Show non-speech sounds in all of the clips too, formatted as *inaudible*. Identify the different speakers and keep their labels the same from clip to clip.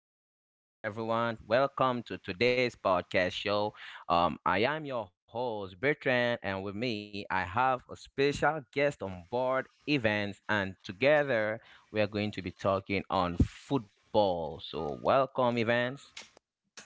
Speaker 1: My people. Hello, everyone. Welcome to today's podcast show. I am your host, Bertrand, and with me, I have a special guest on board events, and together we are going to be talking on football. So, welcome, events.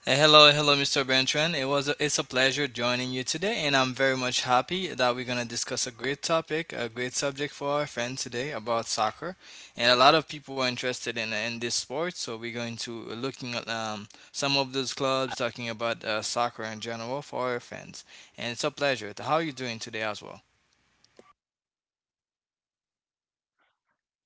Speaker 2: Hello, hello, Mr. Bertrand. It's a pleasure joining you today, and I'm very much happy that we're gonna discuss a great topic, a great subject for our friend today about soccer. And a lot of people are interested in this sport, so we're going to looking at some of
Speaker 1: Uh,
Speaker 2: those clubs, talking about soccer in general for our friends. And it's a pleasure. How are you doing today as well?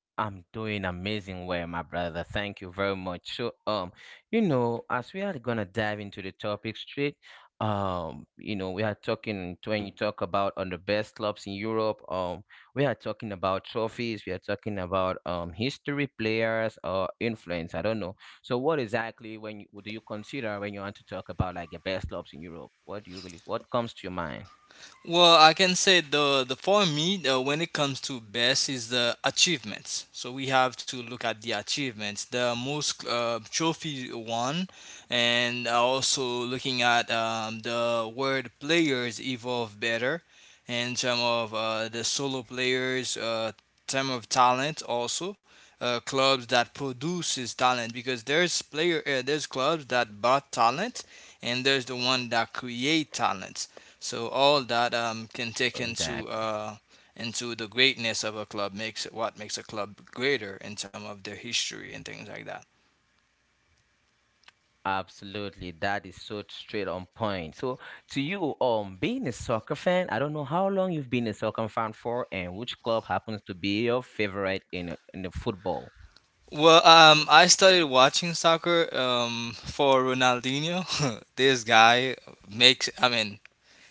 Speaker 1: I'm doing amazing well, my brother. Thank you very much. As we are gonna dive into the topic straight, you know, we are talking when you talk about on the best clubs in Europe. We are talking about trophies. We are talking about history, players, or influence. I don't know. So, what exactly what do you consider when you want to talk about like the best clubs in Europe? What do you really? What comes to your mind?
Speaker 2: Well, I can say the for me when it comes to best is the achievements. So we have to look at the achievements, the most trophy won, and also looking at the word players evolve better, in terms of the solo players, term of talent also. Clubs that produces talent because there's player there's clubs that bought talent and there's the one that create talent so all that can take
Speaker 1: Exactly.
Speaker 2: into the greatness of a club makes what makes a club greater in terms of their history and things like that.
Speaker 1: Absolutely, that is so straight on point. So, to you, being a soccer fan, I don't know how long you've been a soccer fan for, and which club happens to be your favorite in the football.
Speaker 2: Well, I started watching soccer for Ronaldinho. *laughs* This guy makes, I mean,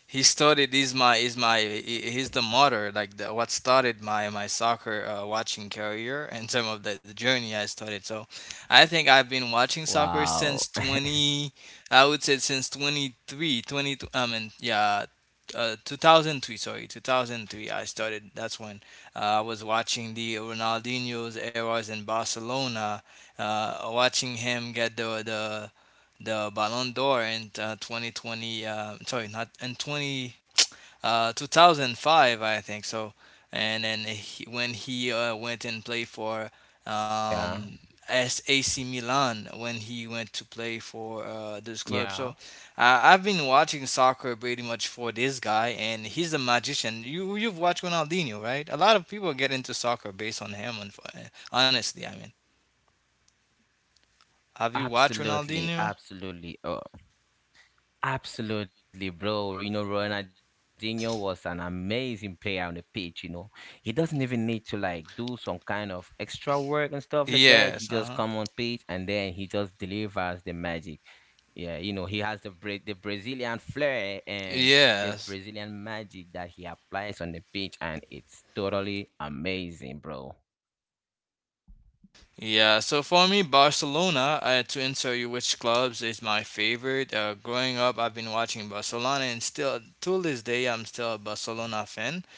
Speaker 2: he's the motor like what started my soccer watching career in terms of the journey I started. So I think I've been watching soccer since
Speaker 1: Wow.
Speaker 2: 20 I would say since 23 20 I mean yeah 2003, sorry, 2003 I started. That's when I was watching the Ronaldinho's eras in Barcelona, watching him get the Ballon d'Or in 2020. Sorry, not in 20 2005, I think so. And then when he went and played for
Speaker 1: Yeah.
Speaker 2: um, AC Milan, when he went to play for this club.
Speaker 1: Yeah.
Speaker 2: So I've been watching soccer pretty much for this guy, and he's a magician. You you've watched Ronaldinho, right? A lot of people get into soccer based on him. And honestly, I mean, have you watched
Speaker 1: Absolutely,
Speaker 2: Ronaldinho?
Speaker 1: absolutely, oh, absolutely, bro. You know, Ronaldinho was an amazing player on the pitch. You know, he doesn't even need to like do some kind of extra work and stuff like that.
Speaker 2: Yes,
Speaker 1: He
Speaker 2: Uh
Speaker 1: just
Speaker 2: huh.
Speaker 1: come on pitch and then he just delivers the magic. Yeah, you know, he has the the Brazilian flair and the
Speaker 2: Yes.
Speaker 1: Brazilian magic that he applies on the pitch, and it's totally amazing, bro.
Speaker 2: Yeah, so for me, Barcelona, to answer you which clubs is my favorite. Growing up, I've been watching Barcelona, and still, till this day, I'm still a Barcelona fan.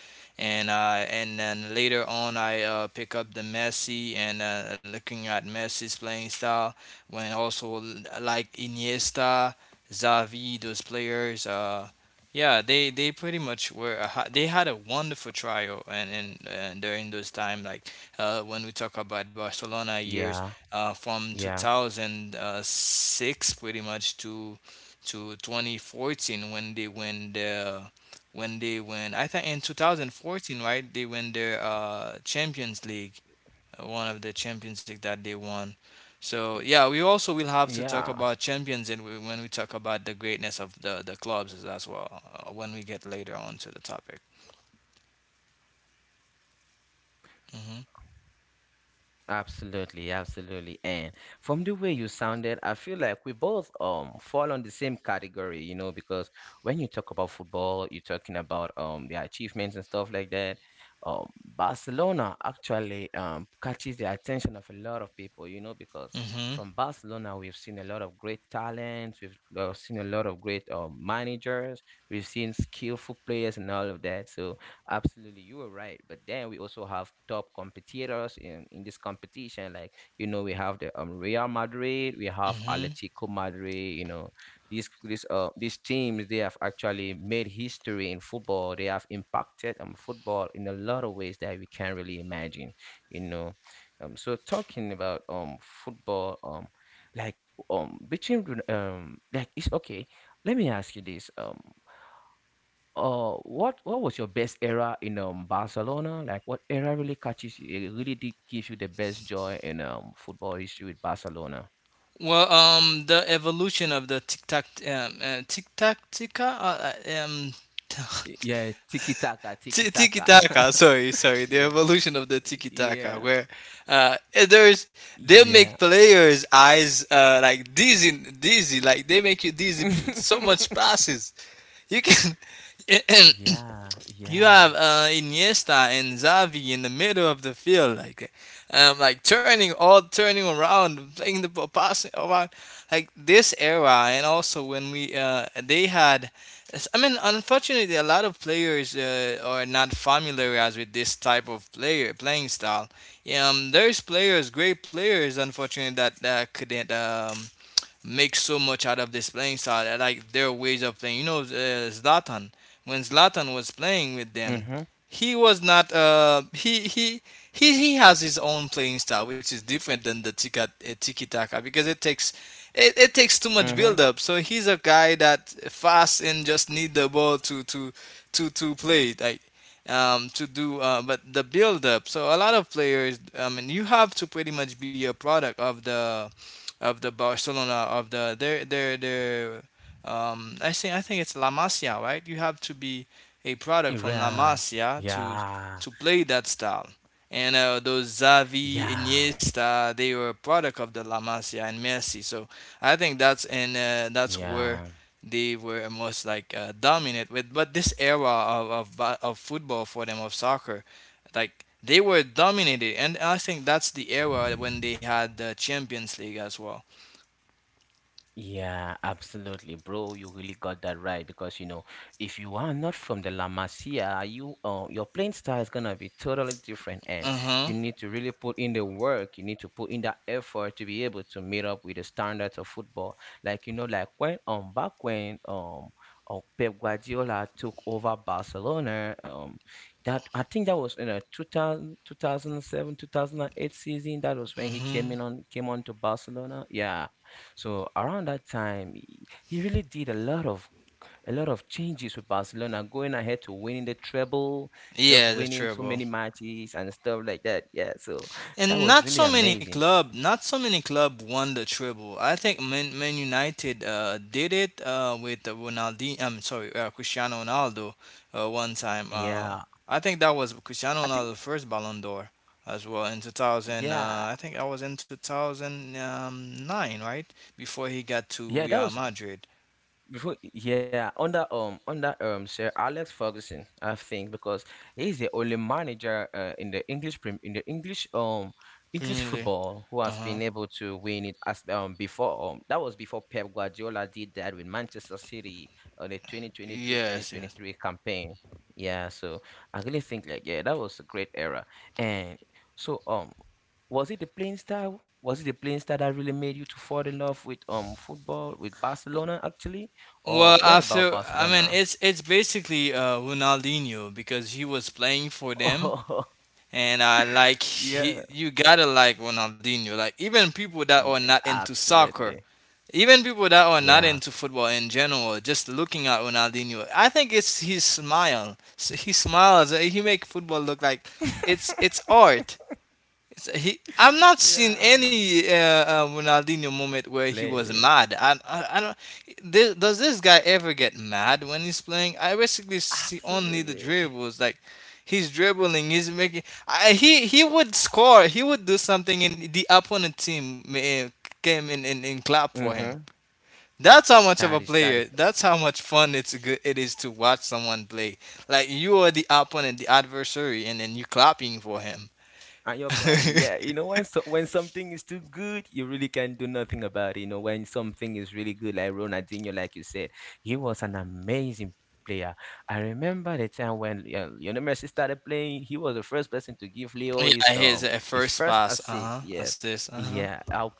Speaker 2: And then later on I pick up the Messi and looking at Messi's playing style when also like Iniesta, Xavi, those players. Yeah, they pretty much were a, they had a wonderful trial, and during those time like when we talk about Barcelona
Speaker 1: Yeah.
Speaker 2: years from
Speaker 1: Yeah.
Speaker 2: 2006 pretty much to 2014 when they win. I think in 2014, right? They win their Champions League, one of the Champions League that they won. So yeah, we also will have to
Speaker 1: Yeah.
Speaker 2: talk about champions, and when we talk about the greatness of the clubs as well when we get later on to the topic. Hmm.
Speaker 1: Absolutely, absolutely. And from the way you sounded, I feel like we both fall on the same category, you know, because when you talk about football, you're talking about the achievements and stuff like that. Barcelona actually catches the attention of a lot of people, you know, because
Speaker 2: Hmm.
Speaker 1: from Barcelona we've seen a lot of great talents, we've seen a lot of great managers, we've seen skillful players and all of that. So absolutely, you were right. But then we also have top competitors in this competition. Like, you know, we have the Real Madrid, we have
Speaker 2: Hmm.
Speaker 1: Atletico Madrid, you know, these teams, they have actually made history in football. They have impacted football in a lot of ways that we can't really imagine, you know. So talking about football, like between Ron- like it's okay. Let me ask you this. What was your best era in Barcelona? Like, what era really catches you? It really did give you the best joy in football history with Barcelona.
Speaker 2: Well, the evolution of the tic tac tica um. *laughs*
Speaker 1: Yeah, tiki taka, tiki
Speaker 2: Tiki
Speaker 1: taka.
Speaker 2: Taka,
Speaker 1: *laughs*
Speaker 2: sorry, sorry, the
Speaker 1: Yeah,
Speaker 2: evolution of the Tiki Taka,
Speaker 1: yeah,
Speaker 2: where uh, there's they make
Speaker 1: yeah,
Speaker 2: players' eyes like dizzy, dizzy, like they make you dizzy. So
Speaker 1: *laughs*
Speaker 2: much passes you can,
Speaker 1: yeah,
Speaker 2: *clears throat* you have
Speaker 1: yeah,
Speaker 2: Iniesta and Xavi in the middle of the field, like turning around, playing the ball, passing around, like this era. And also when we they had, I mean, unfortunately, a lot of players are not familiarized with this type of player playing style. There's players, great players, unfortunately, that couldn't make so much out of this playing style. I like their ways of playing. You know, Zlatan. When Zlatan was playing with them,
Speaker 1: mm-hmm,
Speaker 2: he was not. He has his own playing style, which is different than the tiki taka because it, it takes too much
Speaker 1: mm-hmm,
Speaker 2: build up. So he's a guy that fast and just need the ball to play like, to do but the build up. So a lot of players, I mean, you have to pretty much be a product of the Barcelona of the their I think it's La Masia, right? You have to be a product from La
Speaker 1: yeah,
Speaker 2: Masia
Speaker 1: yeah,
Speaker 2: to play that style. And those Xavi,
Speaker 1: yeah,
Speaker 2: Iniesta, they were a product of the La Masia and Messi. So I think that's and that's where
Speaker 1: yeah.
Speaker 2: they were most like dominant with. But this era of, of football for them, of soccer, like they were dominated, and I think that's the era when they had the Champions League as well.
Speaker 1: Yeah, absolutely, bro. You really got that right because you know, if you are not from the La Masia, your playing style is gonna be totally different, and
Speaker 2: Uh-huh.
Speaker 1: you need to really put in the work. You need to put in that effort to be able to meet up with the standards of football. Like you know, like when back when Pep Guardiola took over Barcelona, that I think that was in a 2002 thousand and 2008 season. That was when he
Speaker 2: Hmm.
Speaker 1: came on to Barcelona. Yeah, so around that time, he really did a lot of changes with Barcelona, going ahead to winning the treble, just
Speaker 2: Yeah, the
Speaker 1: winning so
Speaker 2: treble.
Speaker 1: many matches and stuff like that. Yeah, so that
Speaker 2: And
Speaker 1: was really amazing.
Speaker 2: not so many club won the treble. I think Man United did it with Cristiano Ronaldo one time.
Speaker 1: Yeah,
Speaker 2: I think that was Cristiano
Speaker 1: I think
Speaker 2: Ronaldo's first Ballon d'Or as well in 2000.
Speaker 1: yeah,
Speaker 2: I think I was in 2009, right? Before he got to
Speaker 1: yeah, that
Speaker 2: Real
Speaker 1: was
Speaker 2: Madrid.
Speaker 1: before, yeah, under under Sir Alex Ferguson, I think, because he's the only manager in the English prim in the English English
Speaker 2: Premier League.
Speaker 1: football who
Speaker 2: Uh
Speaker 1: has
Speaker 2: huh.
Speaker 1: been able to win it as before that was before Pep Guardiola did that with Manchester City on the 2022 twenty
Speaker 2: Yes,
Speaker 1: twenty
Speaker 2: yes.
Speaker 1: three campaign. Yeah, so I really think like yeah, that was a great era. And so was it the playing style? Was it the playing style that really made you to fall in love with football with Barcelona actually? Oh,
Speaker 2: Well,
Speaker 1: what about
Speaker 2: after I mean,
Speaker 1: Barcelona? *laughs*
Speaker 2: it's basically Ronaldinho because he was playing for them,
Speaker 1: Oh,
Speaker 2: and I like
Speaker 1: yeah,
Speaker 2: he, you gotta like Ronaldinho. Like, even people that are
Speaker 1: n-
Speaker 2: not into soccer,
Speaker 1: absolutely.
Speaker 2: even people that are not
Speaker 1: Yeah.
Speaker 2: into football in general, just looking at Ronaldinho, I think it's his smile. He smiles. He make football look like
Speaker 1: *laughs*
Speaker 2: it's art. I'm not seeing
Speaker 1: Yeah.
Speaker 2: any Ronaldinho moment where he was
Speaker 1: Play.
Speaker 2: mad. I don't. This, does this guy ever get mad when he's playing? I basically see only the
Speaker 1: Absolutely.
Speaker 2: dribbles. Like, he's dribbling, he's making. I, he would score. He would do something, and the opponent team came in and clap for him.
Speaker 1: Mm-hmm.
Speaker 2: That's how much of a
Speaker 1: That is, that
Speaker 2: player.
Speaker 1: is.
Speaker 2: That's how much fun it's good. It is to watch someone play. Like, you are the opponent, the adversary, and then you clapping for him.
Speaker 1: And you're clapping. Yeah,
Speaker 2: *laughs*
Speaker 1: you know when something is too good, you really can do nothing about it. You know when something is really good, like Ronaldinho, like you said, he was an amazing player. I remember the time when Lionel Messi started playing. He was the first person to give Leo
Speaker 2: Yeah, his
Speaker 1: his
Speaker 2: first
Speaker 1: first
Speaker 2: pass.
Speaker 1: assist.
Speaker 2: Uh huh.
Speaker 1: Yeah,
Speaker 2: Assist. Uh huh.
Speaker 1: yeah. I'll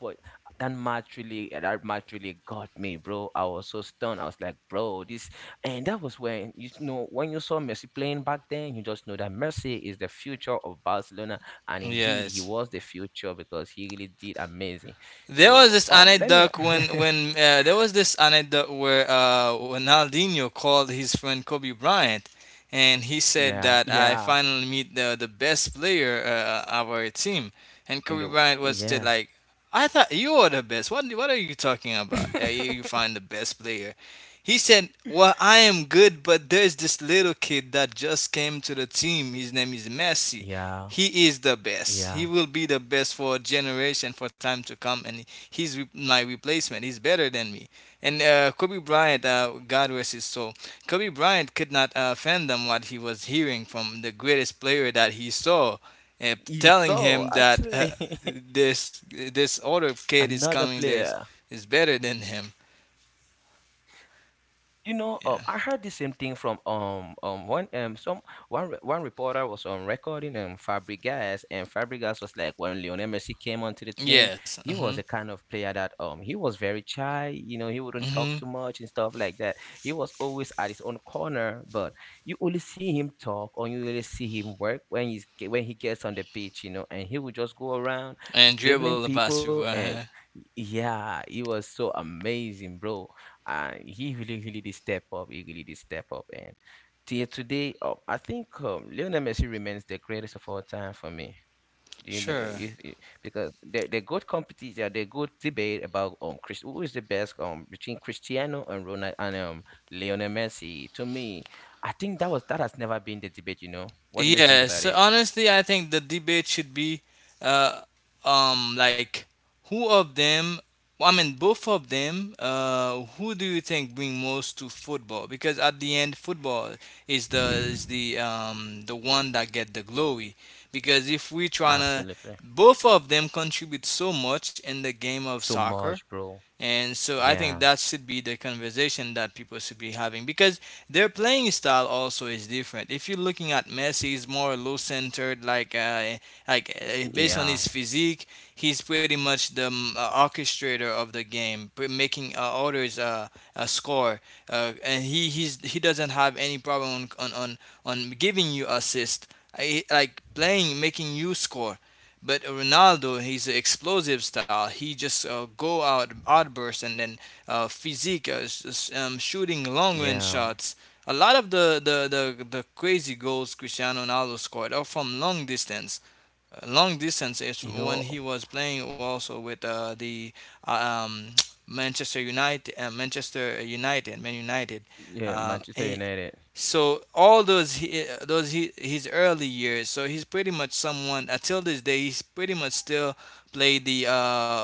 Speaker 1: that match really got me, bro. I was so stunned. I was like, bro, this and that was when you know when you saw Messi playing back then, you just know that Messi is the future of Barcelona, and indeed he
Speaker 2: Yes.
Speaker 1: was the future because he really did amazing.
Speaker 2: There was
Speaker 1: So
Speaker 2: this
Speaker 1: let me
Speaker 2: anecdote where Ronaldinho called his friend Kobe Bryant, and he said
Speaker 1: yeah
Speaker 2: that I
Speaker 1: yeah
Speaker 2: finally meet the best player of our team, and
Speaker 1: in
Speaker 2: Kobe
Speaker 1: the
Speaker 2: Bryant was said
Speaker 1: yeah
Speaker 2: like, I thought you were the best. What are you talking about?
Speaker 1: *laughs*
Speaker 2: You find the best player. He said, "Well, I am good, but there's this little kid that just came to the team. His name is Messi.
Speaker 1: yeah
Speaker 2: He is the best.
Speaker 1: yeah.
Speaker 2: He will be the best for a generation for time to come, and my replacement. He's better than me." And Kobe Bryant, God rest his soul, Kobe Bryant could not fathom what he was hearing from the greatest player that he saw, and telling
Speaker 1: So
Speaker 2: him that
Speaker 1: actually *laughs*
Speaker 2: this other kid is
Speaker 1: another
Speaker 2: coming
Speaker 1: player.
Speaker 2: is better than him.
Speaker 1: You know,
Speaker 2: Yeah.
Speaker 1: I heard the same thing from one some one re- one reporter was on recording Fabregas, and Fabregas was like, when Lionel Messi came onto the team,
Speaker 2: Yes.
Speaker 1: he
Speaker 2: Mhm.
Speaker 1: was a kind of player that he was very shy, you know, he wouldn't talk
Speaker 2: Mhm.
Speaker 1: too much and stuff like that. He was always at his own corner, but you only see him talk or you only see him work when he gets on the pitch, you know, and he would just go around
Speaker 2: And dribble the
Speaker 1: dribbling
Speaker 2: basketball.
Speaker 1: people,
Speaker 2: Uh.
Speaker 1: and yeah, it was so amazing, bro. And he really, really did step up. He really did step up. And till today, oh, I think Lionel Messi remains the greatest of all time for me. Do you know,
Speaker 2: Sure.
Speaker 1: you- because the good competition, the good debate about who is the best between Cristiano and Ronaldo and Lionel Messi. To me, I think that was that has never been the debate. You know, what do you think
Speaker 2: Yes,
Speaker 1: about
Speaker 2: so
Speaker 1: it?
Speaker 2: honestly, I think the debate should be, uh, like, who of them, I mean, both of them, who do you think bring most to football? Because at the end, football is
Speaker 1: *laughs*
Speaker 2: the one that get the glory. Because if we tryna,
Speaker 1: Absolutely,
Speaker 2: both of them contribute so much in the game of
Speaker 1: so
Speaker 2: soccer,
Speaker 1: much, bro.
Speaker 2: and so I think that
Speaker 1: Yeah,
Speaker 2: should be the conversation that people should be having because their playing style also is different. If you're looking at Messi, he's more low-centered, like based on his
Speaker 1: yeah,
Speaker 2: physique, he's pretty much the orchestrator of the game, making orders, score, and he doesn't have any problem on giving you assist, like playing, making you score. But Ronaldo, he's an explosive style. He just go out outburst, and then physique, shooting long range
Speaker 1: yeah.
Speaker 2: shots. A lot of the crazy goals Cristiano Ronaldo scored are from long distance. Long distance is
Speaker 1: You
Speaker 2: when he
Speaker 1: know,
Speaker 2: was playing also with the uh, um, *tsk* Man United.
Speaker 1: yeah,
Speaker 2: Um,
Speaker 1: Manchester
Speaker 2: he,
Speaker 1: United.
Speaker 2: so all those he, eh, those he, his early years. So he's pretty much someone until this day. He's pretty much still play the,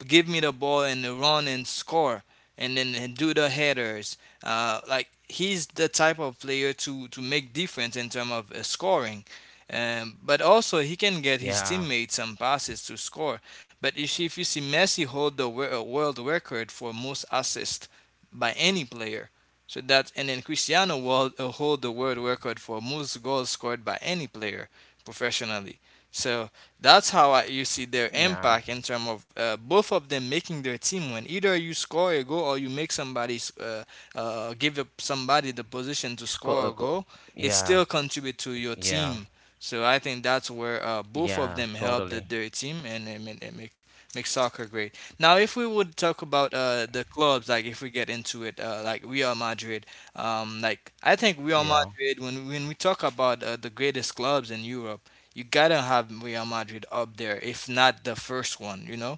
Speaker 2: give me the ball and the run and score, and then and do the headers. Like he's the type of player to make difference in terms of scoring. But also he can get his
Speaker 1: Yeah,
Speaker 2: teammates some passes to score. But if you see Messi hold the world record for most assists by any player, so that and then Cristiano will hold the world record for most goals scored by any player professionally. So that's how you see their
Speaker 1: yeah.
Speaker 2: impact in terms of both of them making their team win. Either you score a goal or you make give up somebody the position to
Speaker 1: Score
Speaker 2: score a
Speaker 1: a goal.
Speaker 2: goal. It
Speaker 1: Yeah,
Speaker 2: still contribute to your
Speaker 1: yeah,
Speaker 2: team. So I think that's where both of
Speaker 1: yeah,
Speaker 2: them help
Speaker 1: totally.
Speaker 2: their team and make make soccer great. Now, if we would talk about the clubs, like if we get into it, like Real Madrid, like I think Real
Speaker 1: Yeah,
Speaker 2: Madrid, when we talk about the greatest clubs in Europe, you gotta have Real Madrid up there, if not the first one. You know,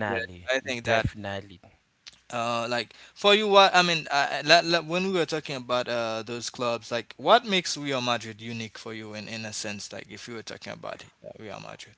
Speaker 2: yeah. I think that
Speaker 1: definitely.
Speaker 2: like for you, what I mean, when we were talking about those clubs, like what makes Real Madrid unique for you in a sense, like if you were talking about it, Real Madrid.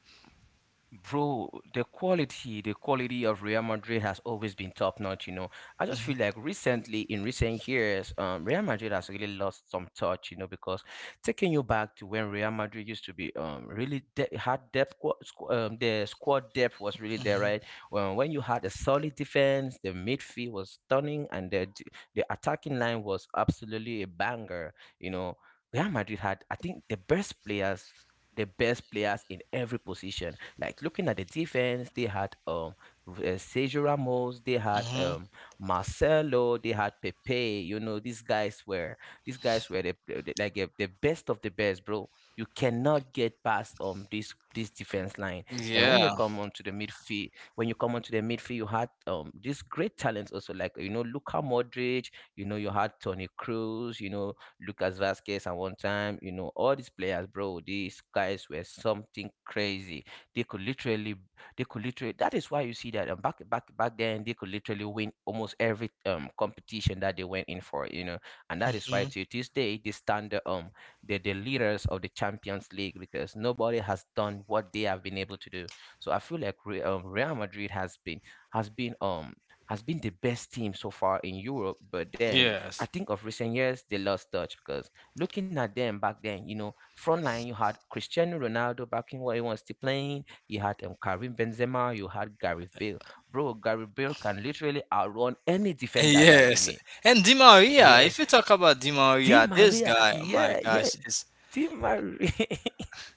Speaker 1: Bro, the quality of Real Madrid has always been top notch, you know. I just
Speaker 2: hmm
Speaker 1: feel like recently, in recent years, Real Madrid has really lost some touch, you know, because taking you back to when Real Madrid used to be had depth, the squad depth was really there,
Speaker 2: hmm
Speaker 1: right? When you had a solid defense, the midfield was stunning, and the attacking line was absolutely a banger, you know. Real Madrid had, I think, the best players, the best players in every position, like looking at the defense, they had Sergio Ramos, they had
Speaker 2: hmm
Speaker 1: Marcelo, they had Pepe. You know, these guys were, these guys were the, the best of the best, bro. You cannot get past this this defense line. And when you
Speaker 2: Yeah.
Speaker 1: come onto the midfield, when you come onto the midfield, you had these great talents also, like you know, Luka Modric, you know you had Tony Cruz, you know, Lucas Vasquez at one time, you know, all these players, bro. These guys were something crazy. They could literally, they could literally. That is why you see that back then they could literally win almost every competition that they went in for. You know, and that is why
Speaker 2: hmm
Speaker 1: to this day they stand the leaders of the Champions League, because nobody has done what they have been able to do. So I feel like Real Madrid has been, has been has been the best team so far in Europe. But then I
Speaker 2: Yes.
Speaker 1: think of recent years they lost touch because looking at them back then, you know, front line you had Cristiano Ronaldo back in what he was still playing. You had Karim Benzema, you had Gareth Bale. Bro, Gareth Bale can literally outrun any defender that you
Speaker 2: Yes.
Speaker 1: meet.
Speaker 2: And Di Maria,
Speaker 1: Yeah,
Speaker 2: if you talk about Di
Speaker 1: Di
Speaker 2: Maria, this
Speaker 1: Maria.
Speaker 2: guy, oh my
Speaker 1: Yeah, yeah,
Speaker 2: gosh, is
Speaker 1: Di Maria.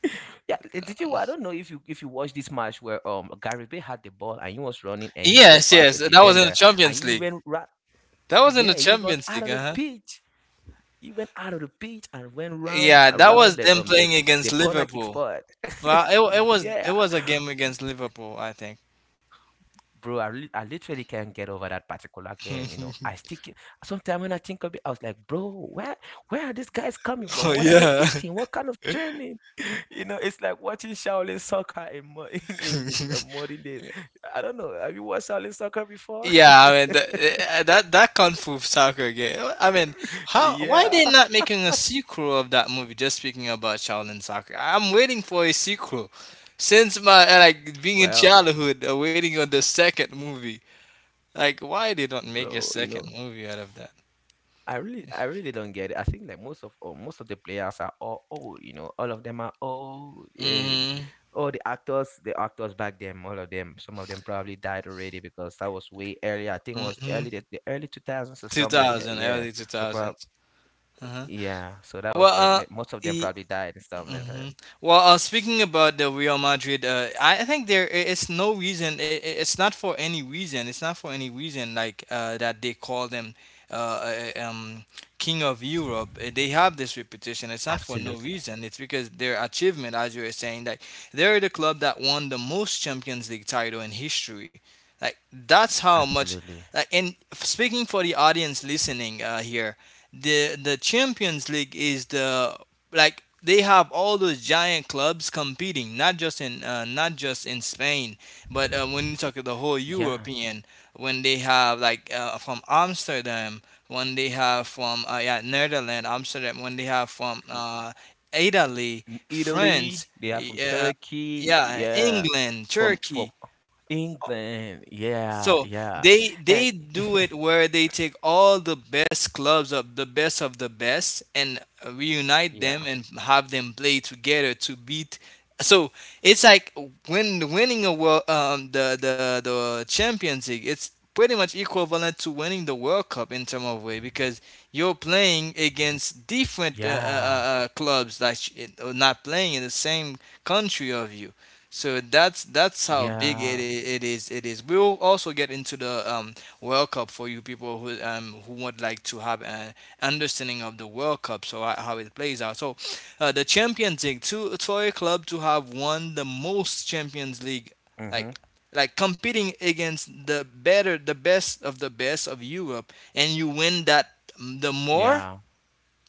Speaker 1: *laughs* Yeah, eh, did you? I don't know if you watched this match where Gareth Bale had the ball and he was running and he get
Speaker 2: yes,
Speaker 1: past
Speaker 2: yes,
Speaker 1: a
Speaker 2: that was in the
Speaker 1: defender, and
Speaker 2: Champions League. That was in
Speaker 1: yeah,
Speaker 2: the
Speaker 1: he run
Speaker 2: Champions
Speaker 1: out
Speaker 2: League,
Speaker 1: of the
Speaker 2: uh-huh.
Speaker 1: pitch. He went out of the pitch and went round
Speaker 2: Yeah, that
Speaker 1: around
Speaker 2: was
Speaker 1: the
Speaker 2: them playing against
Speaker 1: the corner kick
Speaker 2: Liverpool.
Speaker 1: spot.
Speaker 2: Well, it was it
Speaker 1: Yeah,
Speaker 2: was a game against Liverpool, I think.
Speaker 1: bro, I literally can't get over that particular game. You know, I
Speaker 2: *laughs*
Speaker 1: stick. Sometimes when I think of it, I was like, bro, where are these guys coming
Speaker 2: Oh
Speaker 1: from? What are they
Speaker 2: yeah.
Speaker 1: eating? What kind of training? *laughs* It's like watching Shaolin soccer *laughs* in
Speaker 2: *laughs*
Speaker 1: modern day. I don't know. Have you watched Shaolin soccer before? *laughs*
Speaker 2: Yeah, I mean that that Kung Fu Soccer game. I mean, how why
Speaker 1: Yeah.
Speaker 2: they not making a sequel of that movie? Just speaking about Shaolin Soccer, I'm waiting for a sequel since my like being in
Speaker 1: Well,
Speaker 2: childhood, waiting on the second movie. Like, why they don't make a
Speaker 1: bro, you
Speaker 2: second
Speaker 1: know.
Speaker 2: movie out of that?
Speaker 1: I really don't get it. I think like most of the players are all old. You know, all of them are old. And
Speaker 2: Mm-hmm.
Speaker 1: all the actors back then, all of them, some of them probably died already because that was way early. I think it was
Speaker 2: Mm-hmm.
Speaker 1: the early 2000s or
Speaker 2: Two
Speaker 1: something like that.
Speaker 2: thousand,
Speaker 1: Yeah.
Speaker 2: early two
Speaker 1: So probably
Speaker 2: thousands. Uh-huh.
Speaker 1: yeah. So that
Speaker 2: Well,
Speaker 1: was where
Speaker 2: uh,
Speaker 1: most of them
Speaker 2: y-
Speaker 1: probably died, and something like
Speaker 2: hmm
Speaker 1: that.
Speaker 2: Well, speaking about the Real Madrid, I think it's no reason. It's not for any reason. It's not for any reason like that they call them uh, uh, um, King of Europe. They have this reputation. It's not for no
Speaker 1: Absolutely,
Speaker 2: reason. It's because their achievement, as you were saying, like they're the club that won the most Champions League title in history. Like that's how much.
Speaker 1: absolutely.
Speaker 2: And speaking for the audience listening here, the Champions League is the like they have all those giant clubs competing, not just in not just in Spain, but when you talk to the whole
Speaker 1: Yeah.
Speaker 2: European, when they have like from Amsterdam, when they have from yeah Netherlands, Amsterdam, when they have from Italy,
Speaker 1: In
Speaker 2: France,
Speaker 1: Italy, they are
Speaker 2: y-
Speaker 1: from
Speaker 2: uh,
Speaker 1: Turkey.
Speaker 2: yeah
Speaker 1: Yeah.
Speaker 2: England,
Speaker 1: From
Speaker 2: Turkey.
Speaker 1: England,
Speaker 2: So
Speaker 1: yeah, yeah,
Speaker 2: they
Speaker 1: and
Speaker 2: do
Speaker 1: *laughs*
Speaker 2: it where they take all the best clubs of the best and reunite
Speaker 1: Yeah.
Speaker 2: them and have them play together to beat. So it's like when winning a world the Champions League. It's pretty much equivalent to winning the World Cup in term of way because you're playing against different
Speaker 1: Yeah.
Speaker 2: clubs that not playing in the same country of you. So that's how big
Speaker 1: Yeah.
Speaker 2: it is. It is. We'll also get into the World Cup for you people who would like to have an understanding of the World Cup, so how it plays out. So the Champions League, to for a club to have won the most Champions League, like
Speaker 1: Mm-hmm.
Speaker 2: like competing against the best of Europe, and you win that the more
Speaker 1: Yeah.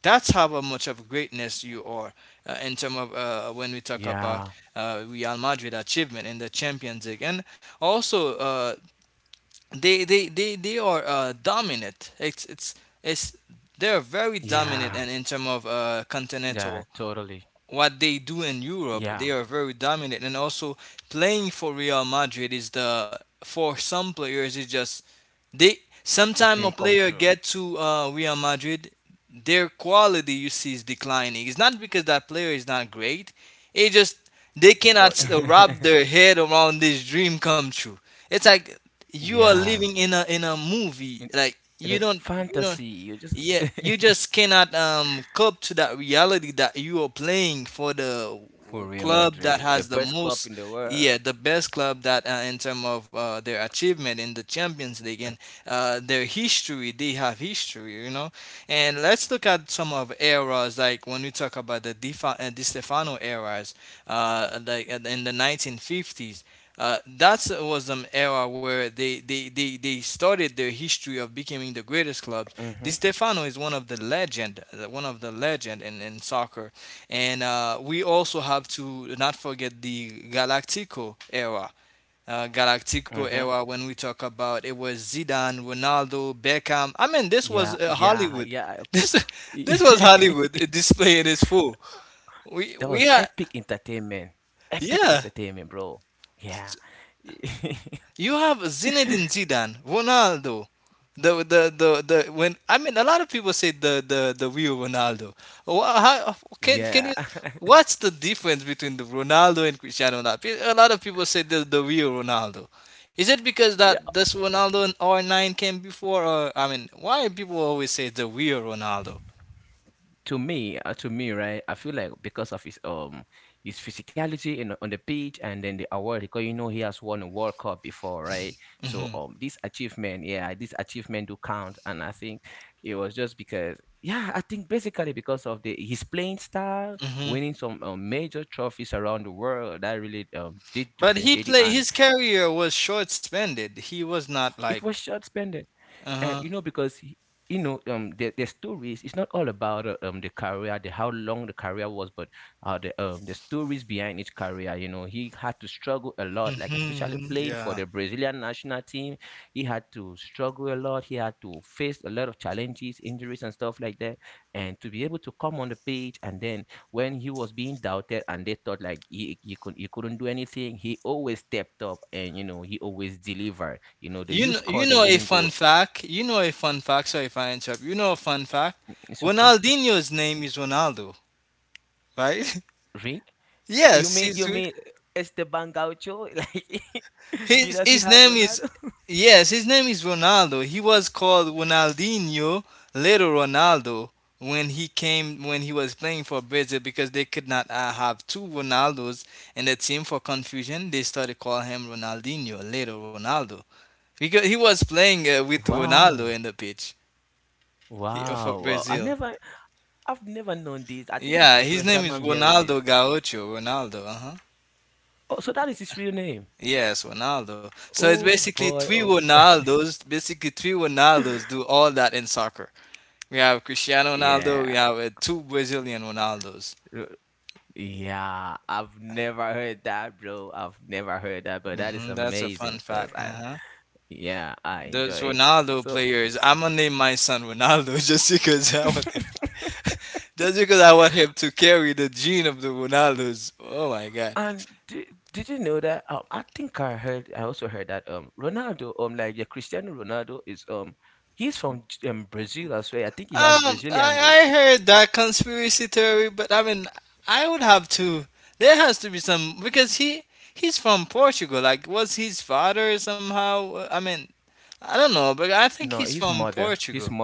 Speaker 2: that's how much of greatness you are in terms of when we talk
Speaker 1: Yeah.
Speaker 2: about Real Madrid achievement in the Champions League, and also they are dominant. It's They're very dominant
Speaker 1: Yeah.
Speaker 2: and in terms of
Speaker 1: Yeah.
Speaker 2: continental
Speaker 1: Totally.
Speaker 2: what they do in Europe.
Speaker 1: Yeah.
Speaker 2: They are very dominant, and also playing for Real Madrid is the for some players is just they
Speaker 1: A
Speaker 2: sometime
Speaker 1: dream
Speaker 2: a
Speaker 1: come
Speaker 2: player
Speaker 1: true.
Speaker 2: get to Real Madrid, their quality you see is declining. It's not because that player is not great. It just they
Speaker 1: The court. *laughs*
Speaker 2: cannot wrap their head around this dream come true. It's like you are
Speaker 1: Yeah.
Speaker 2: living in a movie.
Speaker 1: And-
Speaker 2: Like
Speaker 1: and the
Speaker 2: you
Speaker 1: fantasy.
Speaker 2: don't
Speaker 1: You just
Speaker 2: yeah, you
Speaker 1: *laughs*
Speaker 2: just cannot cope to that reality that you are playing for the
Speaker 1: for Real
Speaker 2: club that
Speaker 1: Madrid, the
Speaker 2: has the
Speaker 1: best club in
Speaker 2: most,
Speaker 1: the world.
Speaker 2: yeah, the best club that in terms of their achievement in the Champions League and their history, they have history, you know. And let's look at some of eras like when we talk about the Di Stefano eras, in the 1950s. That was an era where they started their history of becoming the greatest clubs. Di
Speaker 1: Mhm,
Speaker 2: Stefano is one of the legend, one of the legend in soccer. And we also have to not forget the Galactico era. Galactico
Speaker 1: mhm.
Speaker 2: era when we talk about it was Zidane, Ronaldo, Beckham. I mean, this was
Speaker 1: Yeah, yeah,
Speaker 2: Hollywood.
Speaker 1: yeah.
Speaker 2: *laughs* This this was Hollywood
Speaker 1: *laughs*
Speaker 2: display in its full.
Speaker 1: That
Speaker 2: We
Speaker 1: was
Speaker 2: had
Speaker 1: epic entertainment. Epic
Speaker 2: yeah
Speaker 1: entertainment, bro. Yeah. *laughs*
Speaker 2: You have Zinedine Zidane, Ronaldo. The, the the the When I mean a lot of people say the real Ronaldo. Wha- How, can
Speaker 1: Yeah.
Speaker 2: you? What's the difference between the Ronaldo and Cristiano Ronaldo? A lot of people say the real Ronaldo. Is it because that
Speaker 1: *laughs*
Speaker 2: this Ronaldo and R nine came before, or I mean, why people always say the real Ronaldo?
Speaker 1: To me, right? I feel like because of his physicality in on the pitch, and then the award because you know he has won a World Cup before, right? So this achievement do count, and I think it was just because. Yeah, I think basically because of the his playing style,
Speaker 2: hmm
Speaker 1: winning some major trophies around the world, that really did
Speaker 2: But he
Speaker 1: differentiate him,
Speaker 2: played.
Speaker 1: and
Speaker 2: His career was short spended. He was not
Speaker 1: it was
Speaker 2: like.
Speaker 1: short spending.
Speaker 2: Uh
Speaker 1: And
Speaker 2: huh.
Speaker 1: you know because you know their stories, it's not all about the how long the career was, but the stories behind each career. You know he had to struggle a lot, like, especially playing for
Speaker 2: Yeah.
Speaker 1: the Brazilian national team. He had to struggle a lot, he had to face a lot of challenges, injuries and stuff like that, and to be able to come on the pitch, and then when he was being doubted and they thought like he couldn't do anything, he always stepped up, and you know he always delivered. He scored
Speaker 2: You
Speaker 1: the
Speaker 2: know a
Speaker 1: winning goal.
Speaker 2: fun fact. You know a fun fact. Sorry if I interrupt. You know a fun fact.
Speaker 1: It's okay.
Speaker 2: Ronaldinho's name is Ronaldo, right?
Speaker 1: Really?
Speaker 2: *laughs*
Speaker 1: You
Speaker 2: Yes,
Speaker 1: mean you mean Esteban Gaucho? *laughs* Like, he does not
Speaker 2: his
Speaker 1: have
Speaker 2: name is
Speaker 1: Ronaldo?
Speaker 2: yes, his name is Ronaldo. He was called Ronaldinho, Little Ronaldo, when he came when he was playing for Brazil because they could not have two Ronaldos in the team for confusion. They started calling him Ronaldinho, Little Ronaldo, because he was playing with Ronaldo
Speaker 1: Wow.
Speaker 2: in the pitch for
Speaker 1: Wow, wow. I
Speaker 2: Brazil.
Speaker 1: never I've never known this. I think it's
Speaker 2: Yeah,
Speaker 1: the
Speaker 2: his
Speaker 1: first
Speaker 2: name
Speaker 1: time
Speaker 2: is
Speaker 1: I'm hearing this
Speaker 2: Ronaldo
Speaker 1: fact.
Speaker 2: Gaúcho. Ronaldo, uh-huh.
Speaker 1: Oh, so that is his real name.
Speaker 2: Yes, Ronaldo. So it's
Speaker 1: Oh boy, oh boy. *laughs*
Speaker 2: Basically three Ronaldos do all that in soccer. We have Cristiano
Speaker 1: Yeah.
Speaker 2: Ronaldo, we have two Brazilian Ronaldos.
Speaker 1: r- Yeah, I've never heard that, bro. I've never heard that, but that is
Speaker 2: That's a
Speaker 1: amazing
Speaker 2: fun
Speaker 1: cuz
Speaker 2: fact,
Speaker 1: I
Speaker 2: uh-huh.
Speaker 1: yeah, I
Speaker 2: Those
Speaker 1: enjoy it.
Speaker 2: Ronaldo
Speaker 1: So
Speaker 2: players, I'm gonna name my son Ronaldo *laughs* just because I want
Speaker 1: *laughs*
Speaker 2: him, *laughs* just because I want him to carry the gene of the Ronaldos. Oh my God.
Speaker 1: And did you know that? I think I heard. I also heard that Ronaldo, yeah, Cristiano Ronaldo is he's from Brazil as well. I think he has Brazilian
Speaker 2: I
Speaker 1: roots.
Speaker 2: heard that conspiracy theory, but I mean, I would have to. There has to be some because he's from Portugal. Like, was his father somehow? I mean, I don't know, but
Speaker 1: No,
Speaker 2: I
Speaker 1: his
Speaker 2: think he's
Speaker 1: mother,
Speaker 2: from
Speaker 1: his
Speaker 2: Portugal.
Speaker 1: mother,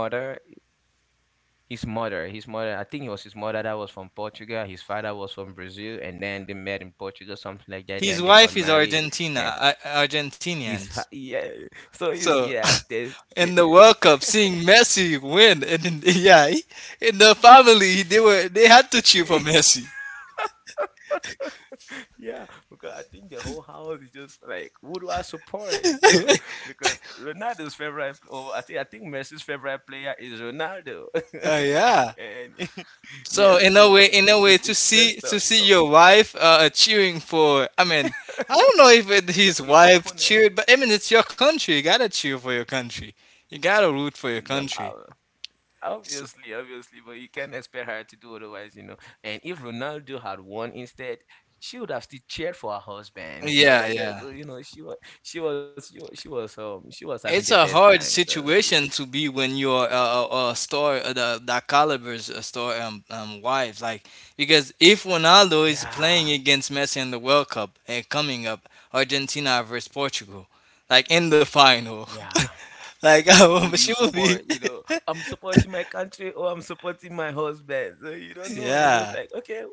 Speaker 1: his mother, his mother. I think it was his mother that was from Portugal. His father was from Brazil, and then they met in Portugal, something like that. Then
Speaker 2: His
Speaker 1: they got
Speaker 2: wife is
Speaker 1: married, and
Speaker 2: Argentina,
Speaker 1: he's
Speaker 2: Argentinians.
Speaker 1: *laughs* yeah. So he's
Speaker 2: So
Speaker 1: yeah. There's
Speaker 2: *laughs* in the World Cup, seeing Messi win, and yeah, in the family they had to cheer for
Speaker 1: *laughs*
Speaker 2: Messi.
Speaker 1: Yeah, because I think the whole house is just like, who do I support? You know,
Speaker 2: *laughs*
Speaker 1: *laughs* because Ronaldo's favorite, or I think Messi's favorite player is Ronaldo. *laughs*
Speaker 2: Yeah.
Speaker 1: And *laughs* yeah,
Speaker 2: So
Speaker 1: so
Speaker 2: in
Speaker 1: it's
Speaker 2: a
Speaker 1: it's
Speaker 2: way,
Speaker 1: it's messed up.
Speaker 2: to see your wife cheering for, I mean, I don't know if it,
Speaker 1: Your
Speaker 2: his
Speaker 1: your
Speaker 2: wife
Speaker 1: opponent.
Speaker 2: cheered, but I mean, it's your country. You gotta cheer for your country. You gotta root for your
Speaker 1: No,
Speaker 2: country.
Speaker 1: ob-
Speaker 2: S-
Speaker 1: obviously, obviously, but you can't expect her to do otherwise, you know. And if Ronaldo had won instead, she would have still cheered for her husband and stuff
Speaker 2: yeah,
Speaker 1: like that. So
Speaker 2: yeah.
Speaker 1: you know, she was having the
Speaker 2: It's
Speaker 1: best
Speaker 2: a
Speaker 1: time
Speaker 2: hard
Speaker 1: because
Speaker 2: situation to be when you're a star, that caliber's a star wife. Like because if Ronaldo is
Speaker 1: yeah,
Speaker 2: playing against Messi in the World Cup and coming up, Argentina versus Portugal, like in the final,
Speaker 1: yeah.
Speaker 2: *laughs* like *laughs*
Speaker 1: Who
Speaker 2: oh,
Speaker 1: do you
Speaker 2: she will
Speaker 1: support?
Speaker 2: be,
Speaker 1: You know, I'm supporting my country or I'm supporting my husband. So you don't
Speaker 2: *laughs*
Speaker 1: know. You're just
Speaker 2: yeah,
Speaker 1: like, okay,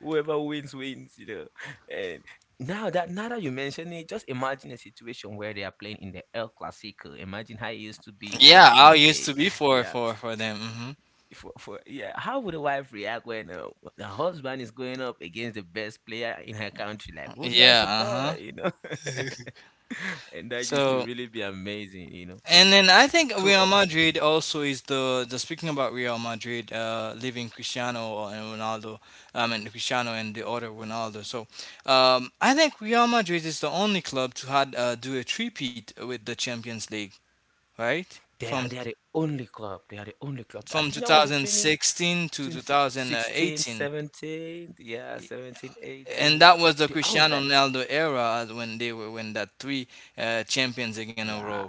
Speaker 1: whoever wins, wins, you know. *laughs* And now that you mention it, just imagine a situation where they are playing in the El Clasico. Imagine how it used to be
Speaker 2: yeah.
Speaker 1: back in
Speaker 2: I
Speaker 1: the
Speaker 2: used to
Speaker 1: day.
Speaker 2: be
Speaker 1: *laughs*
Speaker 2: for
Speaker 1: Yeah.
Speaker 2: for for them.
Speaker 1: How would a wife react when the husband is going up against the best player in her country? Like, who do I
Speaker 2: Yeah, uh
Speaker 1: support? You know,
Speaker 2: huh.
Speaker 1: *laughs* and
Speaker 2: *laughs*
Speaker 1: that used to
Speaker 2: So
Speaker 1: really be amazing. You know,
Speaker 2: and then I think
Speaker 1: so
Speaker 2: Real Madrid also is the speaking about Real Madrid, leaving Cristiano and Ronaldo, and Cristiano and the other Ronaldo. So, I think Real Madrid is the only club to had do a three-peat with the Champions League, right?
Speaker 1: They
Speaker 2: From
Speaker 1: are. they are the only club. They are the only club. I
Speaker 2: from
Speaker 1: think that was in
Speaker 2: 2016 to
Speaker 1: 2016,
Speaker 2: 2018,
Speaker 1: 17. Yeah, 17,
Speaker 2: and
Speaker 1: 18.
Speaker 2: that was the
Speaker 1: They, I was
Speaker 2: Cristiano
Speaker 1: like,
Speaker 2: Ronaldo era as when they were when that three champions again in a
Speaker 1: yeah,
Speaker 2: row.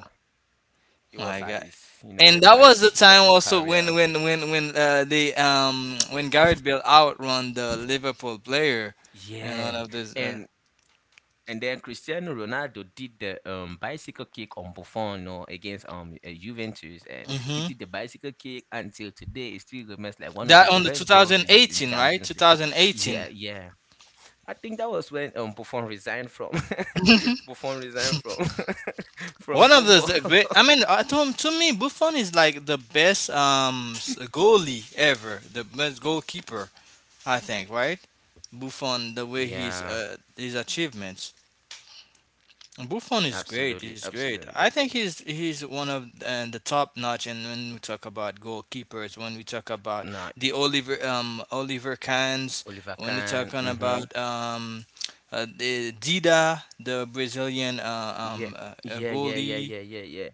Speaker 1: it
Speaker 2: My
Speaker 1: was at
Speaker 2: God,
Speaker 1: his, you know, at
Speaker 2: and
Speaker 1: the,
Speaker 2: that
Speaker 1: at the
Speaker 2: was the
Speaker 1: peak of
Speaker 2: time
Speaker 1: his
Speaker 2: also
Speaker 1: career.
Speaker 2: when Gareth Bale outrun the Liverpool player and one
Speaker 1: Yeah,
Speaker 2: of those
Speaker 1: and and then Cristiano Ronaldo did the bicycle kick on Buffon, you know, against Juventus, and he
Speaker 2: hmm
Speaker 1: did the bicycle kick until today. It still remains like one of the
Speaker 2: that on the
Speaker 1: best goals in
Speaker 2: 2018 right
Speaker 1: Champions League.
Speaker 2: 2018
Speaker 1: Yeah, yeah. I think that was when Buffon resigned from *laughs* Buffon resigned from *laughs* from
Speaker 2: one of those
Speaker 1: football.
Speaker 2: great
Speaker 1: *laughs*
Speaker 2: I mean to me Buffon is like the best goalie ever the best goalkeeper I think right Buffon the way he's
Speaker 1: Yeah,
Speaker 2: his achievements Buffon is great.
Speaker 1: absolutely,
Speaker 2: He's great.
Speaker 1: absolutely.
Speaker 2: I think he's one of the top notch. And when we talk about goalkeepers, when we talk about
Speaker 1: Mm,
Speaker 2: the Oliver Kahns,
Speaker 1: Oliver
Speaker 2: when we're
Speaker 1: Kahn.
Speaker 2: talking
Speaker 1: Mm-hmm.
Speaker 2: about the Dida, the Brazilian
Speaker 1: Yeah, yeah, yeah, yeah,
Speaker 2: goalie,
Speaker 1: yeah, yeah, yeah.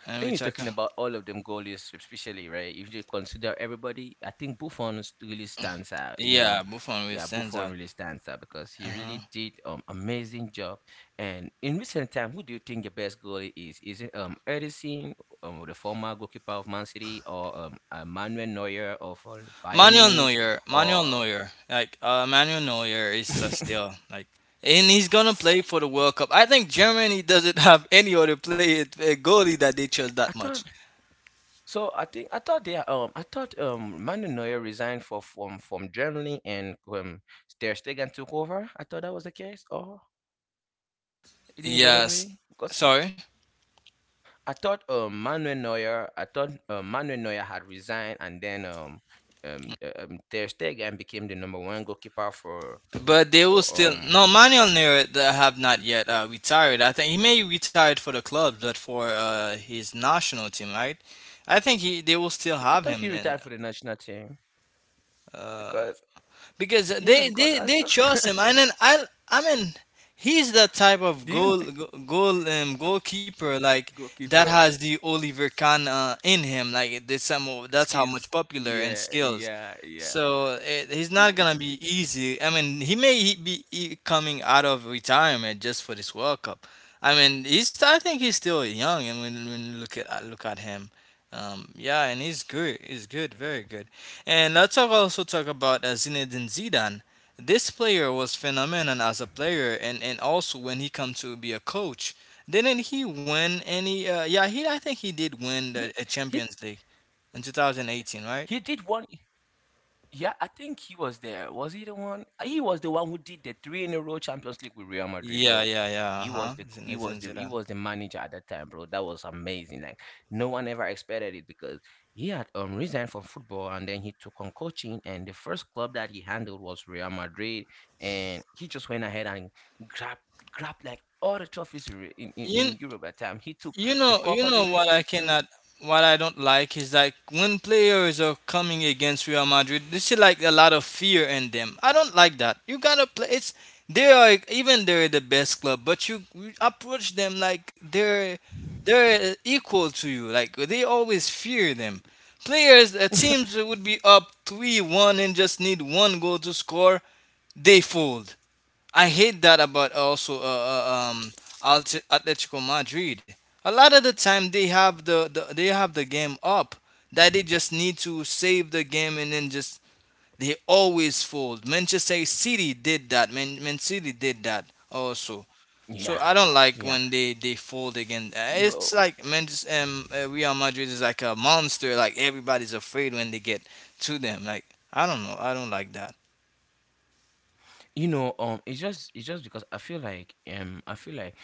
Speaker 2: and we
Speaker 1: And you're
Speaker 2: talk
Speaker 1: talking about all of them goalies, especially, right? If you consider everybody, I think Buffon really stands out, you know.
Speaker 2: yeah Buffon really
Speaker 1: Yeah,
Speaker 2: stands
Speaker 1: Buffon
Speaker 2: out.
Speaker 1: really stands out because he really did amazing job. And in recent time, who do you think the best goalie is? Is it Edison, the former goalkeeper of Man City, or Manuel Neuer of Bayern
Speaker 2: Manuel
Speaker 1: Munich,
Speaker 2: Neuer, Manuel
Speaker 1: or
Speaker 2: Neuer, like Manuel Neuer is
Speaker 1: *laughs*
Speaker 2: still like, and he's gonna play for the World Cup. I think Germany doesn't *laughs* have any other play a goalie that they trust that much.
Speaker 1: I So I think I thought Manu Neuer resigned for from Germany and Ter Stegen took over. I thought that was the case. Oh, it didn't go that
Speaker 2: Yes,
Speaker 1: way because
Speaker 2: sorry,
Speaker 1: I thought Manuel Neuer had resigned, and then Ter Stegen became the number one goalkeeper for
Speaker 2: but they will
Speaker 1: for
Speaker 2: still
Speaker 1: um
Speaker 2: no Manuel Neuer that have not yet retired. I think he may retired for the club, but for his national team, right? I think he they will still
Speaker 1: I
Speaker 2: have
Speaker 1: thought
Speaker 2: him
Speaker 1: he
Speaker 2: then.
Speaker 1: retired for the national team because
Speaker 2: Because
Speaker 1: yeah,
Speaker 2: they
Speaker 1: because
Speaker 2: they
Speaker 1: that's
Speaker 2: they
Speaker 1: *laughs*
Speaker 2: chose him, and then I mean he's the type of
Speaker 1: do you,
Speaker 2: goalkeeper like that
Speaker 1: goalkeeper,
Speaker 2: has the Oliver Kahn in him. Like that's how
Speaker 1: skills,
Speaker 2: much popular
Speaker 1: yeah,
Speaker 2: and skills.
Speaker 1: yeah, yeah.
Speaker 2: So it, he's
Speaker 1: He,
Speaker 2: not gonna be easy. I mean, he may he- be e- coming out of retirement just for this World Cup. I mean, he's I think he's still young. And when you look at him, yeah, and he's good. He's good, very good. And let's also talk about Zinedine Zidane. This player was phenomenal as a player, and also when he come to be a coach. Didn't he win any? Yeah, he I think he did win the, a
Speaker 1: he
Speaker 2: Champions League in 2018, right?
Speaker 1: He did one. Yeah, I think he was there. Was he the one? He was the one who did the three in a row Champions League with Real Madrid,
Speaker 2: Yeah,
Speaker 1: bro.
Speaker 2: yeah, yeah. Uh-huh. It's in
Speaker 1: He
Speaker 2: Zidane.
Speaker 1: was the manager at that time, bro. That was amazing. Like, no one ever expected it, because he had resigned from football, and then he took on coaching. And the first club that he handled was Real Madrid, and he just went ahead and grabbed grabbed like all the trophies in Re-
Speaker 2: You,
Speaker 1: in Europe at that time. He took the
Speaker 2: you
Speaker 1: Copa
Speaker 2: know
Speaker 1: del
Speaker 2: what
Speaker 1: Rey,
Speaker 2: I
Speaker 1: he took,
Speaker 2: cannot, what I don't like is like when players are coming against Real Madrid, this is like a lot of fear in them. I don't like that. You gotta play. It's they are even they're the best club, but you approach them like they're equal to you. Like they always fear them. Players, teams that would be up 3-1 and just need one goal to score. They fold. I hate that about also Alt- Atletico Madrid. A lot of the time they have the they have the game up that they just need to save the game and then just they always fold. Manchester City did that. Man City did that also.
Speaker 1: yeah,
Speaker 2: So I don't like
Speaker 1: yeah,
Speaker 2: when they fold again. It's
Speaker 1: bro.
Speaker 2: like Manchester Real Madrid is like a monster. Like everybody's afraid when they get to them. Like I don't know. I don't like that.
Speaker 1: You know, it's just because I feel like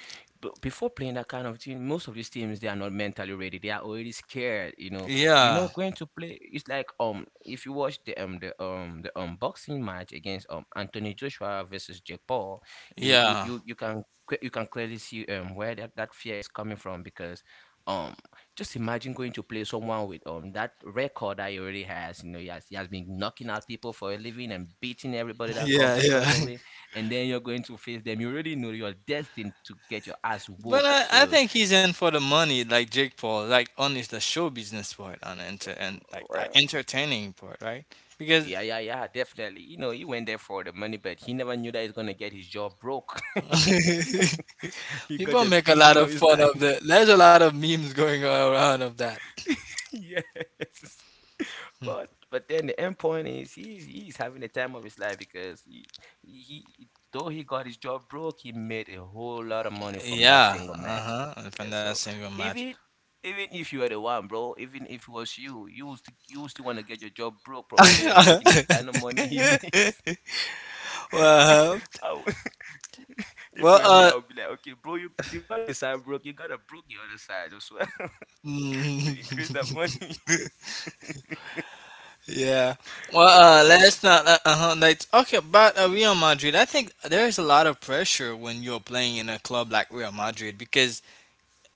Speaker 1: before playing that kind of team, most of these teams they are not mentally ready, they are already scared, you know. You
Speaker 2: Yeah.
Speaker 1: know, going to play, it's like, if you watch the boxing match against Anthony Joshua versus Jake Paul, you you
Speaker 2: Yeah.
Speaker 1: you, you can you can clearly see where that fear is coming from. Because um just imagine going to play someone with that record that he already has. You know, he has been knocking out people for a living and beating everybody
Speaker 2: *laughs*
Speaker 1: that
Speaker 2: Yeah.
Speaker 1: comes across
Speaker 2: Yeah.
Speaker 1: the way. And then you're going to face them. You already know you're destined to get your ass
Speaker 2: But
Speaker 1: whooped.
Speaker 2: I
Speaker 1: So
Speaker 2: think he's in for the money, like Jake Paul, like only the show business part and enter and like
Speaker 1: well,
Speaker 2: entertaining part, right? Because
Speaker 1: yeah, yeah, yeah, definitely. You know, he went there for the money, but he never knew that he's gonna get his jaw broke. *laughs*
Speaker 2: *laughs*
Speaker 1: The
Speaker 2: people make a
Speaker 1: beating
Speaker 2: lot
Speaker 1: of
Speaker 2: of
Speaker 1: his
Speaker 2: fun
Speaker 1: life.
Speaker 2: of the. There's a lot of memes going around of that.
Speaker 1: Yes. *laughs* But then the end point is he's having the time of his life because though he got his job broke, he made a whole lot of money from that
Speaker 2: Yeah,
Speaker 1: single match.
Speaker 2: uh huh.
Speaker 1: Yeah,
Speaker 2: From that
Speaker 1: so
Speaker 2: single match.
Speaker 1: even even if you are the one, bro, even if it was you, you would still, want to get your job broke, provided you're making the kind of money he made.
Speaker 2: *laughs* well, uh,
Speaker 1: *laughs* I would, *laughs* if it were me, I
Speaker 2: well,
Speaker 1: would be like, okay, bro, you got this side broke, you gotta broke the other side as well *laughs* to increase
Speaker 2: uh.
Speaker 1: that money.
Speaker 2: *laughs*
Speaker 1: *laughs*
Speaker 2: Yeah. Well,
Speaker 1: Oh.
Speaker 2: let's not. Uh huh. Like, okay, about Real Madrid, I think there is a lot of pressure when you're playing in a club like Real Madrid because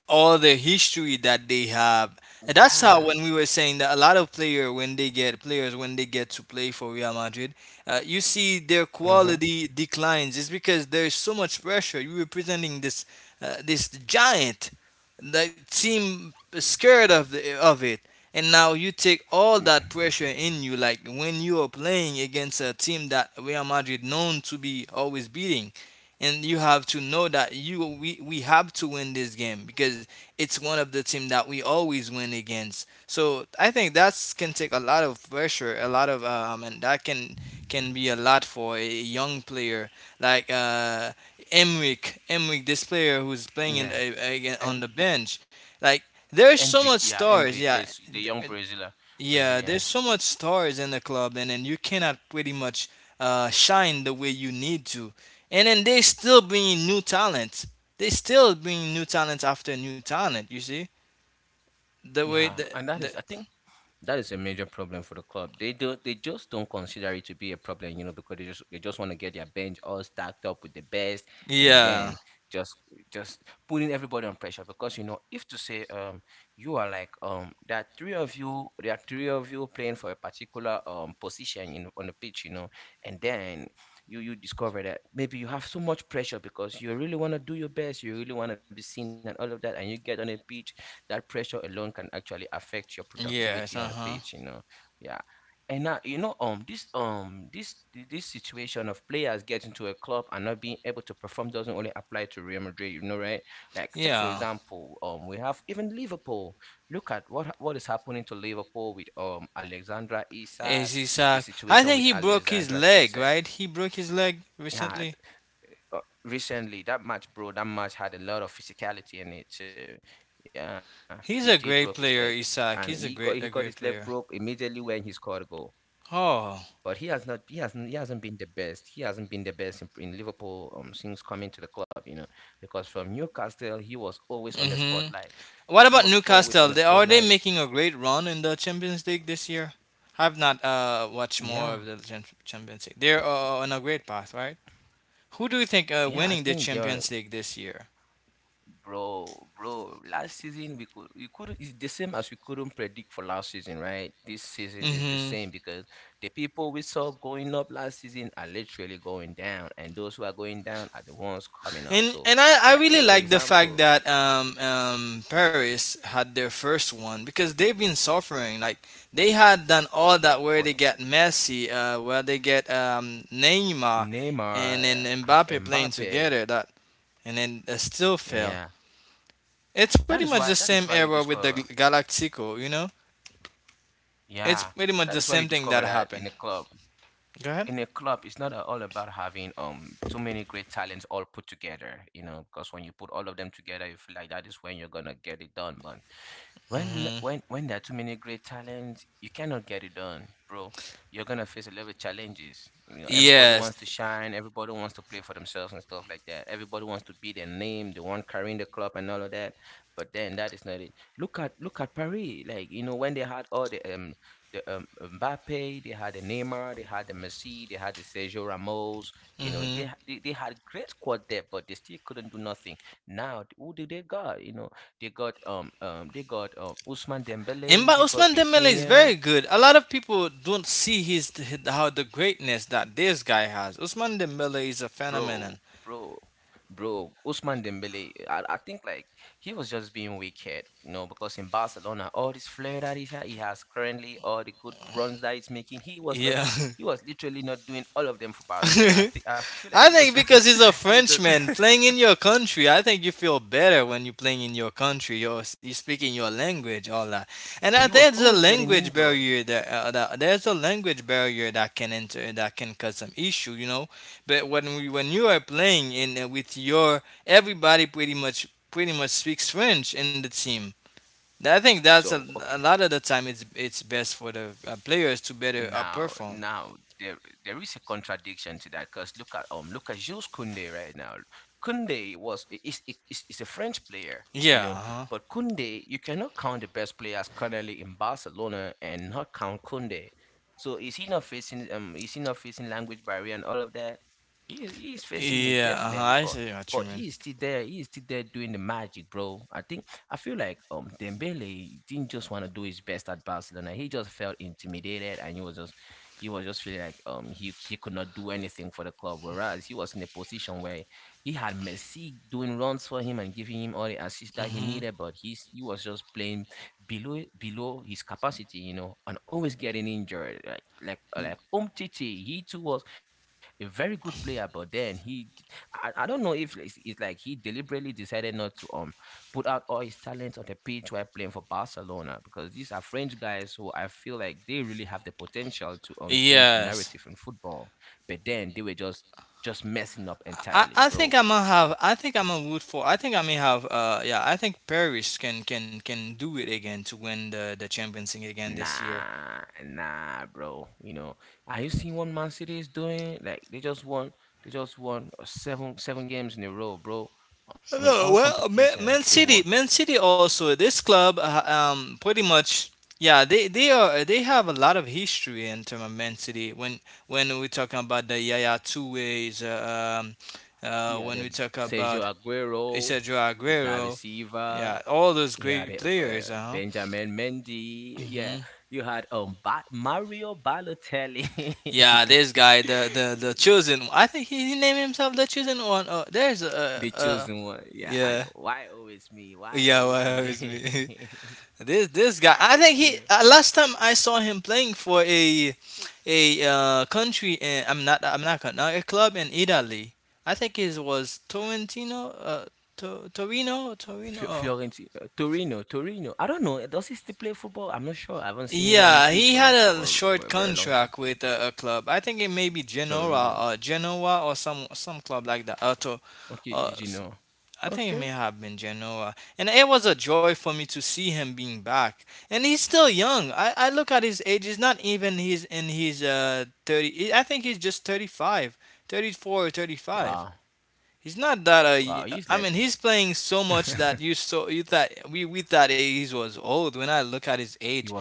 Speaker 2: all the history that they have. And that's how
Speaker 1: Yeah,
Speaker 2: when we were saying that a lot of players when they get to play for Real Madrid, you see their
Speaker 1: mm-hmm.
Speaker 2: quality declines. It's because there's so much pressure. You're representing this this giant, the team scared of of it. And now you take all
Speaker 1: Mm,
Speaker 2: that pressure in you, like when you are playing against a team that Real Madrid known to be always beating and you have to know that we have to win this game because it's one of the team that we always win against. So I think that's can take a lot of pressure, a lot of and that can be a lot for a young player like Emric. Emric, this player who's playing in,
Speaker 1: yeah,
Speaker 2: again on
Speaker 1: and
Speaker 2: the bench, like there's so much
Speaker 1: Hendrick, yeah,
Speaker 2: stars.
Speaker 1: Hendrick
Speaker 2: Yeah,
Speaker 1: is the young Brazilian,
Speaker 2: yeah, there's
Speaker 1: Brazilian.
Speaker 2: so much stars in the club, and then you cannot pretty much shine the way you need to. And then they still bring new talent. They still bring new talent after new talent. You see the way
Speaker 1: Yeah, and that
Speaker 2: the
Speaker 1: is, I think, that is a major problem for the club. They just don't consider it to be a problem, you know, because they just want to get their bench all stacked up with the best, and
Speaker 2: yeah
Speaker 1: then just just putting everybody on pressure, because you know, if to say you are there are three of you there are three of you playing for a particular position in on the pitch, you know. And then you discover that maybe you have so much pressure because you really want to do your best, you really want to be seen and all of that, and you get on a pitch, that pressure alone can actually affect your productivity on
Speaker 2: yes
Speaker 1: the
Speaker 2: uh huh
Speaker 1: page, you know. Yeah. And now, you know, this this situation of players getting to a club and not being able to perform doesn't only apply to Real Madrid, you know, right? Like, take for
Speaker 2: yeah.
Speaker 1: example, we have even Liverpool. Look at what is happening to Liverpool with Alexandra Isak,
Speaker 2: Is
Speaker 1: the
Speaker 2: Isak? I
Speaker 1: situation
Speaker 2: think
Speaker 1: with
Speaker 2: he broke his
Speaker 1: Alexandra
Speaker 2: leg,
Speaker 1: Isak.
Speaker 2: right? He broke his leg
Speaker 1: Yeah.
Speaker 2: recently.
Speaker 1: Recently that match, bro, that match had a lot of physicality in it too. Yeah, he did
Speaker 2: He's
Speaker 1: broke
Speaker 2: a
Speaker 1: his leg,
Speaker 2: great player,
Speaker 1: and he
Speaker 2: Isak.
Speaker 1: got he
Speaker 2: He's a
Speaker 1: got his leg broke
Speaker 2: great player.
Speaker 1: immediately when he scored a goal. But
Speaker 2: Oh
Speaker 1: he hasn't been the best. He hasn't been the best in Liverpool, since coming to the club, you know, because from Newcastle he was always on the spotlight.
Speaker 2: hmm
Speaker 1: He
Speaker 2: What
Speaker 1: was
Speaker 2: about
Speaker 1: always on the
Speaker 2: Newcastle? They are
Speaker 1: spotlight.
Speaker 2: they making a great run in the Champions League this year? I've not watched more
Speaker 1: Yeah,
Speaker 2: of the Champions League. They're on a great path, right? Who do you think
Speaker 1: yeah. I
Speaker 2: winning the
Speaker 1: think there
Speaker 2: Champions League this year?
Speaker 1: Bro, bro, last season we couldn't, it's the same as we couldn't predict for last season, right? This season is the
Speaker 2: Mm-hmm.
Speaker 1: same because the people we saw going up last season are literally going down, and those who are going down are the ones coming up.
Speaker 2: And
Speaker 1: So,
Speaker 2: I
Speaker 1: like,
Speaker 2: really
Speaker 1: take for
Speaker 2: like the fact
Speaker 1: example,
Speaker 2: that Paris had their first one because they've been suffering. Like they had done all that where
Speaker 1: for
Speaker 2: they get Messi, where they get Neymar,
Speaker 1: Neymar,
Speaker 2: and then Mbappe playing
Speaker 1: Mbappe,
Speaker 2: together. That and then still fail.
Speaker 1: yeah.
Speaker 2: It's pretty much the
Speaker 1: That is
Speaker 2: same
Speaker 1: why you
Speaker 2: error with the
Speaker 1: discover
Speaker 2: Galactico, you know? It's
Speaker 1: yeah,
Speaker 2: pretty much
Speaker 1: that
Speaker 2: the
Speaker 1: is why you
Speaker 2: same thing that
Speaker 1: discover that in a
Speaker 2: happened.
Speaker 1: club,
Speaker 2: Go ahead.
Speaker 1: it's not all about having too many great talents all put together, you know, because when you put all of them together you feel like that is when you're gonna get it done. But when
Speaker 2: Hmm.
Speaker 1: when when there are too many great talents you cannot get it done, bro. You're gonna face a lot of challenges, you know. Everybody
Speaker 2: Yes.
Speaker 1: wants to shine, everybody wants to play for themselves and stuff like that, everybody wants to be their name, the one carrying the club and all of that. But then that is not it. Look at Paris, like, you know, when they had all the Mbappe, they had the Neymar, they had the Messi, they had the Sergio Ramos, you know,
Speaker 2: Hmm.
Speaker 1: they had great squad depth, but they still couldn't do nothing. Now, who did they got, you know? They got Usman
Speaker 2: And
Speaker 1: Dembele,
Speaker 2: but
Speaker 1: they got
Speaker 2: Usman Dembele is
Speaker 1: Vicinha.
Speaker 2: very good. A lot of people don't see his how the greatness that this guy has. Usman Dembele is a
Speaker 1: Bro,
Speaker 2: phenomenon.
Speaker 1: bro, bro. Usman Dembele, I think, like, he was just being wicked, you know, because in Barcelona, all this flair that he had, he has currently, all the good runs that he's making,
Speaker 2: Yeah.
Speaker 1: he was literally not doing all of them for
Speaker 2: *laughs*
Speaker 1: Barcelona. I think I feel like
Speaker 2: I think because he's
Speaker 1: *laughs*
Speaker 2: a
Speaker 1: he just,
Speaker 2: Frenchman playing in your country, I think you feel better when you're playing in your country. You're speaking your language, all that. And I,
Speaker 1: he was
Speaker 2: there's a
Speaker 1: always getting
Speaker 2: language
Speaker 1: injured.
Speaker 2: barrier that, that there's a language barrier that can enter that can cause some issue, you know. But when you are playing in with your everybody pretty much speaks French in the team. I think that's
Speaker 1: So,
Speaker 2: a
Speaker 1: okay.
Speaker 2: lot of the time it's best for the players to better
Speaker 1: Now,
Speaker 2: perform.
Speaker 1: now there is a contradiction to that because look at Jules Koundé right now. Koundé was I- is a French player, you
Speaker 2: Yeah,
Speaker 1: know,
Speaker 2: uh-huh.
Speaker 1: but Koundé, you cannot count the best players currently in Barcelona and not count Koundé. So, is he not facing language barrier and all of that? He is facing it
Speaker 2: Yeah, uh-huh.
Speaker 1: definitely,
Speaker 2: I
Speaker 1: but
Speaker 2: see what you mean.
Speaker 1: he is still there. He is still there doing the magic, bro. I think I feel like Dembele didn't just want to do his best at Barcelona. He just felt intimidated and he was just feeling like, he could not do anything for the club. Whereas he was in a position where he had Messi doing runs for him and giving him all the assists that he
Speaker 2: Hmm.
Speaker 1: needed, but he was just playing below his capacity, you know, and always getting injured. Like Umtiti, he too was a very good player, but then he I don't know if, like, it's like he deliberately decided not to put out all his talent on the pitch while playing for Barcelona, because these are French guys who, I feel like, they really have the potential to change the
Speaker 2: Yes.
Speaker 1: narrative in football. But then they were just messing up entirely,
Speaker 2: I think
Speaker 1: bro.
Speaker 2: I'm gonna root for I think I may have yeah I think Paris can do it again to win the Champions League again this year.
Speaker 1: Nah, nah, bro. You know, are you seeing what Man City is doing? Like, they just won seven games in a row, bro. I mean, all
Speaker 2: Hello, well
Speaker 1: competitions they won.
Speaker 2: Man City also this club pretty much yeah they are they have a lot of history in terms of Man City when we're talking about the Yaya Touré's
Speaker 1: Yeah,
Speaker 2: when we talk
Speaker 1: Sergio
Speaker 2: about
Speaker 1: Aguero,
Speaker 2: Isidro
Speaker 1: David
Speaker 2: Aguero
Speaker 1: Silva.
Speaker 2: yeah all those
Speaker 1: Yeah,
Speaker 2: great players uh
Speaker 1: Benjamin Mendy.
Speaker 2: huh.
Speaker 1: Yeah, you had Mario Balotelli,
Speaker 2: Yeah, this
Speaker 1: *laughs*
Speaker 2: guy, the chosen. I think he named himself the chosen one. Oh, there's a
Speaker 1: the chosen one. Yeah, I
Speaker 2: yeah
Speaker 1: know. Why always me? Why
Speaker 2: yeah
Speaker 1: always
Speaker 2: why is me.
Speaker 1: me? *laughs*
Speaker 2: *laughs* This guy. I think
Speaker 1: You
Speaker 2: he
Speaker 1: know,
Speaker 2: last time I saw him playing for a country. In, I'm not con- no, a club in Italy. I think it was Torrentino, Torino, Torino. Oh.
Speaker 1: Fiorentina, Torino, Torino. I don't know. Does he still play football? I'm not sure. I haven't seen him on the
Speaker 2: Yeah,
Speaker 1: pitch
Speaker 2: he
Speaker 1: for,
Speaker 2: had
Speaker 1: like,
Speaker 2: a
Speaker 1: for
Speaker 2: short
Speaker 1: a very long time.
Speaker 2: contract with a club. I think it may be Genoa
Speaker 1: Torino.
Speaker 2: or Genoa or some club like that.
Speaker 1: Okay,
Speaker 2: Uh,
Speaker 1: you know.
Speaker 2: I think it
Speaker 1: Okay.
Speaker 2: may have been Genoa. And it was a joy for me to see him being back. And he's still young. I look at his age, he's not even he's in his 30. I think he's just 35, 34 or 35.
Speaker 1: Wow.
Speaker 2: He's not that
Speaker 1: Wow. He's
Speaker 2: I
Speaker 1: like,
Speaker 2: mean he's playing so much that you
Speaker 1: *laughs*
Speaker 2: so you thought we thought he was old when I look at his
Speaker 1: he was.
Speaker 2: age.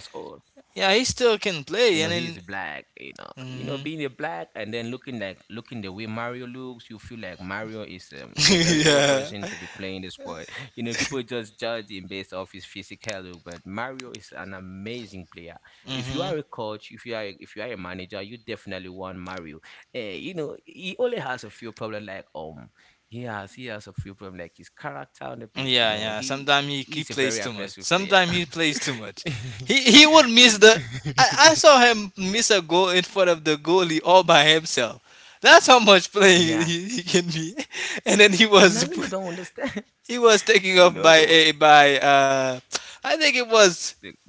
Speaker 2: Yeah, he still can
Speaker 1: You know,
Speaker 2: play and
Speaker 1: he's
Speaker 2: then
Speaker 1: black. You know,
Speaker 2: hmm
Speaker 1: being a black and then looking the way Mario looks, you feel like Mario is um,
Speaker 2: *laughs*
Speaker 1: is a very old
Speaker 2: yeah.
Speaker 1: person to be playing this sport. *laughs* You know, people just judge him based off his physical look, but Mario is an amazing player. If you
Speaker 2: Hmm.
Speaker 1: are a coach, if you are a manager, you definitely want Mario. You know, he has a few problems like his character on the pitch. You
Speaker 2: Yeah,
Speaker 1: know,
Speaker 2: yeah. Sometimes he
Speaker 1: he's a
Speaker 2: plays
Speaker 1: very
Speaker 2: too much.
Speaker 1: aggressive player.
Speaker 2: Sometimes he plays too
Speaker 1: *laughs*
Speaker 2: much. He would
Speaker 1: *laughs* You
Speaker 2: miss
Speaker 1: know.
Speaker 2: the. I
Speaker 1: *laughs*
Speaker 2: saw him miss a goal in front of the goalie all by himself. That's how much playing
Speaker 1: Yeah,
Speaker 2: he can be. *laughs* And then he
Speaker 1: and
Speaker 2: was
Speaker 1: I really don't understand. *laughs*
Speaker 2: *laughs* he was taken
Speaker 1: You
Speaker 2: off
Speaker 1: know,
Speaker 2: by
Speaker 1: the,
Speaker 2: a by I think it was
Speaker 1: the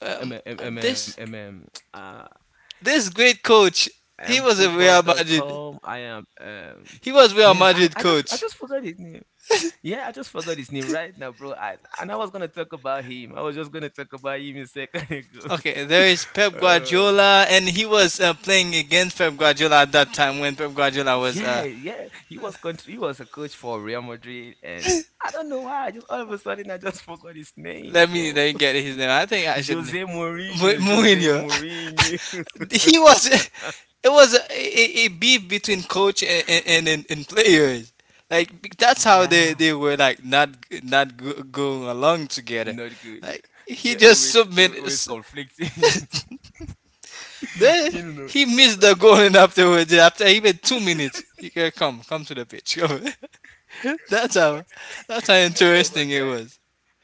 Speaker 2: um,
Speaker 1: MM, MM,
Speaker 2: this
Speaker 1: MM, *tsk* uh,
Speaker 2: this great coach.
Speaker 1: I am
Speaker 2: He was a Real Madrid.
Speaker 1: football.com.
Speaker 2: He was Real
Speaker 1: Yeah,
Speaker 2: Madrid
Speaker 1: I
Speaker 2: coach.
Speaker 1: just forgot his name. Yeah, I just forgot his name right now, bro. And I was gonna talk about him. I was just gonna talk about him a second *laughs* ago.
Speaker 2: Okay, there is Pep
Speaker 1: Uh,
Speaker 2: Guardiola, and he was playing against Pep Guardiola at that time when Pep Guardiola was.
Speaker 1: yeah, yeah, he was a coach for Real Madrid, and I don't know why. I just, all of a sudden, I just forgot his name,
Speaker 2: Let
Speaker 1: bro.
Speaker 2: me
Speaker 1: *laughs*
Speaker 2: get his name. I think I should.
Speaker 1: Jose Mourinho, Jose
Speaker 2: Mourinho.
Speaker 1: Mourinho.
Speaker 2: *laughs* he was. It was a, a beef between coach and and players. Like that's how
Speaker 1: Yeah.
Speaker 2: they were like not going along together.
Speaker 1: Not good.
Speaker 2: Like
Speaker 1: Yeah.
Speaker 2: he
Speaker 1: They're
Speaker 2: just
Speaker 1: always they're
Speaker 2: submitted.
Speaker 1: always
Speaker 2: S-
Speaker 1: conflicting. *laughs*
Speaker 2: There,
Speaker 1: You know,
Speaker 2: he
Speaker 1: there was one
Speaker 2: missed the goal,
Speaker 1: time.
Speaker 2: and afterwards, after even 2 minutes, he can come come to the pitch. *laughs* Come. That's
Speaker 1: Go back
Speaker 2: how
Speaker 1: to the. *laughs*
Speaker 2: that's how
Speaker 1: You know, there was
Speaker 2: interesting
Speaker 1: one
Speaker 2: it
Speaker 1: time.
Speaker 2: was.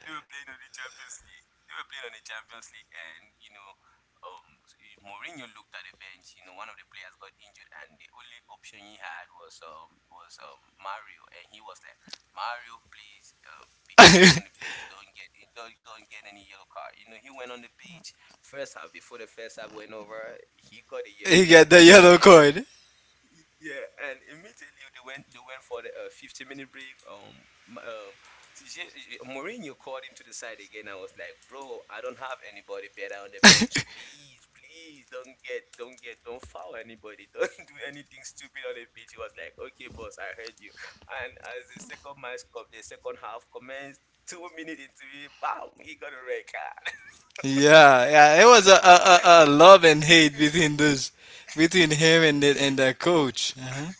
Speaker 1: They were playing on the Champions League. They were playing on the Champions League, and you know, Mourinho looked at the bench. You know, one of the players got injured, and the only option he had was Mario, and he was like, Mario, please, be careful on
Speaker 2: *laughs*
Speaker 1: the pitch. Don't get any yellow card. You know, he went on the pitch first half, before the first half went over. He got a
Speaker 2: he
Speaker 1: yellow
Speaker 2: got
Speaker 1: card,
Speaker 2: the yellow
Speaker 1: and,
Speaker 2: card.
Speaker 1: yeah, and immediately they went for the 15-minute break. Mourinho called him to the side again. I was like, bro, I don't have anybody better on the bench. Please, please don't foul anybody. *laughs* Don't do anything stupid on the pitch. He was like, okay, boss, I heard you. And as the second match cup, the second half commenced. 2 minutes into it, bam, he got a red card.
Speaker 2: Yeah, yeah. It was a, a love and hate between those between him and and the coach. Uh-huh.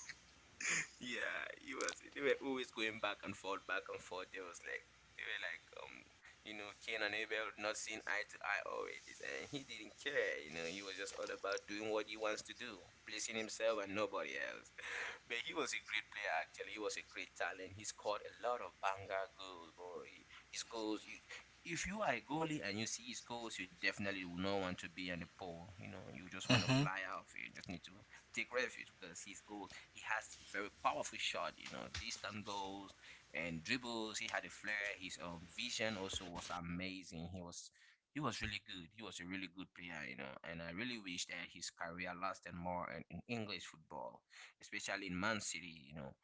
Speaker 1: Yeah, he was. They were always going back and forth, back and forth. They were like, you know, Cain and Abel not seeing eye to eye always, and he didn't care. You know, he was just all about doing what he wants to do, pleasing himself and nobody else. *laughs* But he was a great player. Actually, he was a great talent. He scored a lot of banger goals, boy. His goals. If you are a goalie and you see his goals, you definitely will not want to be on the pole. You know, you just want to
Speaker 2: Mhm.
Speaker 1: fly off. You just need to take refuge because his goals he has very powerful shot, you know, distant goals and dribbles. He had a flair. His vision also was amazing. He was really good. He was a really good player, you know. And I really wish that his career lasted more in English football, especially in Man City, you know.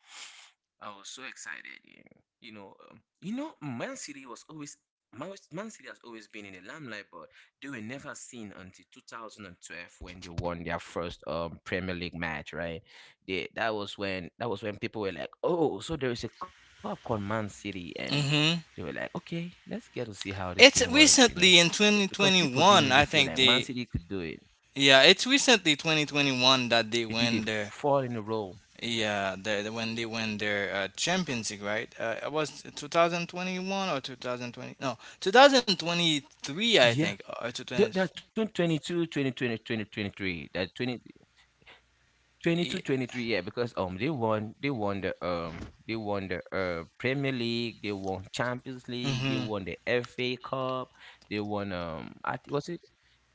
Speaker 1: I was so excited, you know. You know, you know, Man City has always been in the limelight, but they were never seen until 2012, when they won their first Premier League match, right? Yeah, that was when people were like, "Oh, so there is a cup called Man City," and
Speaker 2: Mhm.
Speaker 1: they were like, "Okay, let's get to see how this
Speaker 2: It's
Speaker 1: thing works," you know.
Speaker 2: recently in
Speaker 1: Yeah, because people didn't
Speaker 2: 2021,
Speaker 1: really
Speaker 2: I
Speaker 1: feel
Speaker 2: think
Speaker 1: like Man
Speaker 2: they
Speaker 1: City could do it.
Speaker 2: yeah, it's recently 2021 that they
Speaker 1: They did
Speaker 2: win
Speaker 1: it
Speaker 2: their
Speaker 1: four in a row.
Speaker 2: yeah, when they win their Champions League, right? It was 2021 or 2020? No, 2023, I think,
Speaker 1: Yeah,
Speaker 2: or
Speaker 1: they,
Speaker 2: 2020.
Speaker 1: they're 2022, 2020, 2023. 23. They're 20, 22,
Speaker 2: Yeah.
Speaker 1: 23. Yeah, because they won they won the Premier League, they won Champions League, they
Speaker 2: Mhm.
Speaker 1: won the FA Cup, they won I thi- was it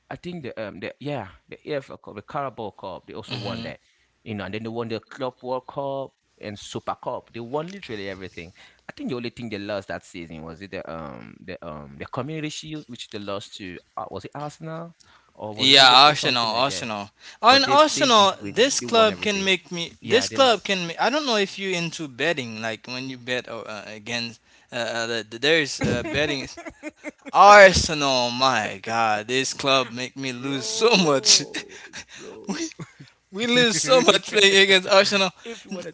Speaker 1: I think the yeah the AFL Cup, the Carabao Cup, they also won
Speaker 2: Mhm.
Speaker 1: that, you know, and then they won the Club World Cup and Super Cup. They won literally everything. I think the only thing they lost that season was it the Community Shield, which they lost to was it Arsenal or was
Speaker 2: Yeah,
Speaker 1: it Liverpool,
Speaker 2: Arsenal,
Speaker 1: something like that.
Speaker 2: Arsenal. On
Speaker 1: But they
Speaker 2: Arsenal,
Speaker 1: did win,
Speaker 2: this
Speaker 1: they
Speaker 2: club
Speaker 1: won
Speaker 2: can
Speaker 1: everything.
Speaker 2: make me. This
Speaker 1: Yeah, they,
Speaker 2: club can. Ma- I don't know if you into betting, like when you bet against. The, there's betting.
Speaker 1: *laughs*
Speaker 2: Arsenal, my God, this club make me lose so
Speaker 1: bro,
Speaker 2: much.
Speaker 1: bro.
Speaker 2: *laughs* we we lose so much playing
Speaker 1: *laughs*
Speaker 2: against Arsenal.
Speaker 1: if you want to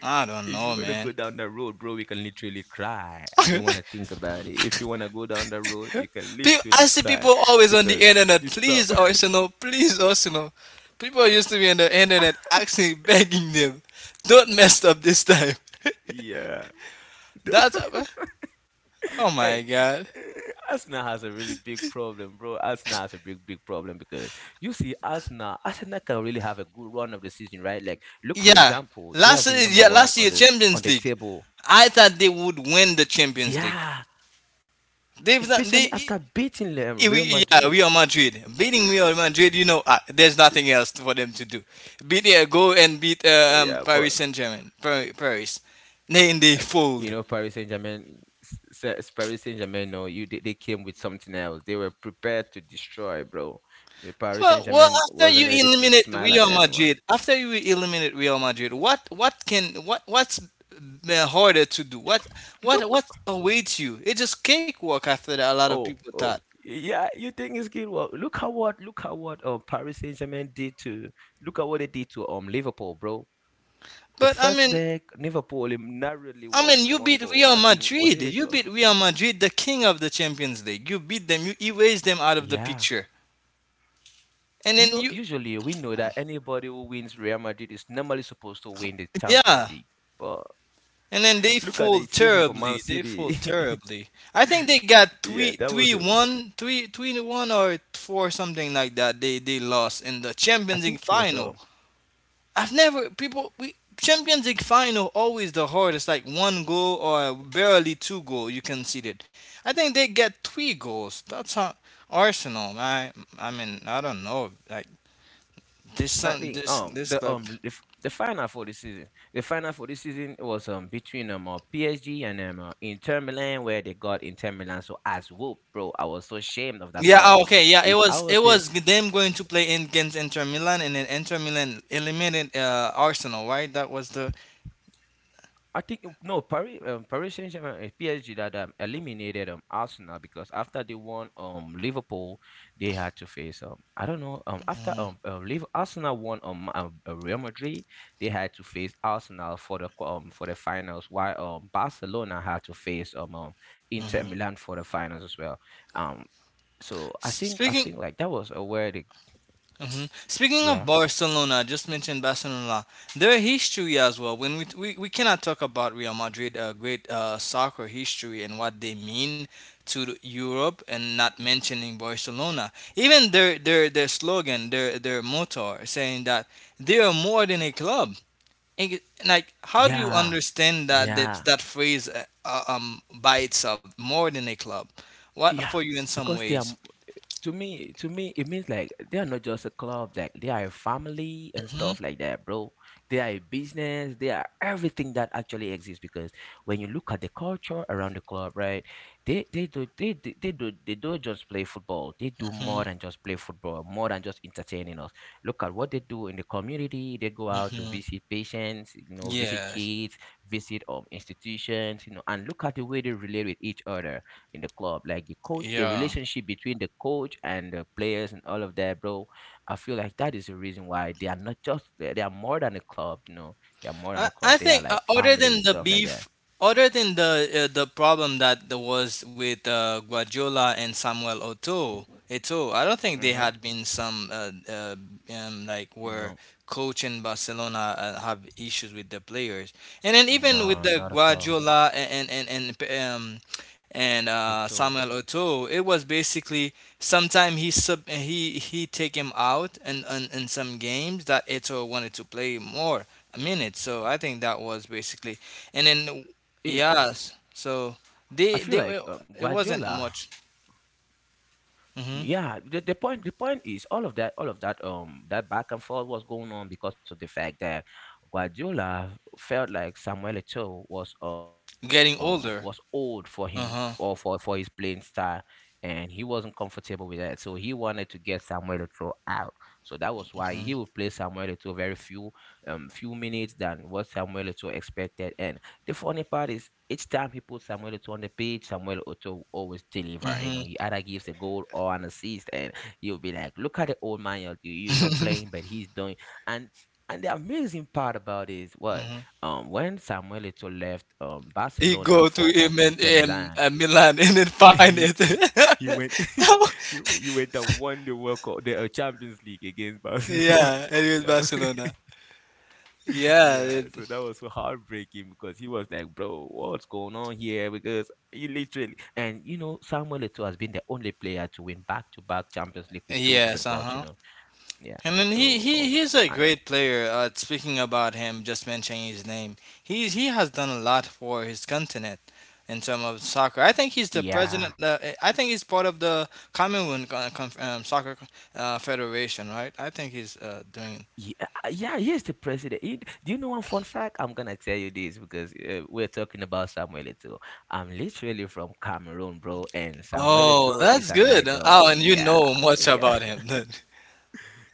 Speaker 2: I don't
Speaker 1: if
Speaker 2: know,
Speaker 1: you want to
Speaker 2: man.
Speaker 1: go down that road, bro, we can literally cry. I don't want to
Speaker 2: *laughs*
Speaker 1: think about it. If you want to go down that road, you can
Speaker 2: I
Speaker 1: literally
Speaker 2: see people
Speaker 1: cry
Speaker 2: always on the
Speaker 1: because
Speaker 2: internet.
Speaker 1: you stop.
Speaker 2: Please,
Speaker 1: *laughs*
Speaker 2: Arsenal. Please, Arsenal. People used to be on the internet asking, *laughs* begging them, don't mess up this time.
Speaker 1: Yeah.
Speaker 2: *laughs* That's oh
Speaker 1: *laughs*
Speaker 2: my
Speaker 1: And *laughs*
Speaker 2: god.
Speaker 1: Arsenal has a really big problem, bro. Arsenal has a big, big problem because you see, Arsenal can really have a good run of the season, right? Like, look for
Speaker 2: Yeah,
Speaker 1: example, they
Speaker 2: last
Speaker 1: have been
Speaker 2: yeah
Speaker 1: number
Speaker 2: last
Speaker 1: one
Speaker 2: year Champions
Speaker 1: on the
Speaker 2: League.
Speaker 1: table.
Speaker 2: I thought they would win the Champions League.
Speaker 1: Yeah,
Speaker 2: They've not they.
Speaker 1: especially
Speaker 2: I-
Speaker 1: after beating them, Real
Speaker 2: Yeah,
Speaker 1: Madrid.
Speaker 2: Real Madrid. You know, there's nothing else for them to do. Beat yeah, go and beat
Speaker 1: Yeah, but
Speaker 2: Paris Saint Germain. Paris. Paris. Then they
Speaker 1: Yeah, you
Speaker 2: fold.
Speaker 1: know, Paris Saint Germain. No, you they came with something else. They were prepared to destroy, bro. The Paris Saint
Speaker 2: Well,
Speaker 1: Germain wasn't ready to smile at anyone.
Speaker 2: After you eliminate Real Madrid, what's harder to do? What what
Speaker 1: Look,
Speaker 2: what awaits you? It's just cakewalk after that. A lot of
Speaker 1: oh,
Speaker 2: people thought,
Speaker 1: oh, yeah. You think it's good? Well, Paris Saint Germain did to, look at what they did to Liverpool, bro. The
Speaker 2: but I
Speaker 1: first
Speaker 2: mean,
Speaker 1: leg, Liverpool narrowly
Speaker 2: I
Speaker 1: won
Speaker 2: mean, you
Speaker 1: one
Speaker 2: beat
Speaker 1: goal.
Speaker 2: Real
Speaker 1: I think was
Speaker 2: Madrid.
Speaker 1: it a
Speaker 2: You
Speaker 1: draw?
Speaker 2: beat Real Madrid, the king of the Champions League. You beat them. You erase them out of the
Speaker 1: Yeah,
Speaker 2: picture, and
Speaker 1: you
Speaker 2: then
Speaker 1: know,
Speaker 2: you,
Speaker 1: usually we know that anybody who wins Real Madrid is normally supposed to win the Champions
Speaker 2: yeah,
Speaker 1: League. But
Speaker 2: and then they
Speaker 1: look at
Speaker 2: fall
Speaker 1: the season for Man
Speaker 2: terribly. They fall
Speaker 1: City.
Speaker 2: terribly. I think they got
Speaker 1: *laughs* yeah, that was. A-
Speaker 2: three, three to one or four something like that. They lost in the
Speaker 1: I
Speaker 2: Champions
Speaker 1: think
Speaker 2: League
Speaker 1: it was.
Speaker 2: final. I've never people we Champions League final always the hardest. Like one goal or barely two goal you conceded. I think they get three goals. That's how Arsenal. I mean I don't know. Like this
Speaker 1: I
Speaker 2: some
Speaker 1: think
Speaker 2: this this club
Speaker 1: the final for the season. The final for this season was between PSG and Inter Milan, where they got Inter Milan. So as well, bro, I was so ashamed of that
Speaker 2: Yeah.
Speaker 1: club.
Speaker 2: Oh, okay. Yeah.
Speaker 1: If I was
Speaker 2: It was them going to play in against Inter Milan, and then Inter Milan eliminated Arsenal. Right. That was the.
Speaker 1: I think no Paris Paris Saint Germain, PSG, that eliminated Arsenal because after they won Liverpool, they had to face I don't know after Liv- Arsenal won Real Madrid. They had to face Arsenal for the for the finals, while Barcelona had to face Inter
Speaker 2: Mhm.
Speaker 1: Milan for the finals as well. um so I
Speaker 2: Speaking.
Speaker 1: think like that was a where they
Speaker 2: Mhm. Speaking of
Speaker 1: yeah,
Speaker 2: Barcelona, I just mentioned Barcelona. Their history as well. We cannot talk about Real Madrid, great soccer history and what they mean to the Europe, and not mentioning Barcelona. Even their slogan, their motto, saying that they are more than a club. And, like, how do you
Speaker 1: yeah,
Speaker 2: understand that
Speaker 1: yeah,
Speaker 2: that, that phrase by itself, more than a club? What
Speaker 1: yeah,
Speaker 2: for you in some
Speaker 1: because they are.
Speaker 2: ways?
Speaker 1: To me, to me it means like they are not just a club, like they are a family and
Speaker 2: hmm
Speaker 1: stuff like that, bro. They are a business, they are everything that actually exists because when you look at the culture around the club, right, they don't just play football, they do
Speaker 2: hmm
Speaker 1: more than just play football, more than just entertaining us. Look at what they do in the community. They go out to
Speaker 2: hmm
Speaker 1: visit patients, you know, visit
Speaker 2: Yeah.
Speaker 1: kids, visit institutions, you know, and look at the way they relate with each other in the club. Like the coach, the
Speaker 2: Yeah.
Speaker 1: relationship between the coach and the players and all of that, bro. I feel like that is the reason why they are not just they are more than a club. You know, they are more than
Speaker 2: I,
Speaker 1: a
Speaker 2: I
Speaker 1: club. They are
Speaker 2: think
Speaker 1: like
Speaker 2: other
Speaker 1: family
Speaker 2: than
Speaker 1: and
Speaker 2: the
Speaker 1: stuff like that.
Speaker 2: beef, other than the problem that there was with Guardiola and Samuel Eto'o, I don't think they
Speaker 1: Hmm.
Speaker 2: had been some like where
Speaker 1: No,
Speaker 2: coach in Barcelona have issues with the players, and then even with
Speaker 1: no,
Speaker 2: the
Speaker 1: not at all.
Speaker 2: Guardiola and
Speaker 1: It's all.
Speaker 2: Samuel Eto'o, it was basically sometime he sub he take him out and in some games that Eto'o wanted to play more minutes. So I think that was basically, and then
Speaker 1: You know,
Speaker 2: yes, so
Speaker 1: I feel like
Speaker 2: it wasn't
Speaker 1: Guardiola.
Speaker 2: much. hmm
Speaker 1: Yeah the point is all of that, all of that that back and forth was going on because of the fact that Guardiola felt like Samuel Eto'o was
Speaker 2: Getting
Speaker 1: old for
Speaker 2: older.
Speaker 1: him or
Speaker 2: Uh
Speaker 1: for
Speaker 2: huh.
Speaker 1: his playing style, and he wasn't comfortable with that, so he wanted to get Samuel Eto'o out. So that was why he would play Samuel Eto'o very few minutes than what Samuel Eto'o expected. And the funny part is each time he puts Samuel Eto'o on the pitch, Samuel Eto'o always deliver. You
Speaker 2: Mm-hmm.
Speaker 1: know, he either gives a goal or an assist, and you'll be like, "Look at the old man! You're not playing, but he's doing." And and the amazing part about it is what when Samuel Eto'o left
Speaker 2: He
Speaker 1: Barcelona
Speaker 2: go to
Speaker 1: for
Speaker 2: him and
Speaker 1: Inter Milan,
Speaker 2: Milan *laughs* and then
Speaker 1: *laughs*
Speaker 2: find it.
Speaker 1: he, he went
Speaker 2: *laughs* That wa-
Speaker 1: *laughs* he went and won the World Cup, the Champions League against Barcelona.
Speaker 2: yeah, and it
Speaker 1: *laughs*
Speaker 2: was
Speaker 1: that was
Speaker 2: Barcelona. Yeah.
Speaker 1: Yeah, so that was so heartbreaking because he was like, bro, what's going on here? Because he literally, and you know, Samuel Eto'o has been the only player to win back to back Champions League with two
Speaker 2: Yes.
Speaker 1: different
Speaker 2: Uh
Speaker 1: clubs,
Speaker 2: huh.
Speaker 1: you know. Yeah.
Speaker 2: And then
Speaker 1: So,
Speaker 2: he's a
Speaker 1: I-
Speaker 2: great player. Speaking about him, just mentioning his name, he has done a lot for his continent in terms of soccer. I think he's the
Speaker 1: yeah.
Speaker 2: president. I think he's part of the Commonwealth Soccer Federation, right? I think he's doing.
Speaker 1: Yeah, yeah, he's the president. Do you know one fun fact? I'm gonna tell you this because we're talking about Samuel Eto'o. I'm literally from Cameroon, bro, and Samuel
Speaker 2: Oh,
Speaker 1: Eto'o is
Speaker 2: that's
Speaker 1: an
Speaker 2: good.
Speaker 1: idol.
Speaker 2: Oh, and you
Speaker 1: Yeah,
Speaker 2: know much
Speaker 1: yeah.
Speaker 2: about him then.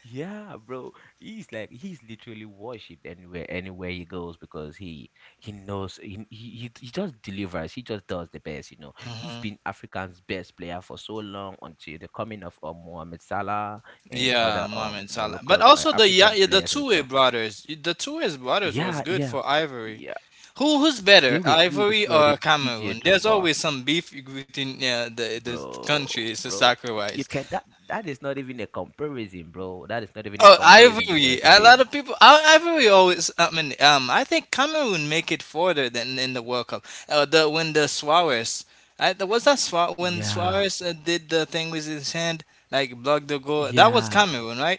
Speaker 1: Yeah, bro. He's literally worshipped anywhere, anywhere he goes because he knows he just delivers. He just does the best, you know. He's
Speaker 2: Mhm.
Speaker 1: been Africa's best player for so long until the coming of Mohamed Salah and
Speaker 2: Yeah,
Speaker 1: other
Speaker 2: Mohamed Salah. But
Speaker 1: Moroccan
Speaker 2: also
Speaker 1: African
Speaker 2: the
Speaker 1: players and
Speaker 2: Toure
Speaker 1: stuff.
Speaker 2: brothers. The Toure brothers was
Speaker 1: Yeah,
Speaker 2: good
Speaker 1: yeah,
Speaker 2: for Ivory.
Speaker 1: yeah.
Speaker 2: Who's
Speaker 1: They
Speaker 2: better,
Speaker 1: were good as
Speaker 2: Ivory
Speaker 1: well.
Speaker 2: or
Speaker 1: The DJ
Speaker 2: Cameroon? There's
Speaker 1: Drogba,
Speaker 2: always some beef between yeah, the
Speaker 1: bro,
Speaker 2: countries
Speaker 1: bro.
Speaker 2: soccer wise.
Speaker 1: You can that That is not even a comparison, bro. That is not even a
Speaker 2: Oh,
Speaker 1: comparison
Speaker 2: Ivory.
Speaker 1: because if
Speaker 2: A lot
Speaker 1: you
Speaker 2: of people. I- Ivory always. I think Cameroon make it further than in the World Cup. The when the Suarez. I, the- was that Suarez when
Speaker 1: yeah.
Speaker 2: Suarez did the thing with his hand, like blocked the goal? That was
Speaker 1: Yeah,
Speaker 2: Cameroon, right?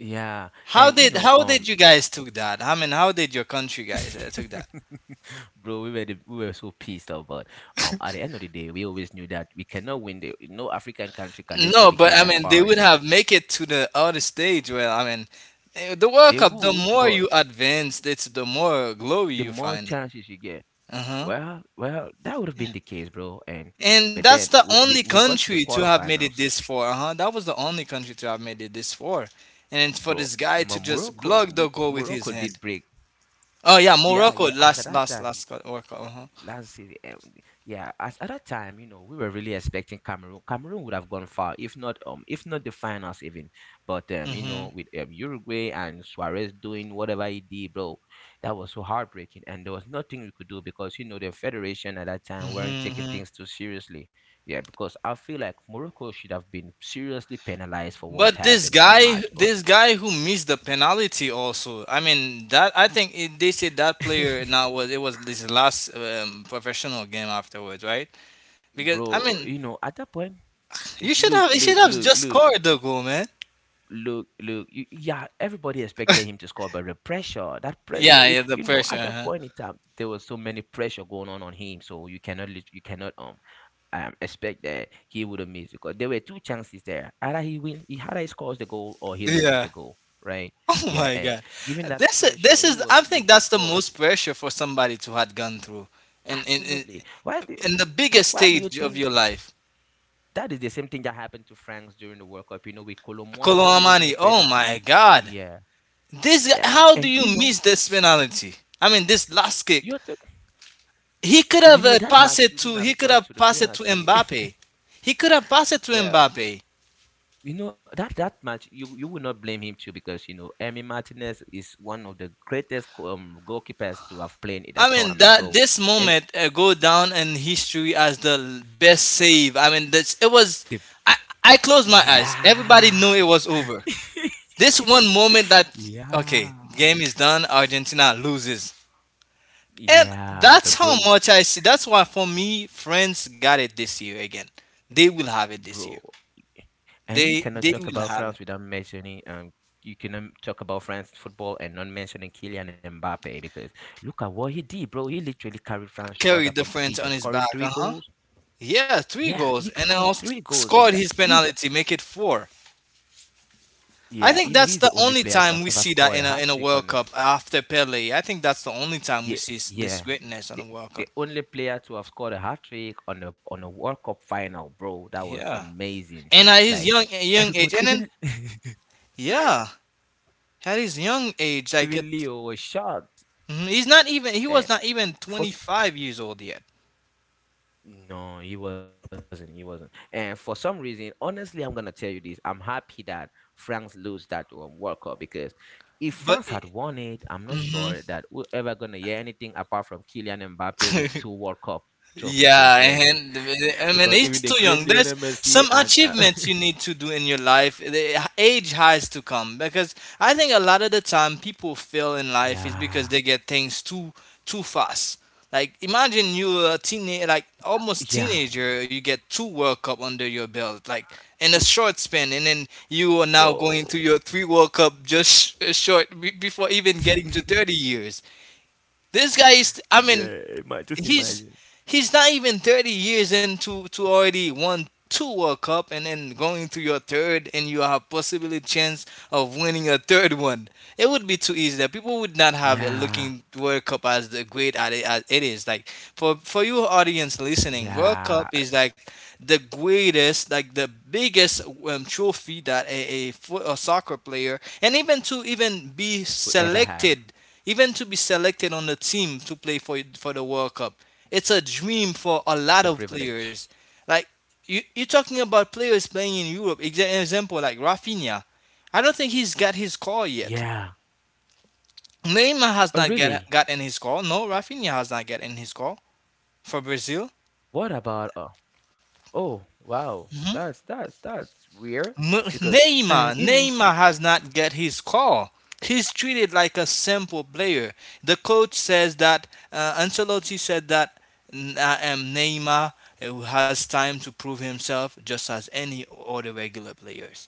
Speaker 1: yeah,
Speaker 2: How
Speaker 1: and you
Speaker 2: did
Speaker 1: know,
Speaker 2: how did you guys took that? I mean, how did your country guys took that?
Speaker 1: *laughs* bro, we were so pissed off, but at the end of the day, we always knew that we cannot win. The No African country can
Speaker 2: No,
Speaker 1: literally
Speaker 2: but
Speaker 1: get
Speaker 2: I
Speaker 1: that
Speaker 2: mean, they
Speaker 1: far
Speaker 2: would
Speaker 1: in there.
Speaker 2: have make it to the other stage where I mean, the World
Speaker 1: They
Speaker 2: Cup. The
Speaker 1: would,
Speaker 2: more
Speaker 1: but
Speaker 2: you advance, it's the more glory
Speaker 1: the
Speaker 2: you
Speaker 1: more
Speaker 2: find.
Speaker 1: chances you get,
Speaker 2: Uh huh.
Speaker 1: well, that would have been the case, bro. And
Speaker 2: And
Speaker 1: but
Speaker 2: that's
Speaker 1: then
Speaker 2: the only
Speaker 1: we got to the
Speaker 2: country to have made it
Speaker 1: quarterfinals,
Speaker 2: this far. Uh huh. That was the only country to have made it this far. And then for
Speaker 1: bro.
Speaker 2: this guy to just
Speaker 1: Morocco,
Speaker 2: block the goal with his
Speaker 1: Morocco did
Speaker 2: hand.
Speaker 1: break.
Speaker 2: Oh yeah,
Speaker 1: Yeah,
Speaker 2: Morocco.
Speaker 1: yeah. At
Speaker 2: Last,
Speaker 1: that
Speaker 2: last,
Speaker 1: time.
Speaker 2: last World Cup. Uh huh.
Speaker 1: Let's see. Yeah, as at that time, you know, we were really expecting Cameroon. Cameroon would have gone far, if not the finals even. But you
Speaker 2: Mhm.
Speaker 1: know, with Uruguay and Suarez doing whatever he did, bro, that was so heartbreaking, and there was nothing we could do because you know the federation at that time weren't taking
Speaker 2: Mhm.
Speaker 1: things too seriously. Yeah, because I feel like Morocco should have been seriously penalized for what
Speaker 2: But
Speaker 1: happened in that match, but
Speaker 2: this guy who missed the penalty also. I mean, that I think they said that player
Speaker 1: *laughs*
Speaker 2: now was this last professional game afterwards, right? Because I
Speaker 1: bro,
Speaker 2: mean,
Speaker 1: you know, at that point, it's
Speaker 2: you should have just
Speaker 1: look.
Speaker 2: scored the goal, man.
Speaker 1: Yeah, everybody expected him
Speaker 2: *laughs*
Speaker 1: to score, but the pressure, that pressure,
Speaker 2: Yeah,
Speaker 1: you,
Speaker 2: yeah, the
Speaker 1: you know, at
Speaker 2: pressure,
Speaker 1: that
Speaker 2: huh?
Speaker 1: point in time, there was so many pressure going on him, so you cannot, you cannot expect that he would have missed because there were two chances there. Either he wins, he either he scores the goal or he loses
Speaker 2: Yeah.
Speaker 1: the
Speaker 2: *laughs*
Speaker 1: goal, right?
Speaker 2: Oh
Speaker 1: Yeah,
Speaker 2: my
Speaker 1: and
Speaker 2: God.
Speaker 1: given that pressure,
Speaker 2: This
Speaker 1: he
Speaker 2: is
Speaker 1: was
Speaker 2: I think
Speaker 1: looking
Speaker 2: that's the
Speaker 1: for it.
Speaker 2: most pressure for somebody to had gone through, and in, in
Speaker 1: Absolutely.
Speaker 2: in the biggest
Speaker 1: Why do you
Speaker 2: stage of your
Speaker 1: think
Speaker 2: life.
Speaker 1: that is the same thing that happened to France during the World Cup? You know, with Colomwani losing the
Speaker 2: Colomani, oh my
Speaker 1: penalty.
Speaker 2: God.
Speaker 1: Yeah,
Speaker 2: This guy,
Speaker 1: yeah,
Speaker 2: how do
Speaker 1: and you
Speaker 2: you
Speaker 1: know.
Speaker 2: miss this penalty? I mean, this last kick.
Speaker 1: You're talking You know that match shouldn't
Speaker 2: He
Speaker 1: have
Speaker 2: could
Speaker 1: gone
Speaker 2: have
Speaker 1: to
Speaker 2: passed
Speaker 1: the
Speaker 2: it to
Speaker 1: penalty.
Speaker 2: Mbappe.
Speaker 1: *laughs*
Speaker 2: He could have passed it to
Speaker 1: Well,
Speaker 2: Mbappe.
Speaker 1: you know that that match you, you will not blame him too because you know Emi Martinez is one of the greatest goalkeepers to have played in
Speaker 2: I
Speaker 1: that
Speaker 2: mean
Speaker 1: tournament,
Speaker 2: that
Speaker 1: bro.
Speaker 2: this
Speaker 1: Em-
Speaker 2: moment go down in history as the best save. I mean this it was. I I closed my eyes. Everybody
Speaker 1: yeah,
Speaker 2: knew it was over. This
Speaker 1: *laughs*
Speaker 2: one moment that Okay,
Speaker 1: yeah,
Speaker 2: game is done. Argentina loses, and
Speaker 1: yeah,
Speaker 2: that's
Speaker 1: but
Speaker 2: how
Speaker 1: bro,
Speaker 2: much I see. That's why for me, France got it this year again. They will have it this year.
Speaker 1: bro, and
Speaker 2: They
Speaker 1: you
Speaker 2: they
Speaker 1: cannot
Speaker 2: will
Speaker 1: talk about
Speaker 2: have it.
Speaker 1: France without mentioning you cannot talk about France football and not mentioning Kylian Mbappe because look at what he did, bro. He literally carried France throughout the
Speaker 2: Carried the French
Speaker 1: competition,
Speaker 2: on his
Speaker 1: scoring
Speaker 2: back.
Speaker 1: three
Speaker 2: Uh huh.
Speaker 1: goals.
Speaker 2: Yeah, three
Speaker 1: Yeah,
Speaker 2: goals,
Speaker 1: he
Speaker 2: and then
Speaker 1: scored
Speaker 2: also
Speaker 1: three goals
Speaker 2: scored
Speaker 1: in that.
Speaker 2: his penalty, make it four. I
Speaker 1: Yeah,
Speaker 2: think
Speaker 1: you know,
Speaker 2: that's
Speaker 1: he's the
Speaker 2: the
Speaker 1: only
Speaker 2: only
Speaker 1: player to
Speaker 2: time
Speaker 1: have
Speaker 2: we
Speaker 1: ever
Speaker 2: see that
Speaker 1: scored
Speaker 2: in
Speaker 1: a
Speaker 2: a
Speaker 1: hat trick
Speaker 2: World
Speaker 1: on
Speaker 2: Cup after Pele. I think that's the only time
Speaker 1: yeah,
Speaker 2: this
Speaker 1: yeah,
Speaker 2: greatness on a
Speaker 1: the,
Speaker 2: World
Speaker 1: the
Speaker 2: Cup.
Speaker 1: only player to have scored a hat trick on a World Cup final, bro. That was
Speaker 2: Yeah,
Speaker 1: amazing.
Speaker 2: and at his
Speaker 1: Like
Speaker 2: young age,
Speaker 1: everybody,
Speaker 2: and then
Speaker 1: even *laughs*
Speaker 2: yeah, at his young age,
Speaker 1: even Leo was shocked.
Speaker 2: mhm, he was not
Speaker 1: And
Speaker 2: even 25 years old yet.
Speaker 1: no, he wasn't. He wasn't. And for some reason, honestly, I'm gonna tell you this. I'm happy that France lose that World Cup because if
Speaker 2: But
Speaker 1: France had won it, I'm not
Speaker 2: mhm.
Speaker 1: sure that we're ever gonna hear anything apart from Kylian Mbappe with two
Speaker 2: *laughs*
Speaker 1: World Cup trophies to
Speaker 2: Yeah,
Speaker 1: his name. *laughs*
Speaker 2: and I mean
Speaker 1: Because
Speaker 2: he's
Speaker 1: even
Speaker 2: too
Speaker 1: the
Speaker 2: young.
Speaker 1: great
Speaker 2: There's
Speaker 1: Lionel
Speaker 2: some
Speaker 1: Messi and
Speaker 2: achievements you need to do in your life. The age has to come because I think a lot of the time people fail in life is because they
Speaker 1: yeah,
Speaker 2: get things too fast. Like imagine you're a teenage, like almost
Speaker 1: yeah,
Speaker 2: teenager, you get two World Cup under your belt, like in a
Speaker 1: two-
Speaker 2: short span, and then you are now going to your
Speaker 1: bro.
Speaker 2: three World Cup just sh- short be- before even getting to thirty
Speaker 1: *laughs* yeah,
Speaker 2: years. This guy is, I mean,
Speaker 1: just
Speaker 2: he's
Speaker 1: imagine.
Speaker 2: he's not even 30 years into to already won two World Cup and then going to your third, and you have possibly chance of winning a third one. It would be too easy. That people would not have a
Speaker 1: Yeah,
Speaker 2: looking World Cup as the great at it, as it is. Like for you audience listening, World Cup
Speaker 1: yeah,
Speaker 2: is like the greatest, like the biggest trophy that a soccer player, and even to even be
Speaker 1: could never have.
Speaker 2: selected even to be selected on the team to play for the World Cup. It's a dream for a
Speaker 1: It's
Speaker 2: lot
Speaker 1: a
Speaker 2: of
Speaker 1: privilege.
Speaker 2: players. Like you, you're talking about players playing in Europe. Example like Rafinha. I don't think he's got his call yet.
Speaker 1: Yeah.
Speaker 2: Neymar has
Speaker 1: Oh,
Speaker 2: not get
Speaker 1: really?
Speaker 2: gotten his call. No, Rafinha has not gotten his call for Brazil.
Speaker 1: What about oh, wow. That's weird because and you know
Speaker 2: Neymar has not get his call. He's treated like a simple player. The coach says that Ancelotti said that, " I am Neymar who has time to prove himself just as any other regular players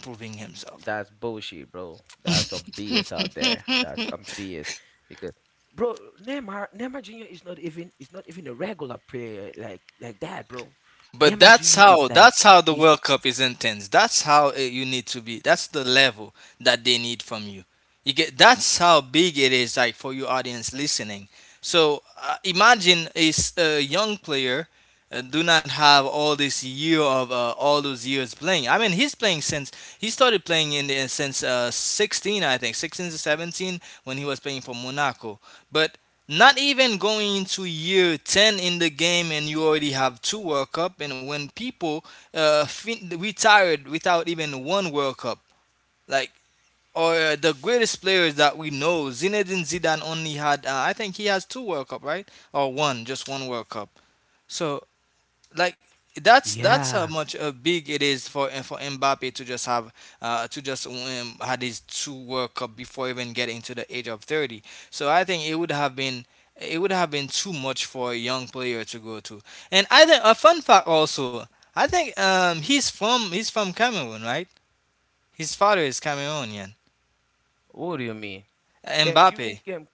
Speaker 2: proving himself.
Speaker 1: that's bullshit, bro. That's some BS out there. That's some BS. Because bro, Neymar Jr. is not even, is not even a regular player like that, bro.
Speaker 2: But
Speaker 1: Neymar
Speaker 2: that's
Speaker 1: Jr. is
Speaker 2: how
Speaker 1: like
Speaker 2: That's how the
Speaker 1: is
Speaker 2: World Cup is intense. That's how you need to be. That's the level that they need from you. You get that's how big it is, like for your audience listening. So imagine a young player do not have all this year of all those years playing. I mean, he's playing since he started playing in the, since 16, I think, 16 to 17 when he was playing for Monaco. But not even going into year 10 in the game and you already have two World Cup, and when people retired without even one World Cup, like or the greatest players that we know, Zinedine Zidane only had I think he has two World Cup, right? Or one, just one World Cup. So like that's how
Speaker 1: yeah.
Speaker 2: much big it is for Mbappe to just have to just had his two World Cup before even getting to the age of 30. So I think it would have been it would have been too much for a young player to go to. And I think a fun fact also, I think he's from Cameroon, right? His father is Cameroonian.
Speaker 1: What do you mean? Yeah,
Speaker 2: Mbappe.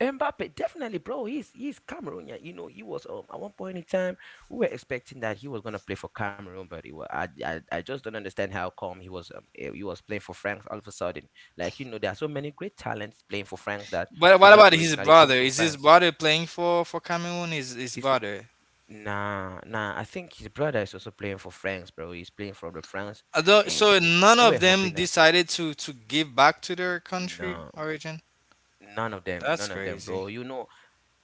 Speaker 1: Mbappe, definitely, bro. He's Cameroonian. You know, he was at one point in time we were expecting that he was gonna play for Cameroon, but he was, I just don't understand how come he was he was playing for France all of a sudden. Like you know, there are so many great talents playing for France that
Speaker 2: But
Speaker 1: do
Speaker 2: what
Speaker 1: not
Speaker 2: about his
Speaker 1: originally come
Speaker 2: brother?
Speaker 1: from
Speaker 2: Is his
Speaker 1: France.
Speaker 2: brother playing for Cameroon? His
Speaker 1: He's
Speaker 2: brother,
Speaker 1: Nah. I think his brother is also playing for France, bro. He's playing for the France,
Speaker 2: although,
Speaker 1: and
Speaker 2: so none
Speaker 1: we
Speaker 2: of
Speaker 1: were
Speaker 2: them
Speaker 1: hoping that
Speaker 2: decided to give back to their country
Speaker 1: no,
Speaker 2: origin.
Speaker 1: none of them,
Speaker 2: That's
Speaker 1: none of them,
Speaker 2: crazy.
Speaker 1: bro. You know,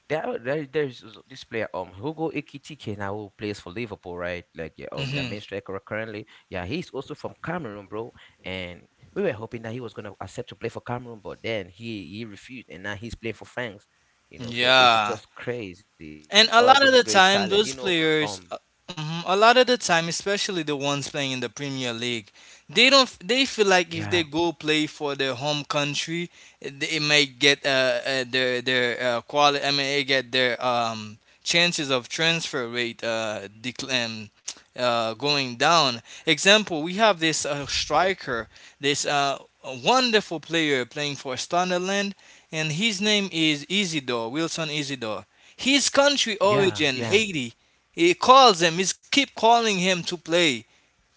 Speaker 1: There's this player, Hugo Ekitike now who plays for Liverpool, right? Like, yeah, their
Speaker 2: Hmm.
Speaker 1: main striker currently. Yeah, he's also from Cameroon, bro. And we were hoping that he was gonna accept to play for Cameroon, but then he refused, and now he's playing for France. You know, so it's
Speaker 2: Yeah,
Speaker 1: just crazy. Oh, just
Speaker 2: and a
Speaker 1: great
Speaker 2: lot of the
Speaker 1: talent. You know,
Speaker 2: time, those
Speaker 1: um,
Speaker 2: players, mhm, a lot of the time, especially the ones playing in the Premier League, they don't. They feel like
Speaker 1: yeah,
Speaker 2: if they go play for their home country, they might get their quality. I mean, they get their chances of transfer rate decline. Going down. Example: we have this striker, this wonderful player playing for Sunderland, and his name is Isidore Wilson Isidore, his country
Speaker 1: yeah,
Speaker 2: origin,
Speaker 1: yeah.
Speaker 2: Haiti. He calls him, he keep calling him to play.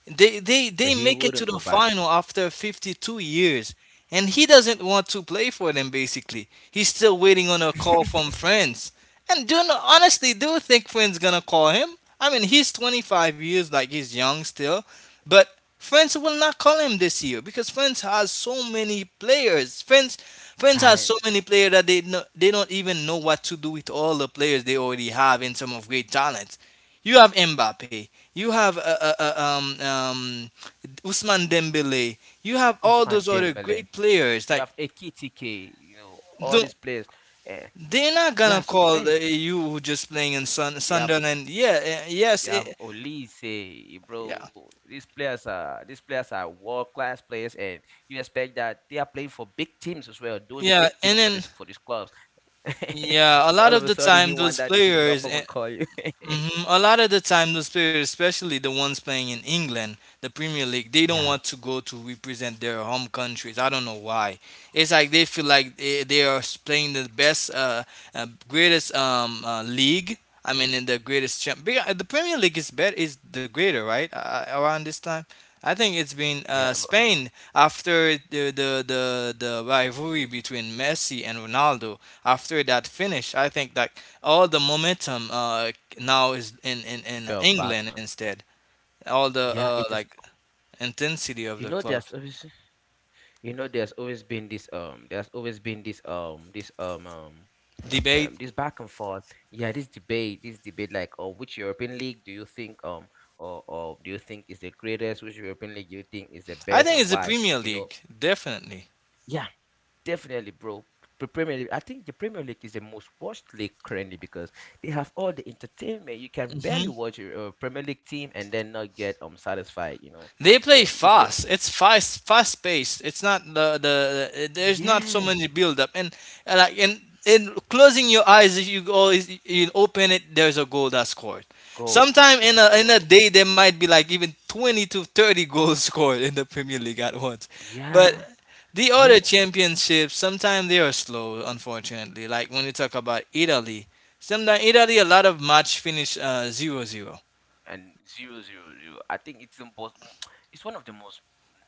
Speaker 2: They they
Speaker 1: But
Speaker 2: they
Speaker 1: he
Speaker 2: make it to
Speaker 1: wouldn't go
Speaker 2: the
Speaker 1: back.
Speaker 2: final after 52 years, and he doesn't want to play for them. Basically, he's still waiting on a call
Speaker 1: *laughs*
Speaker 2: from France. And honestly, do you think France gonna call him? I mean, he's 25 years, like he's young still, but France will not call him this year because France has so many players. France has so
Speaker 1: Talents,
Speaker 2: many players that they don't even know what to do with all the players they already have in terms of great talent. You have Mbappe. You have Usman Dembele. You have all
Speaker 1: Ousmane
Speaker 2: those other
Speaker 1: Dembele.
Speaker 2: great players.
Speaker 1: You
Speaker 2: Like,
Speaker 1: have Ekitike. You know, all these
Speaker 2: don't,
Speaker 1: players, and
Speaker 2: they're not
Speaker 1: they are
Speaker 2: gonna
Speaker 1: so
Speaker 2: call
Speaker 1: great.
Speaker 2: you who just playing in
Speaker 1: You have
Speaker 2: Sunderland. Yeah, yes,
Speaker 1: You have Olise,
Speaker 2: yeah,
Speaker 1: bro. These players are world class players, and you expect that they are playing for big teams as well, doing big
Speaker 2: yeah.
Speaker 1: things for
Speaker 2: And then,
Speaker 1: this club. *laughs* You
Speaker 2: yeah, a
Speaker 1: know, all
Speaker 2: lot
Speaker 1: of a
Speaker 2: of the
Speaker 1: sudden, he
Speaker 2: time
Speaker 1: won
Speaker 2: those
Speaker 1: that they should drop
Speaker 2: players,
Speaker 1: him and call you. *laughs*
Speaker 2: a lot of the time, those players, especially the ones playing in England, the Premier League, they don't
Speaker 1: Yeah,
Speaker 2: want to go to represent their home countries. I don't know why. It's like they feel like they are playing the best, greatest league. I mean, in the greatest champ. Because the Premier League is better, is the greater, right? Around this time. I think it's been
Speaker 1: yeah, bro.
Speaker 2: Spain after the, the rivalry between Messi and Ronaldo. After that finish, I think that all the momentum now is in
Speaker 1: Felt bad.
Speaker 2: England instead. All the
Speaker 1: Yeah, it
Speaker 2: like
Speaker 1: is.
Speaker 2: intensity of
Speaker 1: You
Speaker 2: the
Speaker 1: know, there's
Speaker 2: clubs
Speaker 1: always there's always been this there's always been this this
Speaker 2: debate.
Speaker 1: this back and forth. Yeah, this debate, like, on which European league do you think or do you think is the greatest? Which European league do you think is the
Speaker 2: I
Speaker 1: best,
Speaker 2: think
Speaker 1: and
Speaker 2: it's the
Speaker 1: why,
Speaker 2: Premier
Speaker 1: you know?
Speaker 2: League, definitely.
Speaker 1: Yeah, definitely, bro. I think the Premier League is the most watched league currently because they have all the entertainment. You can barely watch a Premier League team and then not get satisfied, you know.
Speaker 2: They play
Speaker 1: Yeah, you can.
Speaker 2: fast. It's fast, fast paced. It's not the, the there's not so
Speaker 1: Yeah,
Speaker 2: many build up, and like and in closing your eyes, if you always you open it, there's a goal that's scored.
Speaker 1: goal
Speaker 2: Sometime
Speaker 1: that's
Speaker 2: in
Speaker 1: a
Speaker 2: a in a
Speaker 1: goal.
Speaker 2: day, there might be like even 20 to 30 *laughs* goals scored in the Premier League at once. But
Speaker 1: Yeah,
Speaker 2: the other
Speaker 1: bro.
Speaker 2: championships, sometimes they are slow, unfortunately. Like when you talk about Italy, sometimes Italy, a lot of match finish 0 zero.
Speaker 1: And zero, zero, zero. I think it's the most, *tsk* it's one of the most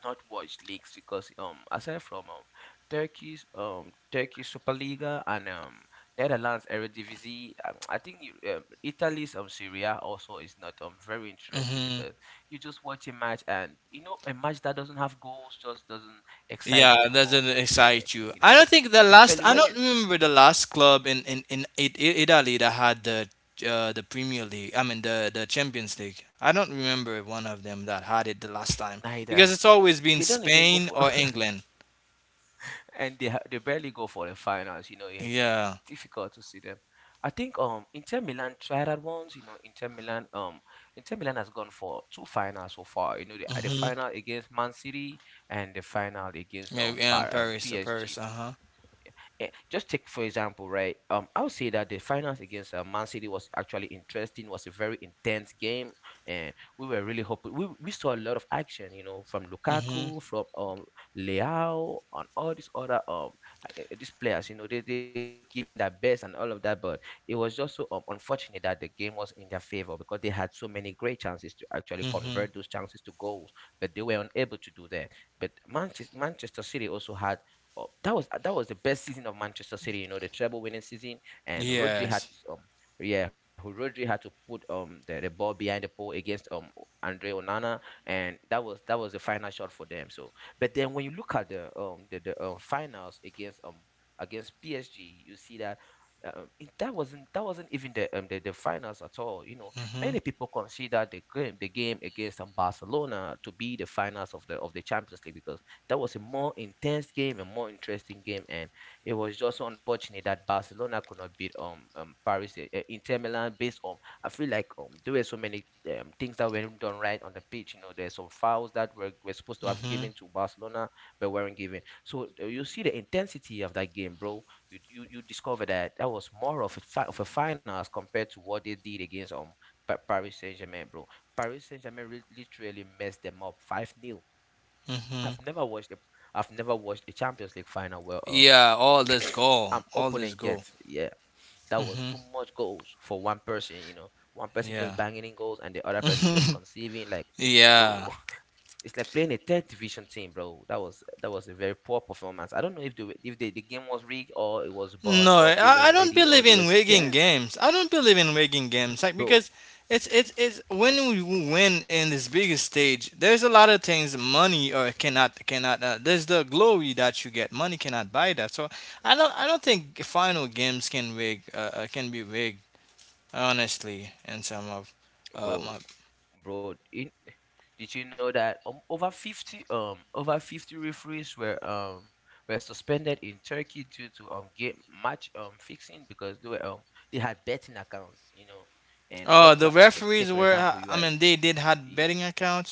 Speaker 1: not watched leagues because aside from Turkey Superliga and Netherlands Eredivisie, Italy's Syria also is not very interesting because you just watch a match, and you know a match that doesn't have goals just doesn't
Speaker 2: Yeah,
Speaker 1: excite you
Speaker 2: it
Speaker 1: no more.
Speaker 2: doesn't
Speaker 1: Uh,
Speaker 2: excite you.
Speaker 1: you know,
Speaker 2: I don't think the last.
Speaker 1: especially
Speaker 2: I
Speaker 1: when
Speaker 2: don't
Speaker 1: you,
Speaker 2: remember the last club in Italy that had the Premier League. I mean the Champions League. I don't remember one of them that had it the last time
Speaker 1: neither,
Speaker 2: because it's always been
Speaker 1: they don't even go
Speaker 2: Spain
Speaker 1: for,
Speaker 2: or England.
Speaker 1: and they barely go for the finals. You know, it's
Speaker 2: Yeah.
Speaker 1: difficult to see them. I think Inter Milan tried that once. You know, Inter Milan has gone for two finals so far. You know, the
Speaker 2: Mhm.
Speaker 1: final against Man City and the final against
Speaker 2: Yeah. Yeah. In Paris. Uh, Paris.
Speaker 1: PSG.
Speaker 2: Uh huh.
Speaker 1: Yeah, just take for example, right? I would say that the finals against Man City was actually interesting. Was a very intense game, and we were really hoping. We saw a lot of action, you know, from
Speaker 2: Mhm.
Speaker 1: Lukaku, from Leao, and all these other these players. You know, they really giving their best and all of that. But it was just so unfortunate that the game was in their favor because they had so many great chances to actually
Speaker 2: Mhm.
Speaker 1: convert those chances to goals, but they were unable to do that. But Manchester City also had. Oh, that was the best season of Manchester City. You know, the treble winning season, and Rodri had
Speaker 2: Yes.
Speaker 1: to, yeah, who Rodri had to put the ball behind the pole against Andre Onana, and that was the final shot for them. So, but then when you look at the finals against against PSG, you see that. That wasn't even the finals at all. You know,
Speaker 2: Mhm.
Speaker 1: many people consider the game against Barcelona to be the finals of the Champions League because that was a more intense game, a more interesting game, and it was just unfortunate that Barcelona could not beat Paris Inter Milan based on, I feel like there were so many things that weren't done right on the pitch. You know, there's some fouls that were supposed to have
Speaker 2: Mhm.
Speaker 1: given to Barcelona but weren't given. So you see the intensity of that game, bro. You discover that that was more of a final as compared to what they did against Paris Saint Germain, bro. Paris Saint Germain literally messed them up 5 nil.
Speaker 2: Mhm.
Speaker 1: I've never watched a I've never watched a Champions League final where
Speaker 2: Yeah.
Speaker 1: *coughs*
Speaker 2: All this
Speaker 1: *clears throat*
Speaker 2: goal.
Speaker 1: an
Speaker 2: All this
Speaker 1: opponent
Speaker 2: goal.
Speaker 1: gets, yeah, that was
Speaker 2: Mhm.
Speaker 1: too much goals for one person. You know, one person
Speaker 2: Yeah.
Speaker 1: just banging in goals and the other person just conceiving, like,
Speaker 2: *laughs* Yeah.
Speaker 1: bro, *laughs* it's like playing a third division team, bro. That was a very poor performance. I don't know if the game was rigged, or it was bad,
Speaker 2: No,
Speaker 1: or they
Speaker 2: I
Speaker 1: weren't
Speaker 2: don't
Speaker 1: ready,
Speaker 2: believe
Speaker 1: or they
Speaker 2: in
Speaker 1: were
Speaker 2: rigging
Speaker 1: scared.
Speaker 2: games. I don't believe in rigging
Speaker 1: Bro,
Speaker 2: games, like, because it's when we win in this biggest stage. There's a lot of things money or cannot cannot. There's the glory that you get. Money cannot buy that. So I don't. I don't think final games can rig can be rigged honestly, in some of my.
Speaker 1: bro, bro, in, did you know that over 50 referees were suspended in Turkey due to game match fixing because they were they had betting accounts, you know. And when
Speaker 2: Oh,
Speaker 1: you
Speaker 2: the
Speaker 1: are, just take
Speaker 2: referees
Speaker 1: for
Speaker 2: were.
Speaker 1: example,
Speaker 2: Uh,
Speaker 1: you
Speaker 2: I
Speaker 1: are,
Speaker 2: mean, they did had betting accounts.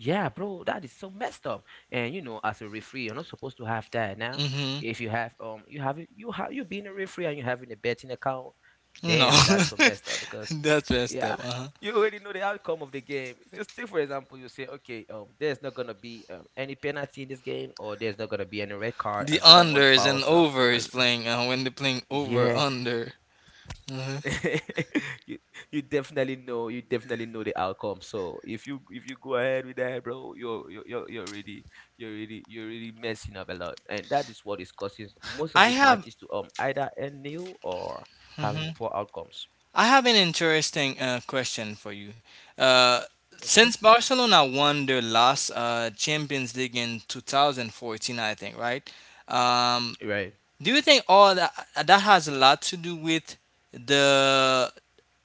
Speaker 1: yeah, bro, that is so messed up. And you know, as a referee, you're not supposed to have that now.
Speaker 2: Mm-hmm.
Speaker 1: If you have you have, you being a referee and you having a betting account,
Speaker 2: No,
Speaker 1: damn, that's so messed up
Speaker 2: *laughs*
Speaker 1: because,
Speaker 2: that's messed
Speaker 1: yeah,
Speaker 2: up. Uh huh.
Speaker 1: you already know the outcome of the game. Just take, for example, you say, okay, there's not gonna be any penalty in this game, or there's not gonna be any red card,
Speaker 2: The
Speaker 1: and someone
Speaker 2: unders and
Speaker 1: fouls.
Speaker 2: over is
Speaker 1: And
Speaker 2: playing when they're playing over
Speaker 1: yeah,
Speaker 2: under. Mhm.
Speaker 1: *laughs* you, you definitely know the outcome. So if you go ahead with that, bro, you're really, you're really messing up a lot, and that is what is causing most of
Speaker 2: I
Speaker 1: these
Speaker 2: have
Speaker 1: matches to either end nil or having poor outcomes.
Speaker 2: I have an interesting question for you. Uh, since
Speaker 1: Okay,
Speaker 2: Barcelona won their last Champions League in 2014, I think, right? Um,
Speaker 1: right.
Speaker 2: do you think all that, that has a lot to do with the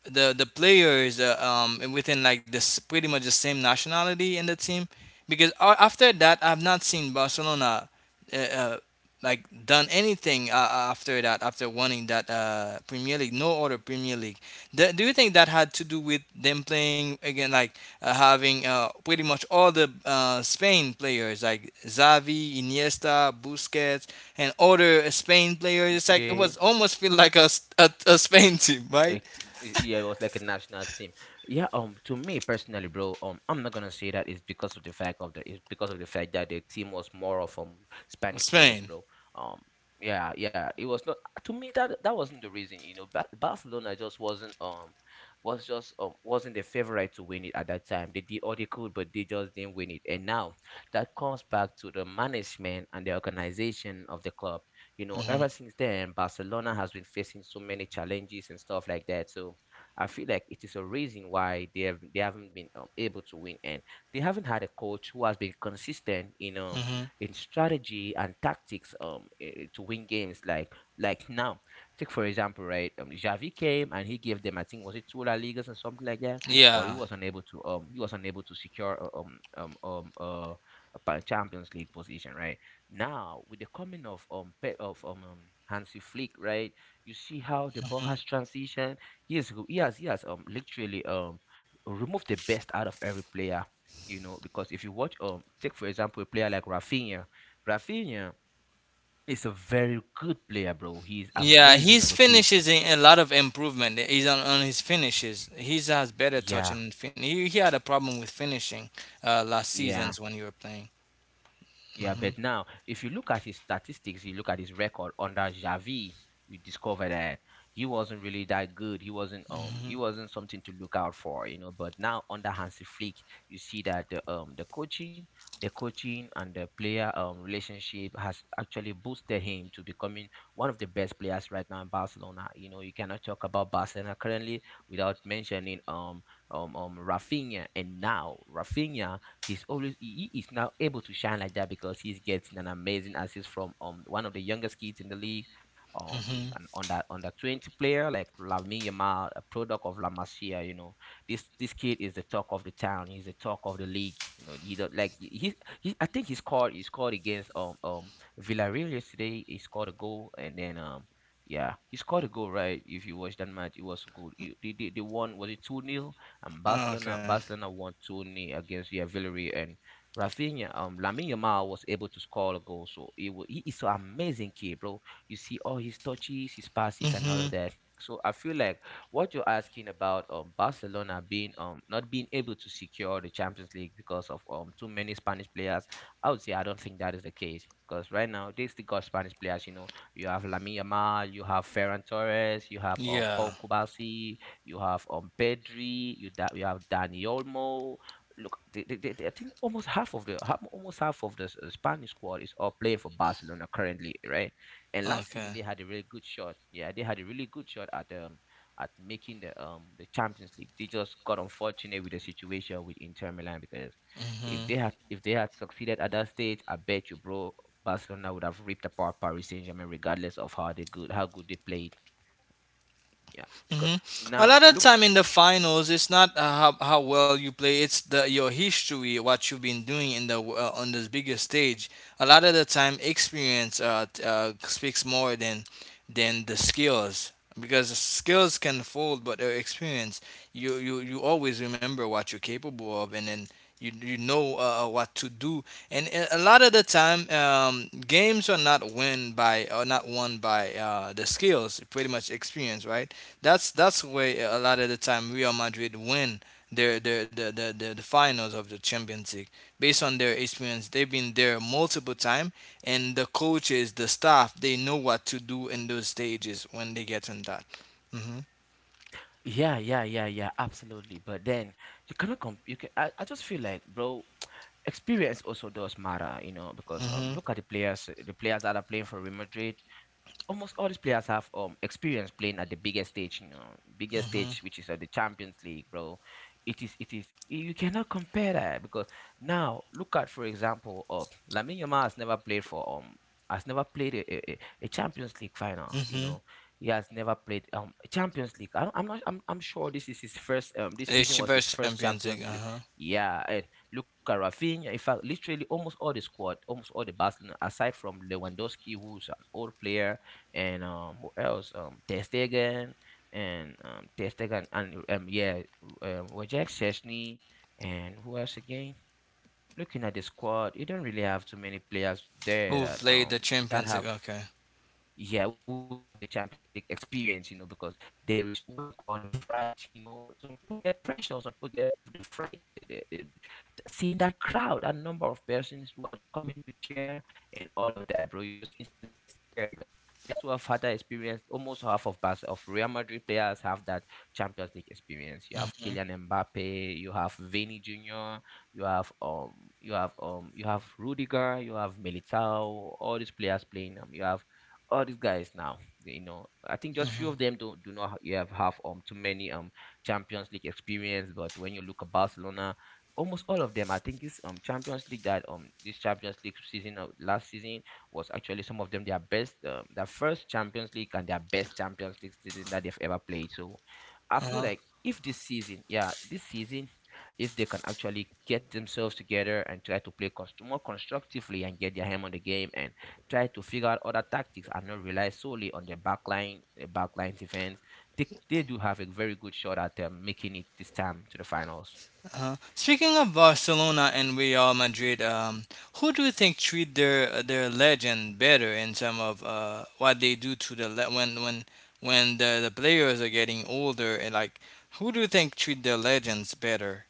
Speaker 2: the players within, like, this pretty much the same nationality in the team, because after that I've not seen Barcelona uh, uh, like done anything after that, after winning that Premier League, no other Premier League. Do you think that had to do with them playing again, like having pretty much all the Spain players like Xavi, Iniesta, Busquets, and other Spain players? It's like it
Speaker 1: Okay.
Speaker 2: was almost feel like a Spain *laughs* team, right?
Speaker 1: Ex- yeah, it was like a national team. Yeah, to me personally, bro, I'm not gonna say that it's because of the fact of the it's because of the fact that the team was more of Spanish players,
Speaker 2: Spain.
Speaker 1: bro. Um, yeah, yeah, it was not, to me that that wasn't the reason, you know. Barcelona just wasn't wasn't the favorite to win it at that time. They did all they could, but they just didn't win it. And now that comes back to the management and the organization of the club. You know,
Speaker 2: Hmm.
Speaker 1: ever since then, Barcelona has been facing so many challenges and stuff like that. So I feel like it is a reason why they haven't been able to win, and they haven't had a coach who has been consistent
Speaker 2: Hmm.
Speaker 1: in strategy and tactics to win games. Like now, take for example, right? Xavi came and he gave them, I think was it two La Ligas or something like that, but
Speaker 2: Yeah.
Speaker 1: he was unable to secure a Champions League position, right? Now, with the coming of Hansi Flick, right? You see how the ball has transitioned. He has literally removed the best out of every player. You know, because if you watch take for example a player like Rafinha, Rafinha is a very good player, bro. He is
Speaker 2: Yeah,
Speaker 1: amazing on
Speaker 2: his
Speaker 1: the pitch.
Speaker 2: finishes in a lot of improvement. He's on his finishes. He has better touch
Speaker 1: Yeah,
Speaker 2: and he had a problem with finishing last
Speaker 1: yeah.
Speaker 2: seasons when you were playing.
Speaker 1: Yeah, but now, if you look at his statistics, you look at his record under Xavi, you discover that he wasn't really that good.
Speaker 2: Hmm.
Speaker 1: He wasn't something to look out for, you know. But now under Hansi Flick, you see that the coaching and the player relationship has actually boosted him to becoming one of the best players right now in Barcelona. You know, you cannot talk about Barcelona currently without mentioning Rafinha, and now Rafinha he's always he is now able to shine like that because he's getting an amazing assist from one of the youngest kids in the league, um
Speaker 2: Hmm.
Speaker 1: and on that 20 player like Lamine Yamal, a product of La Masia, you know. This kid is the talk of the town. He's the talk of the league. You know, he don't like he I think he scored against Villarreal yesterday. He scored a goal and then, yeah, he scored a goal, right? If you watch that match, it was good. They, they won, was it 2 nil? And Barcelona
Speaker 2: Okay.
Speaker 1: Barcelona won 2 nil against, yeah, Villarreal. And Rafinha, Lamine Yamal was able to score a goal, so it was, he is an amazing kid, bro. You see all his touches, his passes, and all
Speaker 2: Hmm.
Speaker 1: of that. So I feel like what you're asking about, Barcelona being not being able to secure the Champions League because of too many Spanish players, I would say I don't think that is the case because right now they still got Spanish players. You know, you have Lamine Yamal, you have Ferran Torres, you have
Speaker 2: Yeah.
Speaker 1: Paul Kubasi, you have Pedri, you have Dani Olmo. Look, I think almost half of the half, almost half of the Spanish squad is all playing for Barcelona currently, right? And last season
Speaker 2: Okay.
Speaker 1: they had a really good shot. Yeah, they had a really good shot at making the Champions League. They just got unfortunate with the situation with Inter Milan because
Speaker 2: Hmm.
Speaker 1: if they had succeeded at that stage, I bet you, bro, Barcelona would have ripped apart Paris Saint Germain regardless of how good they played. Yeah, because
Speaker 2: Hmm. A
Speaker 1: now
Speaker 2: lot of
Speaker 1: look.
Speaker 2: time in the finals, it's not how well you play; it's the your history, what you've been doing in the on this bigger stage. A lot of the time, experience speaks more than the skills, because the skills can fold, but experience, you always remember what you're capable of, and then you know what to do. And a lot of the time, games are not win by or not won by the skills, pretty much experience, right? That's the way a lot of the time Real Madrid win the finals of the Champions League based on their experience. They've been there multiple time, and the coaches, the staff, they know what to do in those stages when they get in that. Mhm.
Speaker 1: Yeah, yeah, yeah, yeah, absolutely. But then you cannot comp you can I just feel like, bro, *tsk* experience also does matter, you know, because
Speaker 2: Mhm.
Speaker 1: look at the players that are playing for Real Madrid, almost all these players have experience playing at the biggest stage, you know, biggest
Speaker 2: Mhm.
Speaker 1: stage, which is the Champions League, bro. It is. You cannot compare that because now look at, for example, Lamine Yamal has never played for has never played a Champions League final. You know,
Speaker 2: Mhm.
Speaker 1: he has never played Champions League. I, I'm not. I'm sure this is his first. This season
Speaker 2: It's the
Speaker 1: was his
Speaker 2: first
Speaker 1: first
Speaker 2: Champions League.
Speaker 1: Champions
Speaker 2: Uh
Speaker 1: League.
Speaker 2: huh.
Speaker 1: Yeah, and look at Rafinha. In fact, literally almost all the squad, almost all the Barcelona, aside from Lewandowski, who's an old player, and what else? Ter Stegen and yeah, Wojciech Szczesny and who else again? Looking at the squad, you don't really have too many players there
Speaker 2: Who
Speaker 1: that
Speaker 2: played the Champions
Speaker 1: have,
Speaker 2: League? Okay.
Speaker 1: yeah, who have the Champions League experience, you know, because there is what they call the fright. You know, some people get pressure, some people get the fright. Seeing that crowd, that number of persons who are just coming to cheer and all of that, bro, you just instantly get scared. But players who have had that experience, almost half of Real Madrid players have that Champions League experience. You have
Speaker 2: Mhm.
Speaker 1: Kylian Mbappe, you have Vini Junior, you have you have you have Rudiger, you have Militao, all these players playing. You have all these guys now, you know, I think just few
Speaker 2: Mhm.
Speaker 1: of them don't do not ha- you have too many Champions League experience. But when you look at Barcelona, almost all of them, I think this champions league that this Champions League season of last season was actually some of them their best, their first Champions League and their best Champions League season that they've ever played. So I feel
Speaker 2: Uh.
Speaker 1: like if this season, yeah, this season, if they can actually get themselves together and try to play more constructively and get their hand on the game and try to figure out other tactics and not rely solely on their backline defense. They do have a very good shot at making it this time to the finals,
Speaker 2: Speaking of Barcelona and Real Madrid, who do you think treat their legend better, in some of what they do to when when the players are getting older, and like, who do you think treat their legends better,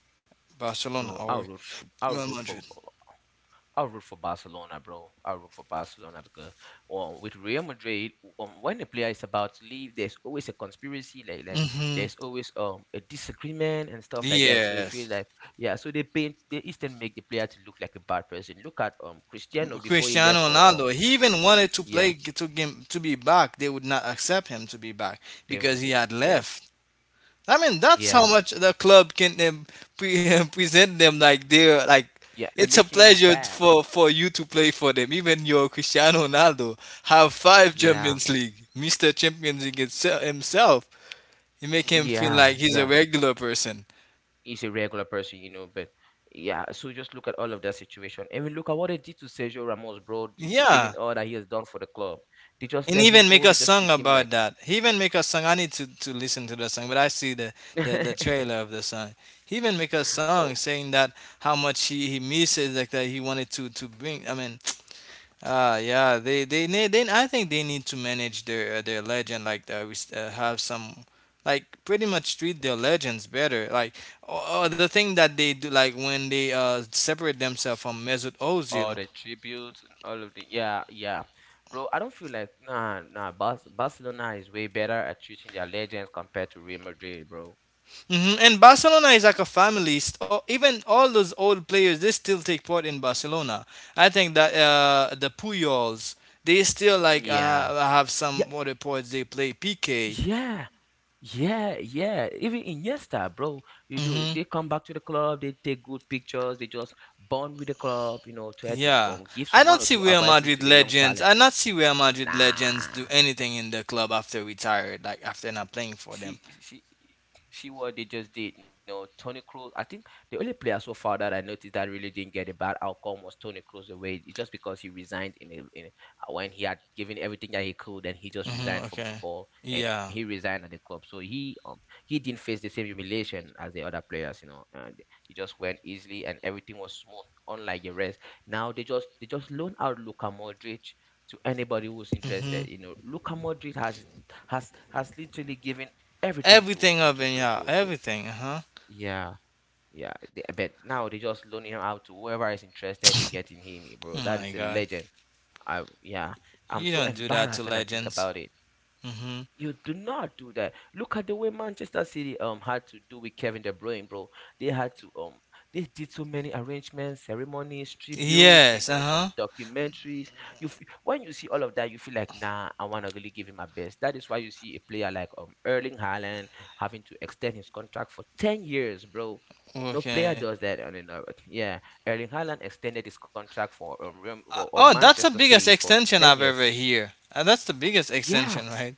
Speaker 2: Barcelona
Speaker 1: bro.
Speaker 2: or Real Madrid?
Speaker 1: I'll root for Barcelona, bro. I'll root for Barcelona because, with Real Madrid, when a player is about to leave, there's always a conspiracy, like
Speaker 2: Mm-hmm.
Speaker 1: there's always a disagreement and stuff like that. So it
Speaker 2: Yes,
Speaker 1: feels like, yeah, so they paint, they instead make the player to look like a bad person. Look at Cristiano before he left
Speaker 2: Cristiano
Speaker 1: for.
Speaker 2: Ronaldo. He even wanted to
Speaker 1: Yeah,
Speaker 2: play to game to be back. They would not accept him to be back
Speaker 1: they
Speaker 2: because
Speaker 1: would.
Speaker 2: he had
Speaker 1: Yeah,
Speaker 2: left. I mean, that's how
Speaker 1: yeah,
Speaker 2: much the club can *laughs* present them like they're like
Speaker 1: yeah, they're
Speaker 2: it's a
Speaker 1: making you look
Speaker 2: pleasure
Speaker 1: bad.
Speaker 2: for you to play for them. Even your Cristiano Ronaldo have five
Speaker 1: Yeah,
Speaker 2: Champions League, Mister Champions League himself. You make him feel
Speaker 1: yeah,
Speaker 2: like he's a
Speaker 1: yeah.
Speaker 2: regular person.
Speaker 1: He's a regular person, you know, but yeah. So just look at all of that situation. I mean, look at what they did to Sergio Ramos, bro,
Speaker 2: Yeah,
Speaker 1: given all that he has done for the club. They just
Speaker 2: and
Speaker 1: let him
Speaker 2: even make
Speaker 1: go.
Speaker 2: a
Speaker 1: They just
Speaker 2: song
Speaker 1: treat him
Speaker 2: about
Speaker 1: like,
Speaker 2: that. He even make a song. I need to listen to the song, but I see the, the
Speaker 1: *laughs*
Speaker 2: trailer of the song. He even make a song
Speaker 1: oh,
Speaker 2: saying that how much he misses, like, that he wanted to bring. I mean, ah, yeah, they need, then I think they need to manage their legend, like that. Have some, like, pretty much treat their legends better. Like, or, the thing that they do, like, when they separate themselves from Mesut
Speaker 1: all
Speaker 2: Ozil.
Speaker 1: the tributes and all of the, yeah, yeah. Bro, I don't feel like, nah, nah, Barcelona is way better at treating their legends compared to Real Madrid, bro.
Speaker 2: Hmm. And Barcelona is like a family. Or even all those old players, they still take part in Barcelona. I think that uh, the Puyols, they still like
Speaker 1: Yeah.
Speaker 2: have
Speaker 1: Yeah.
Speaker 2: some other parts they play PK.
Speaker 1: Yeah. Yeah, yeah. Even Iniesta, bro, you do. They come back to the club. They take good pictures. They just bond with the club. You know, try to
Speaker 2: Yeah,
Speaker 1: give
Speaker 2: I
Speaker 1: some
Speaker 2: don't
Speaker 1: one or
Speaker 2: see
Speaker 1: two
Speaker 2: Real
Speaker 1: advices
Speaker 2: Madrid
Speaker 1: to the young
Speaker 2: legends. I
Speaker 1: talent.
Speaker 2: not see Real Madrid legends
Speaker 1: Nah.
Speaker 2: do anything in the club after retired, like after not playing for them.
Speaker 1: She see what they just did. No, Tony Cruz. I think the only player so far that I noticed that really didn't get a bad outcome was Tony Cruz away. It's just because he resigned in a, when he had given everything that he could, and he just
Speaker 2: Mm-hmm.
Speaker 1: resigned from
Speaker 2: Okay.
Speaker 1: football and he
Speaker 2: Yeah.
Speaker 1: resigned at the club. So he, he didn't face the same humiliation as the other players, you know. And he just went easily, and everything was smooth, unlike the rest. Now they just loan out Luka Modric to anybody who's
Speaker 2: Mm-hmm.
Speaker 1: interested. You know, Luka Modric has literally given everything
Speaker 2: Everything of it, yeah,
Speaker 1: to,
Speaker 2: everything. Uh huh.
Speaker 1: yeah. Yeah, they- but now they just loan him out to whoever is interested in getting him, eh, bro,
Speaker 2: Oh
Speaker 1: that
Speaker 2: my
Speaker 1: is a
Speaker 2: God.
Speaker 1: legend. I, yeah, I'm
Speaker 2: You
Speaker 1: so
Speaker 2: don't do that to
Speaker 1: embarrassed when I think
Speaker 2: legends.
Speaker 1: about it.
Speaker 2: Mm-hmm.
Speaker 1: You do not do that. Look at the way Manchester City had to do with Kevin De Bruyne, bro. They had to they did so many arrangements, ceremonies, tributes, you
Speaker 2: Yes.
Speaker 1: know, some
Speaker 2: Uh
Speaker 1: documentaries. You feel, when you see all of that, you feel like, nah, I wanna really give him my best. That is why you see a player like Erling Haaland having to extend his contract for 10 years, bro.
Speaker 2: huh.
Speaker 1: No player
Speaker 2: Okay.
Speaker 1: does that on the earth. Yeah, Erling Haaland extended his contract for for
Speaker 2: Oh, that's the
Speaker 1: Manchester
Speaker 2: biggest
Speaker 1: City for
Speaker 2: extension
Speaker 1: ten
Speaker 2: I've
Speaker 1: years.
Speaker 2: ever hear. That's the biggest
Speaker 1: Yeah,
Speaker 2: extension, right?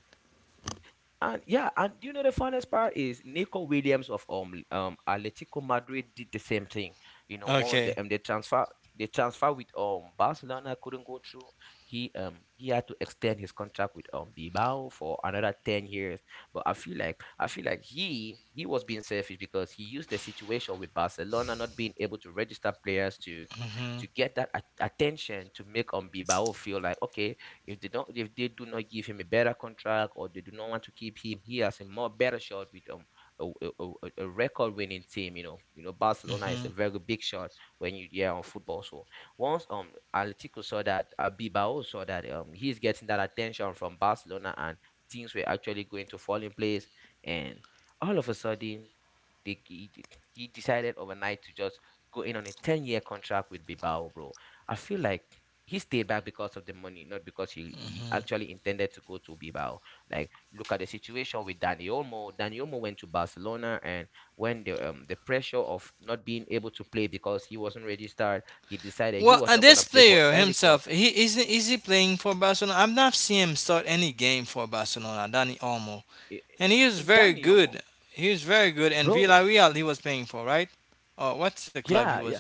Speaker 1: and yeah, and do you know the funniest part is Nico Williams of Atletico Madrid did the same thing. You know, once
Speaker 2: Okay.
Speaker 1: the they transfer with Barcelona couldn't go through. He had to extend his contract with Bilbao for another 10 years. But I feel like he was being selfish because he used the situation with Barcelona not being able to register players to
Speaker 2: Mm-hmm.
Speaker 1: attention to make Bilbao feel like, okay, if they do not give him a better contract or they do not want to keep him, he has a more better shot with a record winning team. You know Barcelona
Speaker 2: Mm-hmm.
Speaker 1: is a very big shot when you, yeah, on football. So once Atletico saw that, Bilbao saw that he's getting that attention from Barcelona, and things were actually going to fall in place, and all of a sudden, they, he, de- he decided overnight to just go in on a 10-year contract with Bilbao, bro. I feel like he stayed back because of the money, not because he
Speaker 2: Mm-hmm.
Speaker 1: actually intended to go to Bilbao. Like look at the situation with Dani Olmo. Dani Olmo went to Barcelona, and when the pressure of not being able to play because he wasn't registered, he decided he
Speaker 2: Well,
Speaker 1: was not gonna
Speaker 2: this
Speaker 1: play for
Speaker 2: player
Speaker 1: any club.
Speaker 2: himself, he is he playing for Barcelona? I've not seen him start any game for Barcelona, Dani Olmo,
Speaker 1: Eh,
Speaker 2: and
Speaker 1: eh,
Speaker 2: he was very
Speaker 1: Dani
Speaker 2: good.
Speaker 1: Olmo,
Speaker 2: He was very good, and
Speaker 1: bro.
Speaker 2: Villarreal he was playing for, right? Oh, what's the club he
Speaker 1: Yeah,
Speaker 2: was?
Speaker 1: yeah.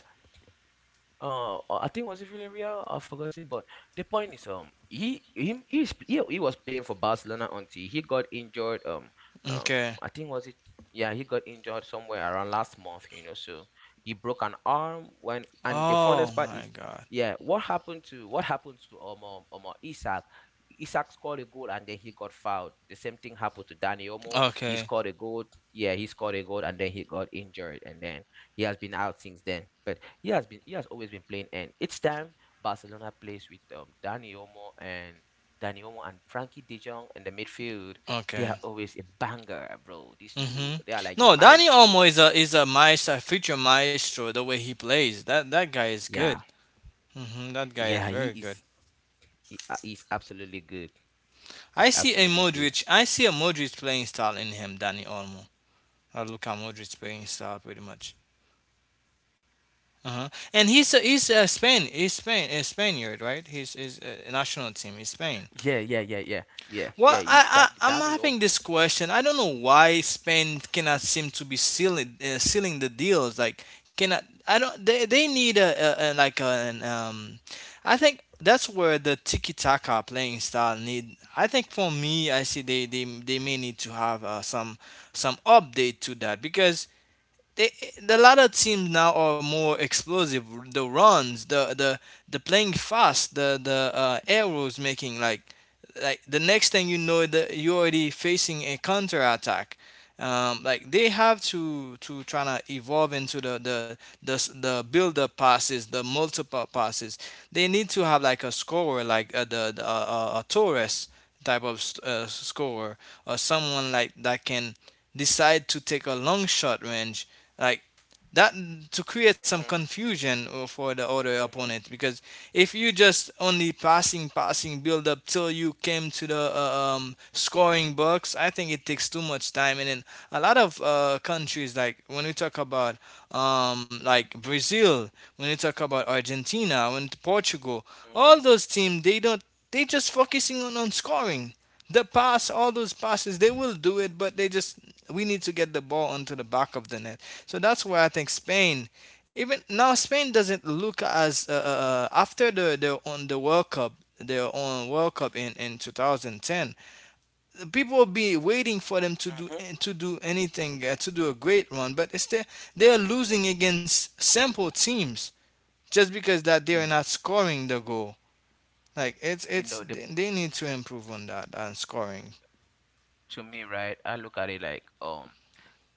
Speaker 1: I think, was it Villarreal? I've forgotten. But the point is, he is, he was playing for Barcelona until he got injured. Um,
Speaker 2: Okay.
Speaker 1: I think, was it? Yeah, he got injured somewhere around last month. You know, so he broke an arm when. And the
Speaker 2: Oh
Speaker 1: funniest part
Speaker 2: my
Speaker 1: is,
Speaker 2: God.
Speaker 1: yeah, what happened to Isak? Isak scored a goal and then he got fouled. The same thing happened to Danny Omo. He
Speaker 2: Okay.
Speaker 1: scored a goal. Yeah, he scored a goal and then he got injured, and then he has been out since then. But he has always been playing, and each time Barcelona plays with Dani Olmo and Frankie De Jong in the midfield, they
Speaker 2: Okay.
Speaker 1: are always a banger, bro. These
Speaker 2: Mm-hmm.
Speaker 1: two, they are like a
Speaker 2: No, Dani
Speaker 1: maestro.
Speaker 2: Olmo is a maestro, future maestro. The way he plays, that that guy is good.
Speaker 1: Yeah,
Speaker 2: Mm-hmm, that guy is
Speaker 1: yeah, he
Speaker 2: very good.
Speaker 1: is he, uh, he's absolutely good.
Speaker 2: I
Speaker 1: He's
Speaker 2: see a
Speaker 1: absolutely good.
Speaker 2: Modric. I see a Modric playing style in him, Dani Olmo. Luka Modric
Speaker 1: Y-
Speaker 2: playing style, pretty much. Uh-huh. And he's Spain, a Spaniard, right? He's his national team is Spain.
Speaker 1: Yeah, yeah, yeah, yeah, yeah, yeah.
Speaker 2: Well,
Speaker 1: You that
Speaker 2: I I'm
Speaker 1: Dani
Speaker 2: having
Speaker 1: Olmo.
Speaker 2: this question. I don't know why Spain cannot seem to be sealing the deals. Like, cannot, I don't, they need a like, an I think that's where the tiki taka playing style need. I think for me, I see they may need to have some update to that because they, the latter teams now are more explosive. The runs, the the playing fast, the arrows making, like, the next thing you know, that you're already facing a counter attack. Like they have to try to evolve into the build up passes, the multiple passes. They need to have like a scorer, like the a Torres type of scorer, or someone like that can decide to take a long shot range like that to create some
Speaker 1: Mhm,
Speaker 2: confusion, for the other
Speaker 1: mhm,
Speaker 2: opponent, because if you just only passing build up till you came to the scoring box. I think it takes too much time, and then a lot of countries, like when we talk about, like Brazil, when we talk about Argentina, when Portugal, all
Speaker 1: mhm,
Speaker 2: those teams, they don't, they just focusing on scoring. The pass, all those passes they will do it, but they just, we need to get the ball onto the back of the net. So that's why I think Spain, even now, Spain doesn't look as, after the on the World Cup, their own World Cup in 2010. The people will be waiting for them to do,
Speaker 1: mhm.
Speaker 2: to do anything, to do a great run, but it's they are losing against simple teams just because that they're
Speaker 1: Yeah,
Speaker 2: not scoring the goal. Like
Speaker 1: you
Speaker 2: it's
Speaker 1: know, the
Speaker 2: they need to improve on that, on scoring.
Speaker 1: to me, right? I look at it like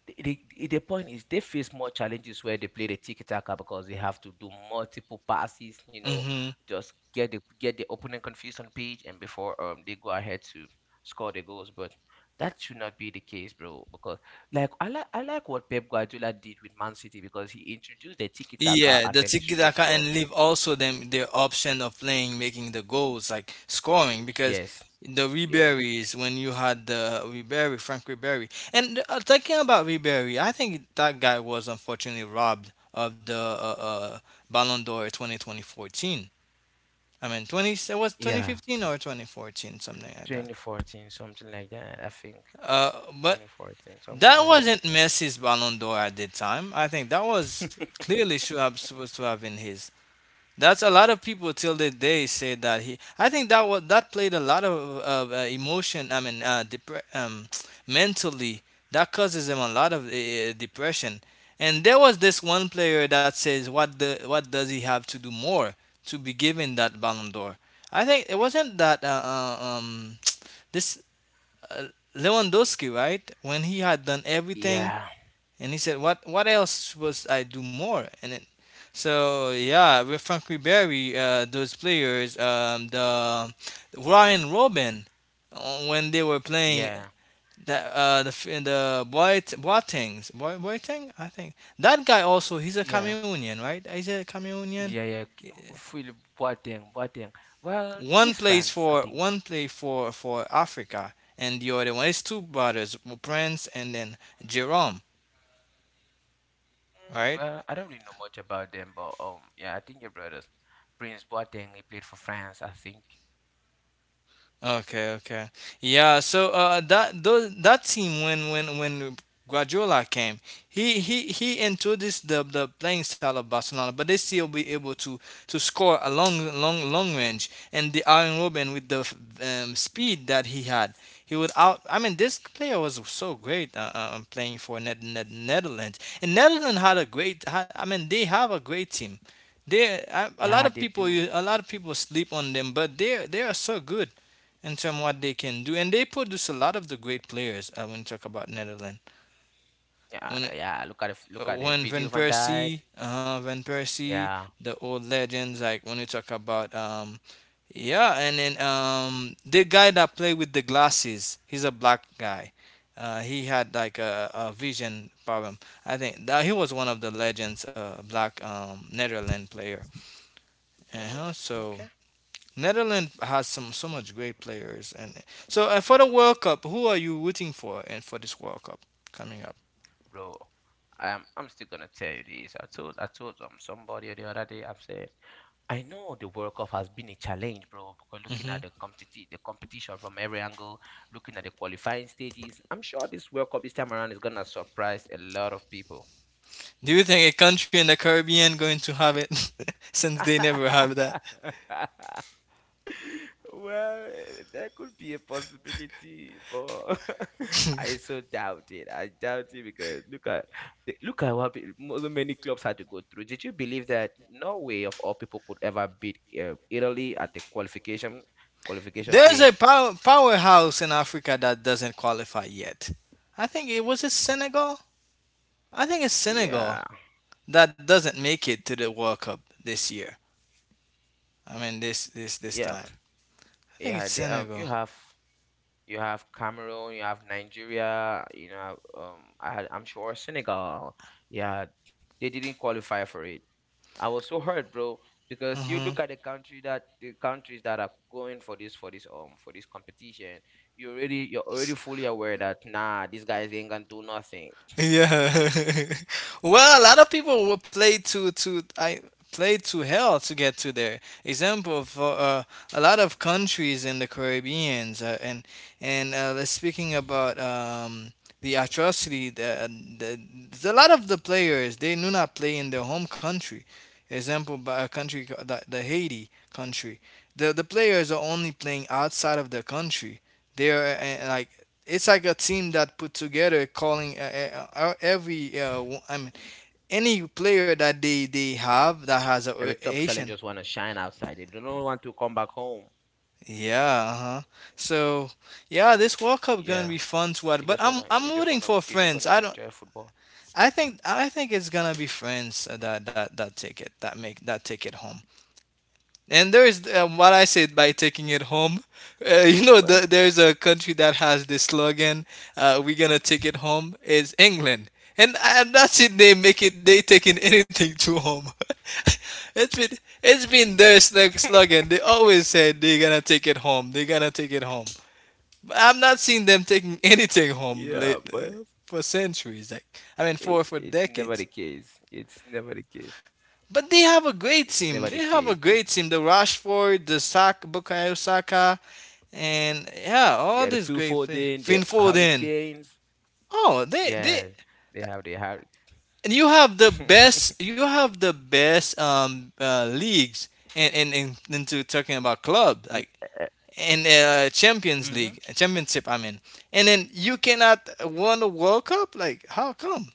Speaker 1: the, the point is they face more challenges where they play the tiki-taka because they have to do multiple passes,
Speaker 2: Hmm.
Speaker 1: just get the opponent confused on page, and before they go ahead to score the goals. But that should not be the case, bro, because like I like what Pep Guardiola did with Man City because he introduced the tiki-taka
Speaker 2: Yeah, the
Speaker 1: and then the straight
Speaker 2: tiki-taka, and
Speaker 1: runs.
Speaker 2: leave also them the option of playing, making the goals, like scoring, because
Speaker 1: Yes,
Speaker 2: the
Speaker 1: yeah,
Speaker 2: Ribery's, when you had the Ribery, Frank Ribery, and, thinking about Ribery, I think that guy was unfortunately robbed of the, Ballon d'Or 20, 2014. I mean, 20, it was
Speaker 1: yeah,
Speaker 2: 2015 or 2014, something like that.
Speaker 1: 2014, something like that, I think.
Speaker 2: Uh, but
Speaker 1: 2014, somewhere
Speaker 2: that
Speaker 1: like
Speaker 2: wasn't Messi's Ballon d'Or at the time. I think that was
Speaker 1: that.
Speaker 2: clearly should have supposed to have been his. That's, a lot of people till the day say that he. I think that was that played a lot of emotion. I mean, *tsk* mentally that causes him a lot of depression. And there was this one player that says, "What does he have to do more to be given that Ballon d'Or?" I think it wasn't that, *tsk* this, uh, Lewandowski, right? When he had done everything,
Speaker 1: *laughs* Yeah,
Speaker 2: and he said, "What else was I do more?" And then, so yeah, with Frankie Berry, those players, the Ryan Robin, when they were playing,
Speaker 1: yeah,
Speaker 2: that the Boateng, I think that guy also, he's a
Speaker 1: yeah.
Speaker 2: Cameroonian, right? Is it a Cameroonian?
Speaker 1: Yeah, yeah. Phil Boateng. Well,
Speaker 2: One
Speaker 1: he's
Speaker 2: plays
Speaker 1: France, I
Speaker 2: for
Speaker 1: think.
Speaker 2: one play for for Africa, and the other one is two brothers, Prince, and then Jerome,
Speaker 1: Mm,
Speaker 2: right?
Speaker 1: well, I don't really know much about them, but yeah, I think your brothers, Prince Boateng, he played for France, I think.
Speaker 2: Okay, okay. Yeah, so that team, when when Guardiola came, he introduced the playing style of Barcelona, but they still be able to score a long range, and the Iron Robin with the, speed that he had. He would out. I mean, this player was so great, playing for Netherlands. And Netherlands had a great. I mean, they have a great team. They, I, a lot
Speaker 1: Yeah,
Speaker 2: of
Speaker 1: they
Speaker 2: people,
Speaker 1: do.
Speaker 2: a lot of people sleep on them, but they are so good in terms of what they can do. And they produce a lot of the great players, when you talk about Netherlands.
Speaker 1: Yeah,
Speaker 2: When it,
Speaker 1: yeah. Look at it, look at it.
Speaker 2: when Van
Speaker 1: Virgil van Dijk.
Speaker 2: Persie,
Speaker 1: Yeah.
Speaker 2: the old legends, like when you talk about, yeah, and then, the guy that played with the glasses, he's a black guy. He had like a vision problem. I think that he was one of the legends, black, Netherlands player. Uh-huh.
Speaker 1: Mm,
Speaker 2: So
Speaker 1: okay,
Speaker 2: Netherlands has some so much great players, and so, for the World Cup, who are you rooting for? And for this World Cup coming up,
Speaker 1: bro. I'm still gonna tell you this. I told somebody the other day. I'm saying I know the World Cup has been a challenge, bro, because looking at
Speaker 2: Hmm.
Speaker 1: the competition from every angle, looking at the qualifying stages. I'm sure this World Cup this time around is gonna surprise a lot of people.
Speaker 2: Do you think a country in the Caribbean going to have it, *laughs* since they never have that?
Speaker 1: *laughs* Well, there could be a possibility, but *laughs* I so doubt it. I doubt it because look at what so many clubs had to go through. Did you believe that no way of all people could ever beat Italy at the qualification
Speaker 2: *laughs*
Speaker 1: qualification
Speaker 2: There's
Speaker 1: game?
Speaker 2: a powerhouse in Africa that doesn't qualify yet. I think it was it Senegal. I think it's Senegal
Speaker 1: Yeah,
Speaker 2: that doesn't make it to the World Cup this year. I mean, this
Speaker 1: yeah,
Speaker 2: time. I think
Speaker 1: yeah.
Speaker 2: it's
Speaker 1: They, you
Speaker 2: Senegal.
Speaker 1: have you have Cameroon, you have Nigeria, I had, I'm sure Senegal. Yeah, they didn't qualify for it. I was so hurt, bro, because you
Speaker 2: Hmm.
Speaker 1: look at the countries that are going for this competition. You're already fully aware that nah, these guys ain't gonna do nothing. *laughs*
Speaker 2: Yeah. *laughs* Well, a lot of people will play, to I play to hell to get to there. Example, for a lot of countries in the Caribbeans, and let's speaking about, the atrocity, the, a lot of the players, they do not play in their home country. Example, by a country, the Haiti country. The players are only playing outside of their country. They are, like, it's like a team that put together calling, every, I mean, any player that they
Speaker 1: Every
Speaker 2: they
Speaker 1: top talent
Speaker 2: have,
Speaker 1: just
Speaker 2: that
Speaker 1: wanna
Speaker 2: has
Speaker 1: shine outside. They don't
Speaker 2: Asian.
Speaker 1: want to come back home.
Speaker 2: Yeah, uh-huh. So,
Speaker 1: Yeah,
Speaker 2: yeah, this World Cup gonna be fun to watch, but
Speaker 1: they
Speaker 2: I'm
Speaker 1: just
Speaker 2: I'm
Speaker 1: wanna
Speaker 2: rooting
Speaker 1: enjoy
Speaker 2: for
Speaker 1: football.
Speaker 2: France. I don't, I think, it's gonna be friends that that take it, that make that take it home. And there is, what I said by taking it home.
Speaker 1: Well,
Speaker 2: *laughs* There's a country that has this slogan, "We're gonna take it home." Is England, and I'm not saying they make it. They taking *laughs* anything to home. *laughs* it's been it's been their slogan. They always said they're gonna take it home. They're gonna take it home. But I'm not seeing them taking *laughs* anything
Speaker 1: yeah,
Speaker 2: home
Speaker 1: but
Speaker 2: late, for centuries. Like,
Speaker 1: it's
Speaker 2: I mean,
Speaker 1: it's
Speaker 2: for
Speaker 1: never the
Speaker 2: decades.
Speaker 1: case. It's never the case.
Speaker 2: But they have a
Speaker 1: It's
Speaker 2: great
Speaker 1: never the
Speaker 2: team. They
Speaker 1: case.
Speaker 2: have a great team. The Rashford, the Sak Bukayo Saka, and
Speaker 1: Yeah,
Speaker 2: yeah,
Speaker 1: the
Speaker 2: all
Speaker 1: Phil
Speaker 2: these great
Speaker 1: Foden,
Speaker 2: players.
Speaker 1: the
Speaker 2: Finn
Speaker 1: Hurricane.
Speaker 2: Foden. Oh,
Speaker 1: Yeah,
Speaker 2: they
Speaker 1: they have the Harry.
Speaker 2: and you have the
Speaker 1: *laughs*
Speaker 2: best. You have the best, leagues, and into talking about club, like, and Champions
Speaker 1: Hmm.
Speaker 2: League, Championship. I mean, and then you cannot won the World Cup. Like, how come?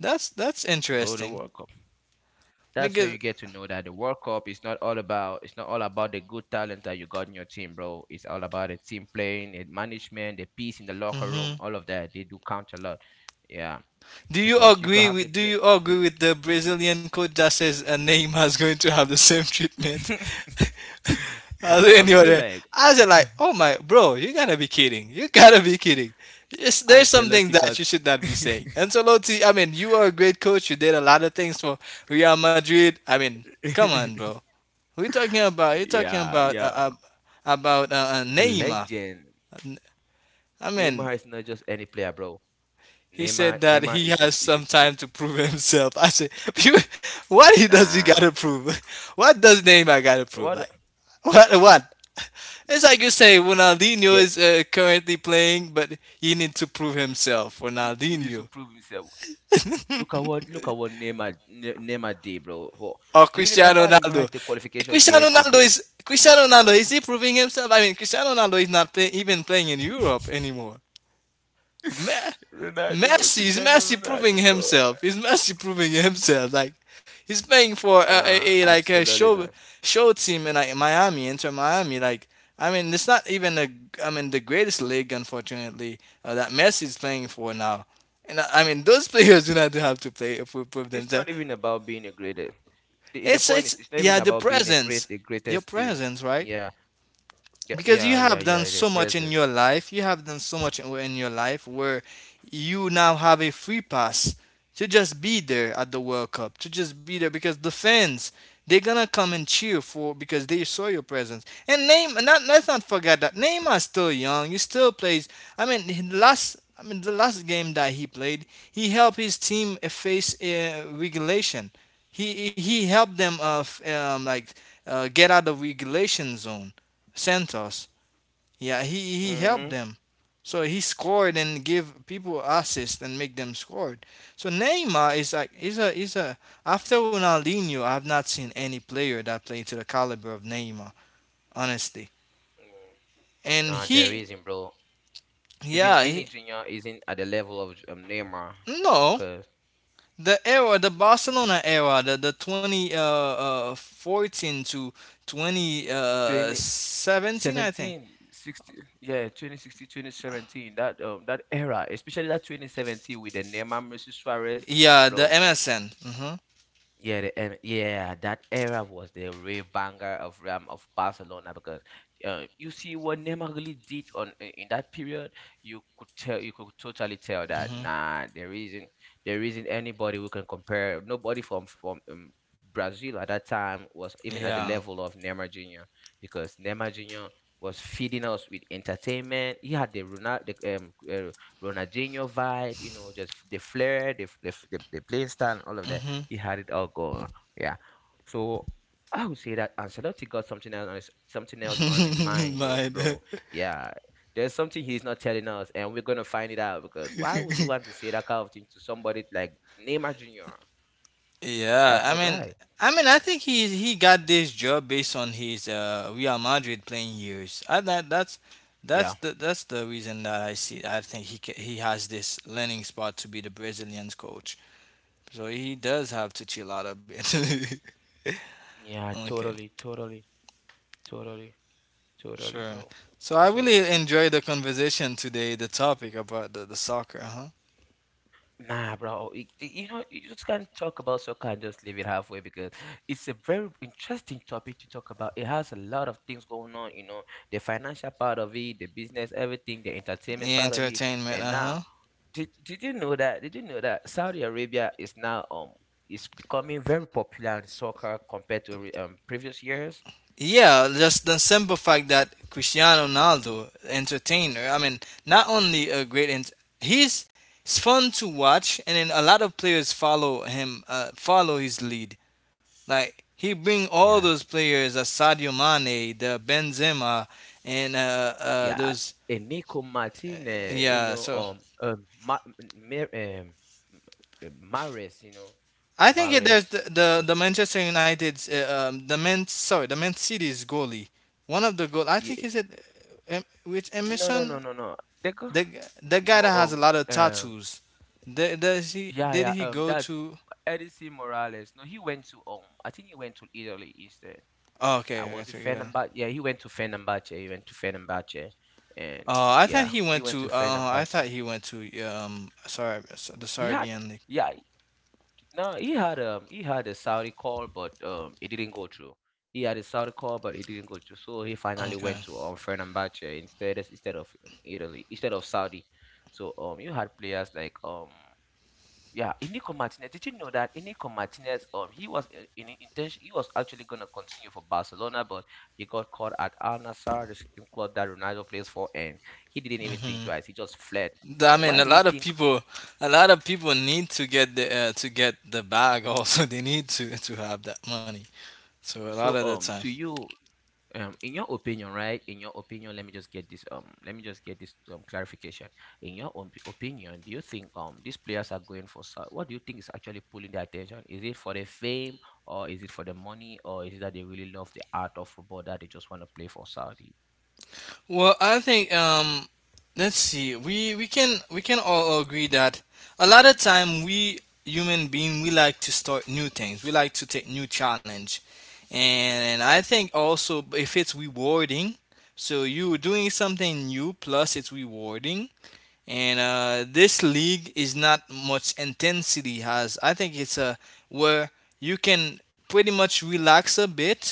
Speaker 2: That's
Speaker 1: Bro, the
Speaker 2: interesting
Speaker 1: World Cup. That's
Speaker 2: because.
Speaker 1: where you get to know that the World Cup is not all about the good talent that you got in your team, bro. It's all about the team playing, the management, the peace in the locker room,
Speaker 2: Mhm.
Speaker 1: all of that. They do count a lot. Yeah. Because you could have the
Speaker 2: Do you agree with the Brazilian code that says a Neymar is going to have the same treatment
Speaker 1: *laughs*
Speaker 2: *laughs* as any
Speaker 1: I feel
Speaker 2: other?
Speaker 1: like
Speaker 2: I was like, oh my bro, you gotta be kidding! You gotta be kidding! Yes, there's some things
Speaker 1: Ancelotti
Speaker 2: that you
Speaker 1: got
Speaker 2: should not be
Speaker 1: *laughs*
Speaker 2: saying. Ancelotti, I mean, you are a great coach. You did a lot of things for Real Madrid. I mean, come on, bro. We're talking about, you're talking
Speaker 1: yeah,
Speaker 2: about,
Speaker 1: yeah,
Speaker 2: about uh,
Speaker 1: a
Speaker 2: Neymar.
Speaker 1: legend.
Speaker 2: I
Speaker 1: Neymar
Speaker 2: mean,
Speaker 1: is not just any player, bro.
Speaker 2: he said
Speaker 1: Neymar,
Speaker 2: that
Speaker 1: Neymar
Speaker 2: he
Speaker 1: is a
Speaker 2: has
Speaker 1: is a
Speaker 2: some time to prove himself. I said, you, what he does he
Speaker 1: nah.
Speaker 2: gotta prove? *laughs* What does Neymar gotta prove?
Speaker 1: What?
Speaker 2: Like, what? What? It's like you say Ronaldinho
Speaker 1: Yeah.
Speaker 2: is, currently playing, but he need to prove himself.
Speaker 1: He needs to
Speaker 2: Ronaldinho,
Speaker 1: prove
Speaker 2: *laughs*
Speaker 1: himself. Look at what Neymar did, bro. For,
Speaker 2: or
Speaker 1: do you
Speaker 2: Cristiano
Speaker 1: remember the
Speaker 2: Ronaldo.
Speaker 1: match, the qualification game again?
Speaker 2: Cristiano Ronaldo, is he proving himself? I mean, Cristiano Ronaldo is not play, even playing in Europe anymore. Me-
Speaker 1: *laughs* Ronaldo,
Speaker 2: Messi, is
Speaker 1: Cristiano
Speaker 2: Messi proving
Speaker 1: Ronaldo, bro.
Speaker 2: himself. Is Messi proving himself. Like, he's playing for a,
Speaker 1: Nah,
Speaker 2: a, a like a
Speaker 1: absolutely
Speaker 2: show
Speaker 1: not.
Speaker 2: show team, in like Miami, Inter Miami. Like, I mean, it's not even a, I mean, the greatest league, unfortunately, that Messi is playing for now. And I mean, those *laughs* players do not have to play if we prove
Speaker 1: It's
Speaker 2: themselves.
Speaker 1: not even about being a greatest. The point is,
Speaker 2: It's
Speaker 1: it's not even
Speaker 2: yeah, the
Speaker 1: about being a great,
Speaker 2: presence,
Speaker 1: the greatest
Speaker 2: your
Speaker 1: team.
Speaker 2: presence, right?
Speaker 1: Yeah. Yeah,
Speaker 2: Because
Speaker 1: yeah,
Speaker 2: you
Speaker 1: yeah,
Speaker 2: have done
Speaker 1: yeah. The
Speaker 2: so much in your
Speaker 1: presence.
Speaker 2: life, you have done so much in your life, where you now have a free pass to just be there at the World Cup, to just be there, because the fans, they're gonna come and cheer for, because they saw your presence. And Neymar, not, let's not forget that Neymar's still young, he still plays. I mean, last, I mean, the last game that he played, he helped his team, face, regulation. He helped them, like, get out of regulation zone, Santos. Yeah, he helped
Speaker 1: Mm-hmm.
Speaker 2: them. So he scored and give people assist and make them scored. So Neymar is like, is a after Ronaldinho, I've not seen any player that played to the caliber of Neymar, honestly. And
Speaker 1: Nah, there
Speaker 2: he,
Speaker 1: isn't, bro. Even
Speaker 2: yeah,
Speaker 1: Vinny
Speaker 2: he,
Speaker 1: Jr. isn't at the level of Neymar.
Speaker 2: no,
Speaker 1: Because
Speaker 2: the era, the Barcelona era, the twenty fourteen to twenty
Speaker 1: twenty
Speaker 2: seventeen, I think.
Speaker 1: seventeen 60, yeah, 2016, that era, especially that 2017 with the Neymar, Messi, Suarez,
Speaker 2: Yeah, the
Speaker 1: bro.
Speaker 2: MSN. Mhm.
Speaker 1: Yeah, and yeah, that era was the real banger of, Barcelona because, you see what Neymar really did on in that period. You could tell, you could totally tell that
Speaker 2: Mhm.
Speaker 1: nah, there isn't anybody who can compare. Nobody from, Brazil at that time was even at the
Speaker 2: Yeah.
Speaker 1: level of Neymar Junior because Neymar Junior was feeding us with entertainment. He had the Ronaldinho vibe, just the flair, the playing style, and all of that
Speaker 2: Mhm.
Speaker 1: he had it all going. Yeah. So I would say that Ancelotti got something else on his
Speaker 2: *laughs*
Speaker 1: mind, go,
Speaker 2: Mine.
Speaker 1: bro. Yeah. There's something he's not telling us, and we're gonna find it out because why would he want to
Speaker 2: *laughs*
Speaker 1: say that kind of thing to somebody like Neymar Junior? That's
Speaker 2: Yeah,
Speaker 1: not
Speaker 2: I mean,
Speaker 1: right.
Speaker 2: I think he got this job based on his, Real Madrid playing years. I that
Speaker 1: Yeah.
Speaker 2: that's the reason that I see. I think he has this landing spot to be the Brazilian's coach. So he does have to chill out a bit.
Speaker 1: Yeah.
Speaker 2: *laughs* Okay,
Speaker 1: Totally. Totally. Totally. Totally,
Speaker 2: sure.
Speaker 1: bro.
Speaker 2: So I
Speaker 1: So,
Speaker 2: really enjoyed the conversation today. The topic about the soccer, huh?
Speaker 1: nah, bro. You know, you just can't talk about soccer and just leave it halfway because it's a very interesting topic to talk about. It has a lot of things going on, the financial part of it, the business, everything, the entertainment
Speaker 2: Yeah,
Speaker 1: part of it.
Speaker 2: entertainment,
Speaker 1: And
Speaker 2: uh
Speaker 1: now,
Speaker 2: huh.
Speaker 1: did you know that? Did you know that Saudi Arabia is now is becoming very popular in soccer compared to previous years?
Speaker 2: Yeah, just the simple fact that Cristiano Ronaldo, entertainer, I mean, not only a great, ent- he's it's fun to watch, and then a lot of players follow him, follow his lead. Like he bring all
Speaker 1: Yeah.
Speaker 2: those players, Sadio Mane, the Benzema, and
Speaker 1: Yeah,
Speaker 2: those.
Speaker 1: and Nico Martinez,
Speaker 2: Yeah, so
Speaker 1: um, Ma- M- Mer- um, Mares,
Speaker 2: I think there's the,
Speaker 1: Mares.
Speaker 2: the the Manchester United's, the Man, sorry, the Man City's goalie, one of the goal I
Speaker 1: Yeah.
Speaker 2: think is it, which
Speaker 1: No, no, no,
Speaker 2: Emerson.
Speaker 1: no, no. They go,
Speaker 2: The guy
Speaker 1: no,
Speaker 2: that has a lot of
Speaker 1: um,
Speaker 2: tattoos. Does he?
Speaker 1: yeah,
Speaker 2: Did
Speaker 1: yeah,
Speaker 2: he go
Speaker 1: that's
Speaker 2: to?
Speaker 1: Edison Morales. No, he went to, I think he went to Italy instead.
Speaker 2: Oh,
Speaker 1: I
Speaker 2: okay. I
Speaker 1: was a
Speaker 2: took it down.
Speaker 1: Fenerbahce. Yeah, he went to Fenerbahce. He went to Fenerbahce, and
Speaker 2: I thought
Speaker 1: yeah,
Speaker 2: he
Speaker 1: he
Speaker 2: went
Speaker 1: went to
Speaker 2: to. I
Speaker 1: Fenerbahce.
Speaker 2: thought he went to, sorry, the
Speaker 1: He had,
Speaker 2: Serbian League.
Speaker 1: yeah, no, he had a Saudi call, but it didn't go through. He had a Saudi call, but it didn't go through. So he finally
Speaker 2: Okay.
Speaker 1: went to Fenerbahce instead of, Italy instead of Saudi. So, you had players like, yeah, Inigo Martinez. Did you know that Inigo Martinez, he was I- in intention he was actually gonna continue for Barcelona, but he got caught at Al Nassr, the same club that Ronaldo plays for, and he didn't even think
Speaker 2: Mm-hmm.
Speaker 1: twice. He just fled.
Speaker 2: I
Speaker 1: And
Speaker 2: mean,
Speaker 1: why
Speaker 2: a
Speaker 1: do you
Speaker 2: lot of
Speaker 1: think
Speaker 2: people, a lot of people need to get the bag. Also, *laughs* they need to have that money. So a lot
Speaker 1: so?
Speaker 2: of the time.
Speaker 1: To you. In your opinion, right, in your opinion let me just get this, clarification. In your opinion, do you think these players are going for what do you think is actually pulling their attention? Is it for the fame, or is it for the money, or is it that they really love the art of football, that they just want to play for Saudi?
Speaker 2: Well, I think, let's see. We can all agree that a lot of time we human being we like to start new things. We like to take new challenge, and I think also if it's rewarding, so you doing something new plus it's rewarding and, this league is not much intensity has. I think it's a, where you can pretty much relax a bit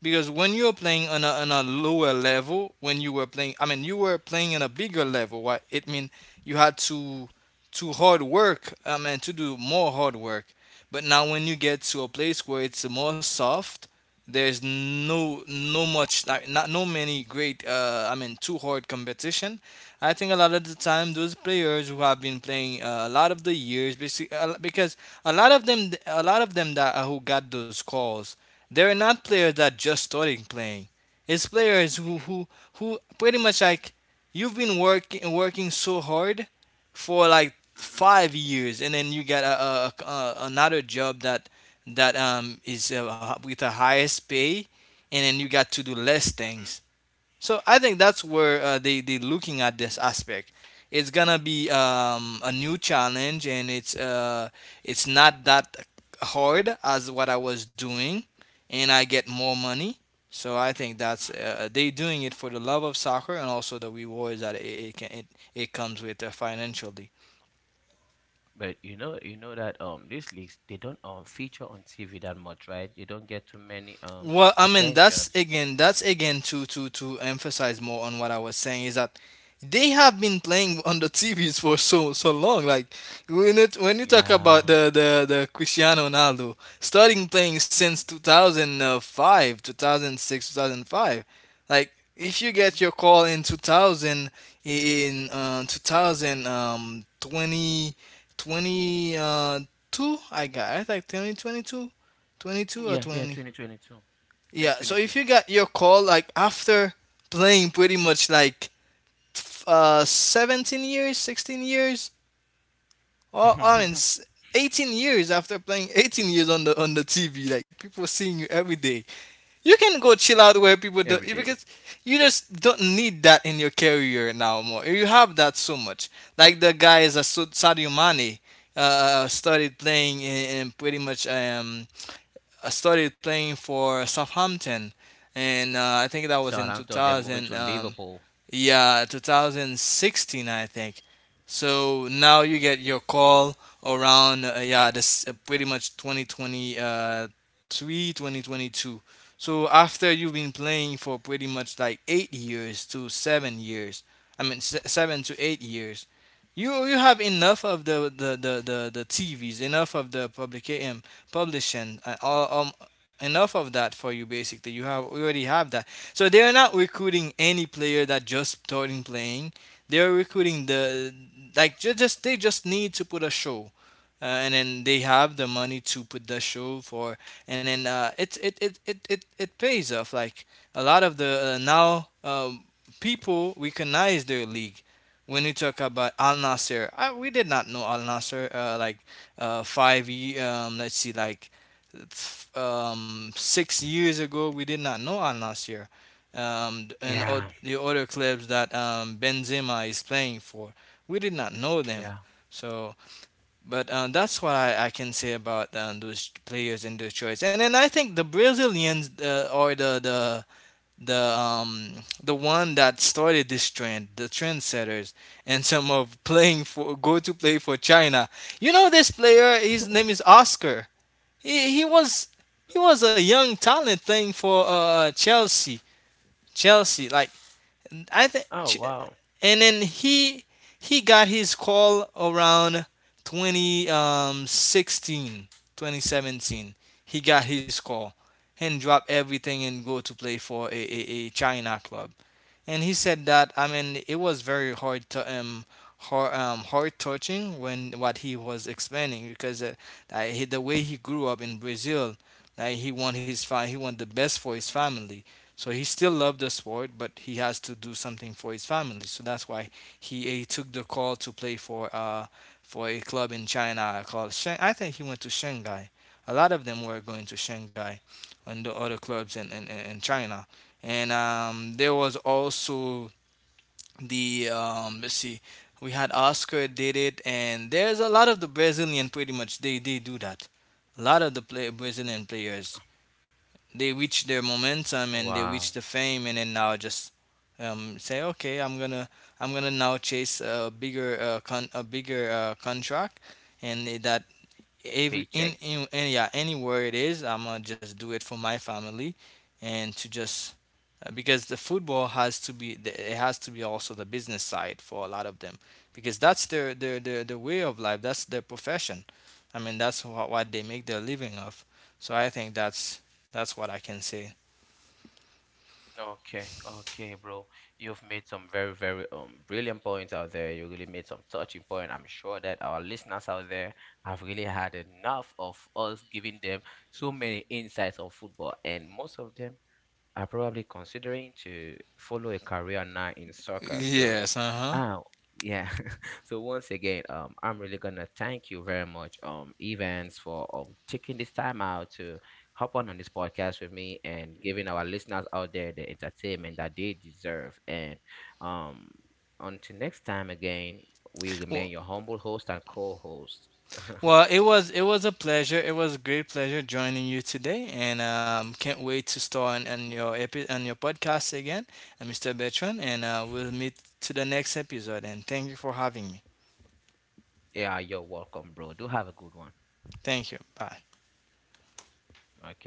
Speaker 2: because when you're playing on a lower level, when you were playing, I mean, you were playing on a bigger level. What it mean, you had to hard work. I mean, to do more hard work. But now when you get to a place where it's more soft, there's no much like not no many great. I mean, too hard competition. I think a lot of the time those players who have been playing, a lot of the years, because a lot of them that who got those calls, they're not players that just starting playing. It's players who pretty much like you've been working so hard for like
Speaker 1: Mhm,
Speaker 2: 5 years, and then you got another job that is, with the highest pay, and then you got to do less
Speaker 1: mhm,
Speaker 2: things, so I think that's where, they looking at this aspect. It's gonna be, a new challenge, and it's not that hard as what I was doing, and I get more money. So I think that's,
Speaker 1: mhm,
Speaker 2: they doing it for the love of soccer and also the rewards that it, can, it, it comes with, financially.
Speaker 1: but you know that these leagues, they don't feature on TV that much, right? They don't get too many
Speaker 2: Well, I mean, that's
Speaker 1: attention.
Speaker 2: again that's again to emphasize more on what I was saying is that they have been playing *laughs* on the TVs for so long. Like when you talk about
Speaker 1: Yeah.
Speaker 2: the Cristiano Ronaldo starting playing since 2005, 2006, 2005. Like if you get
Speaker 1: Mhm.
Speaker 2: your call in 2000 in, 2000, 20 twenty, 2, I think 2022, 22 or
Speaker 1: Yeah, yeah,
Speaker 2: 20,
Speaker 1: 2022.
Speaker 2: yeah, so if
Speaker 1: 2022.
Speaker 2: you got your call like after playing pretty much like, 17 years, 16 years, or I mean,
Speaker 1: *laughs*
Speaker 2: 18 years after playing 18 years on the TV, like people seeing you every day. You can go chill out
Speaker 1: Every
Speaker 2: where
Speaker 1: day.
Speaker 2: people don't because you just don't need that in your career now more. You have that so much. Like the guys that Sadio Mane, uh started playing in pretty much, I started playing for Southampton, and, I think that was in
Speaker 1: Southampton, they're moving to
Speaker 2: 2000.
Speaker 1: Liverpool.
Speaker 2: Yeah, 2016, I think. So now you get your call around, yeah, this, pretty much 2023, three, 2022. So after you've been playing for pretty much like 8 years to 7 years, I mean, 7 to 8 years, you have enough of the TVs, enough of the publishing, all, enough of that for you basically. You have already have that, so they're not recruiting any player that just starting playing. They're recruiting they just need to put a show, and then they have the money to put the show for, and then, it pays off. Like a lot of the, now, people recognize their league. When you talk about Al Nasser, we did not know Al Nasser, like, let's see, like, 6 years ago, we did not know Al Nasir, and,
Speaker 1: Yeah.
Speaker 2: the other clubs that, Benzema is playing for. We did not know them.
Speaker 1: Yeah.
Speaker 2: So, but, that's what I can say about, those players and their choice. And then I think the Brazilians, are the um the one that started this trend, the trendsetters, and some of playing for go to play for China. You know this player, his name is Oscar. He he was he was a young talent playing for, Chelsea. Chelsea, like, I think,
Speaker 1: Oh, wow.
Speaker 2: and then he got his call around 2016, 2017. He got his call and drop everything and go to play for a China club, and he said that, I mean, it was very hard to, hard touching when what he was explaining because, the way he grew up in Brazil, like he want the best
Speaker 1: Hmm.
Speaker 2: for his family. So he still loved the sport, but he has to do something for his family. So that's why he took the call to play for a club in China called Shang. I think he went to Shanghai. A lot of them were going to Shanghai and the other clubs in China, and, there was also the, let's see, we had Oscar did it, and there's a lot of the Brazilian pretty much they do that. A lot of the, Brazilian players, they reach their momentum and they
Speaker 1: Wow,
Speaker 2: reach the fame, and then now just, say, okay, I'm gonna now chase a bigger, contract, and that, every,
Speaker 1: paycheck.
Speaker 2: in yeah, anywhere it is, I'm gonna just do it for my family and to just, because the football has to be, it has to be also the business side for a lot of them because that's their way of life, that's their profession. I mean, that's what they make their living of, so I think that's what I can say.
Speaker 1: Okay, okay, bro. You've made some very, very brilliant points out there. You really made some touching point. I'm sure that our listeners out there have really had enough of us giving them so many insights on football, and most of them are probably considering to follow a career now in soccer. So,
Speaker 2: Yes, uh-huh.
Speaker 1: uh, yeah. *laughs* So once again, I'm really gonna thank you very much, Evans, for taking this time out to hop on this podcast with me and giving our listeners out there the entertainment that they deserve. And, um, until next time, again, we
Speaker 2: well,
Speaker 1: remain your humble host and co-host. *laughs*
Speaker 2: well it was a great pleasure joining you today, and, can't wait to start on, on your podcast again, Mr. Bertrand, and, we'll meet to the next episode. And thank you for having me.
Speaker 1: Yeah, you're welcome, bro. Do have a good one.
Speaker 2: Thank you. Bye.
Speaker 1: Okay.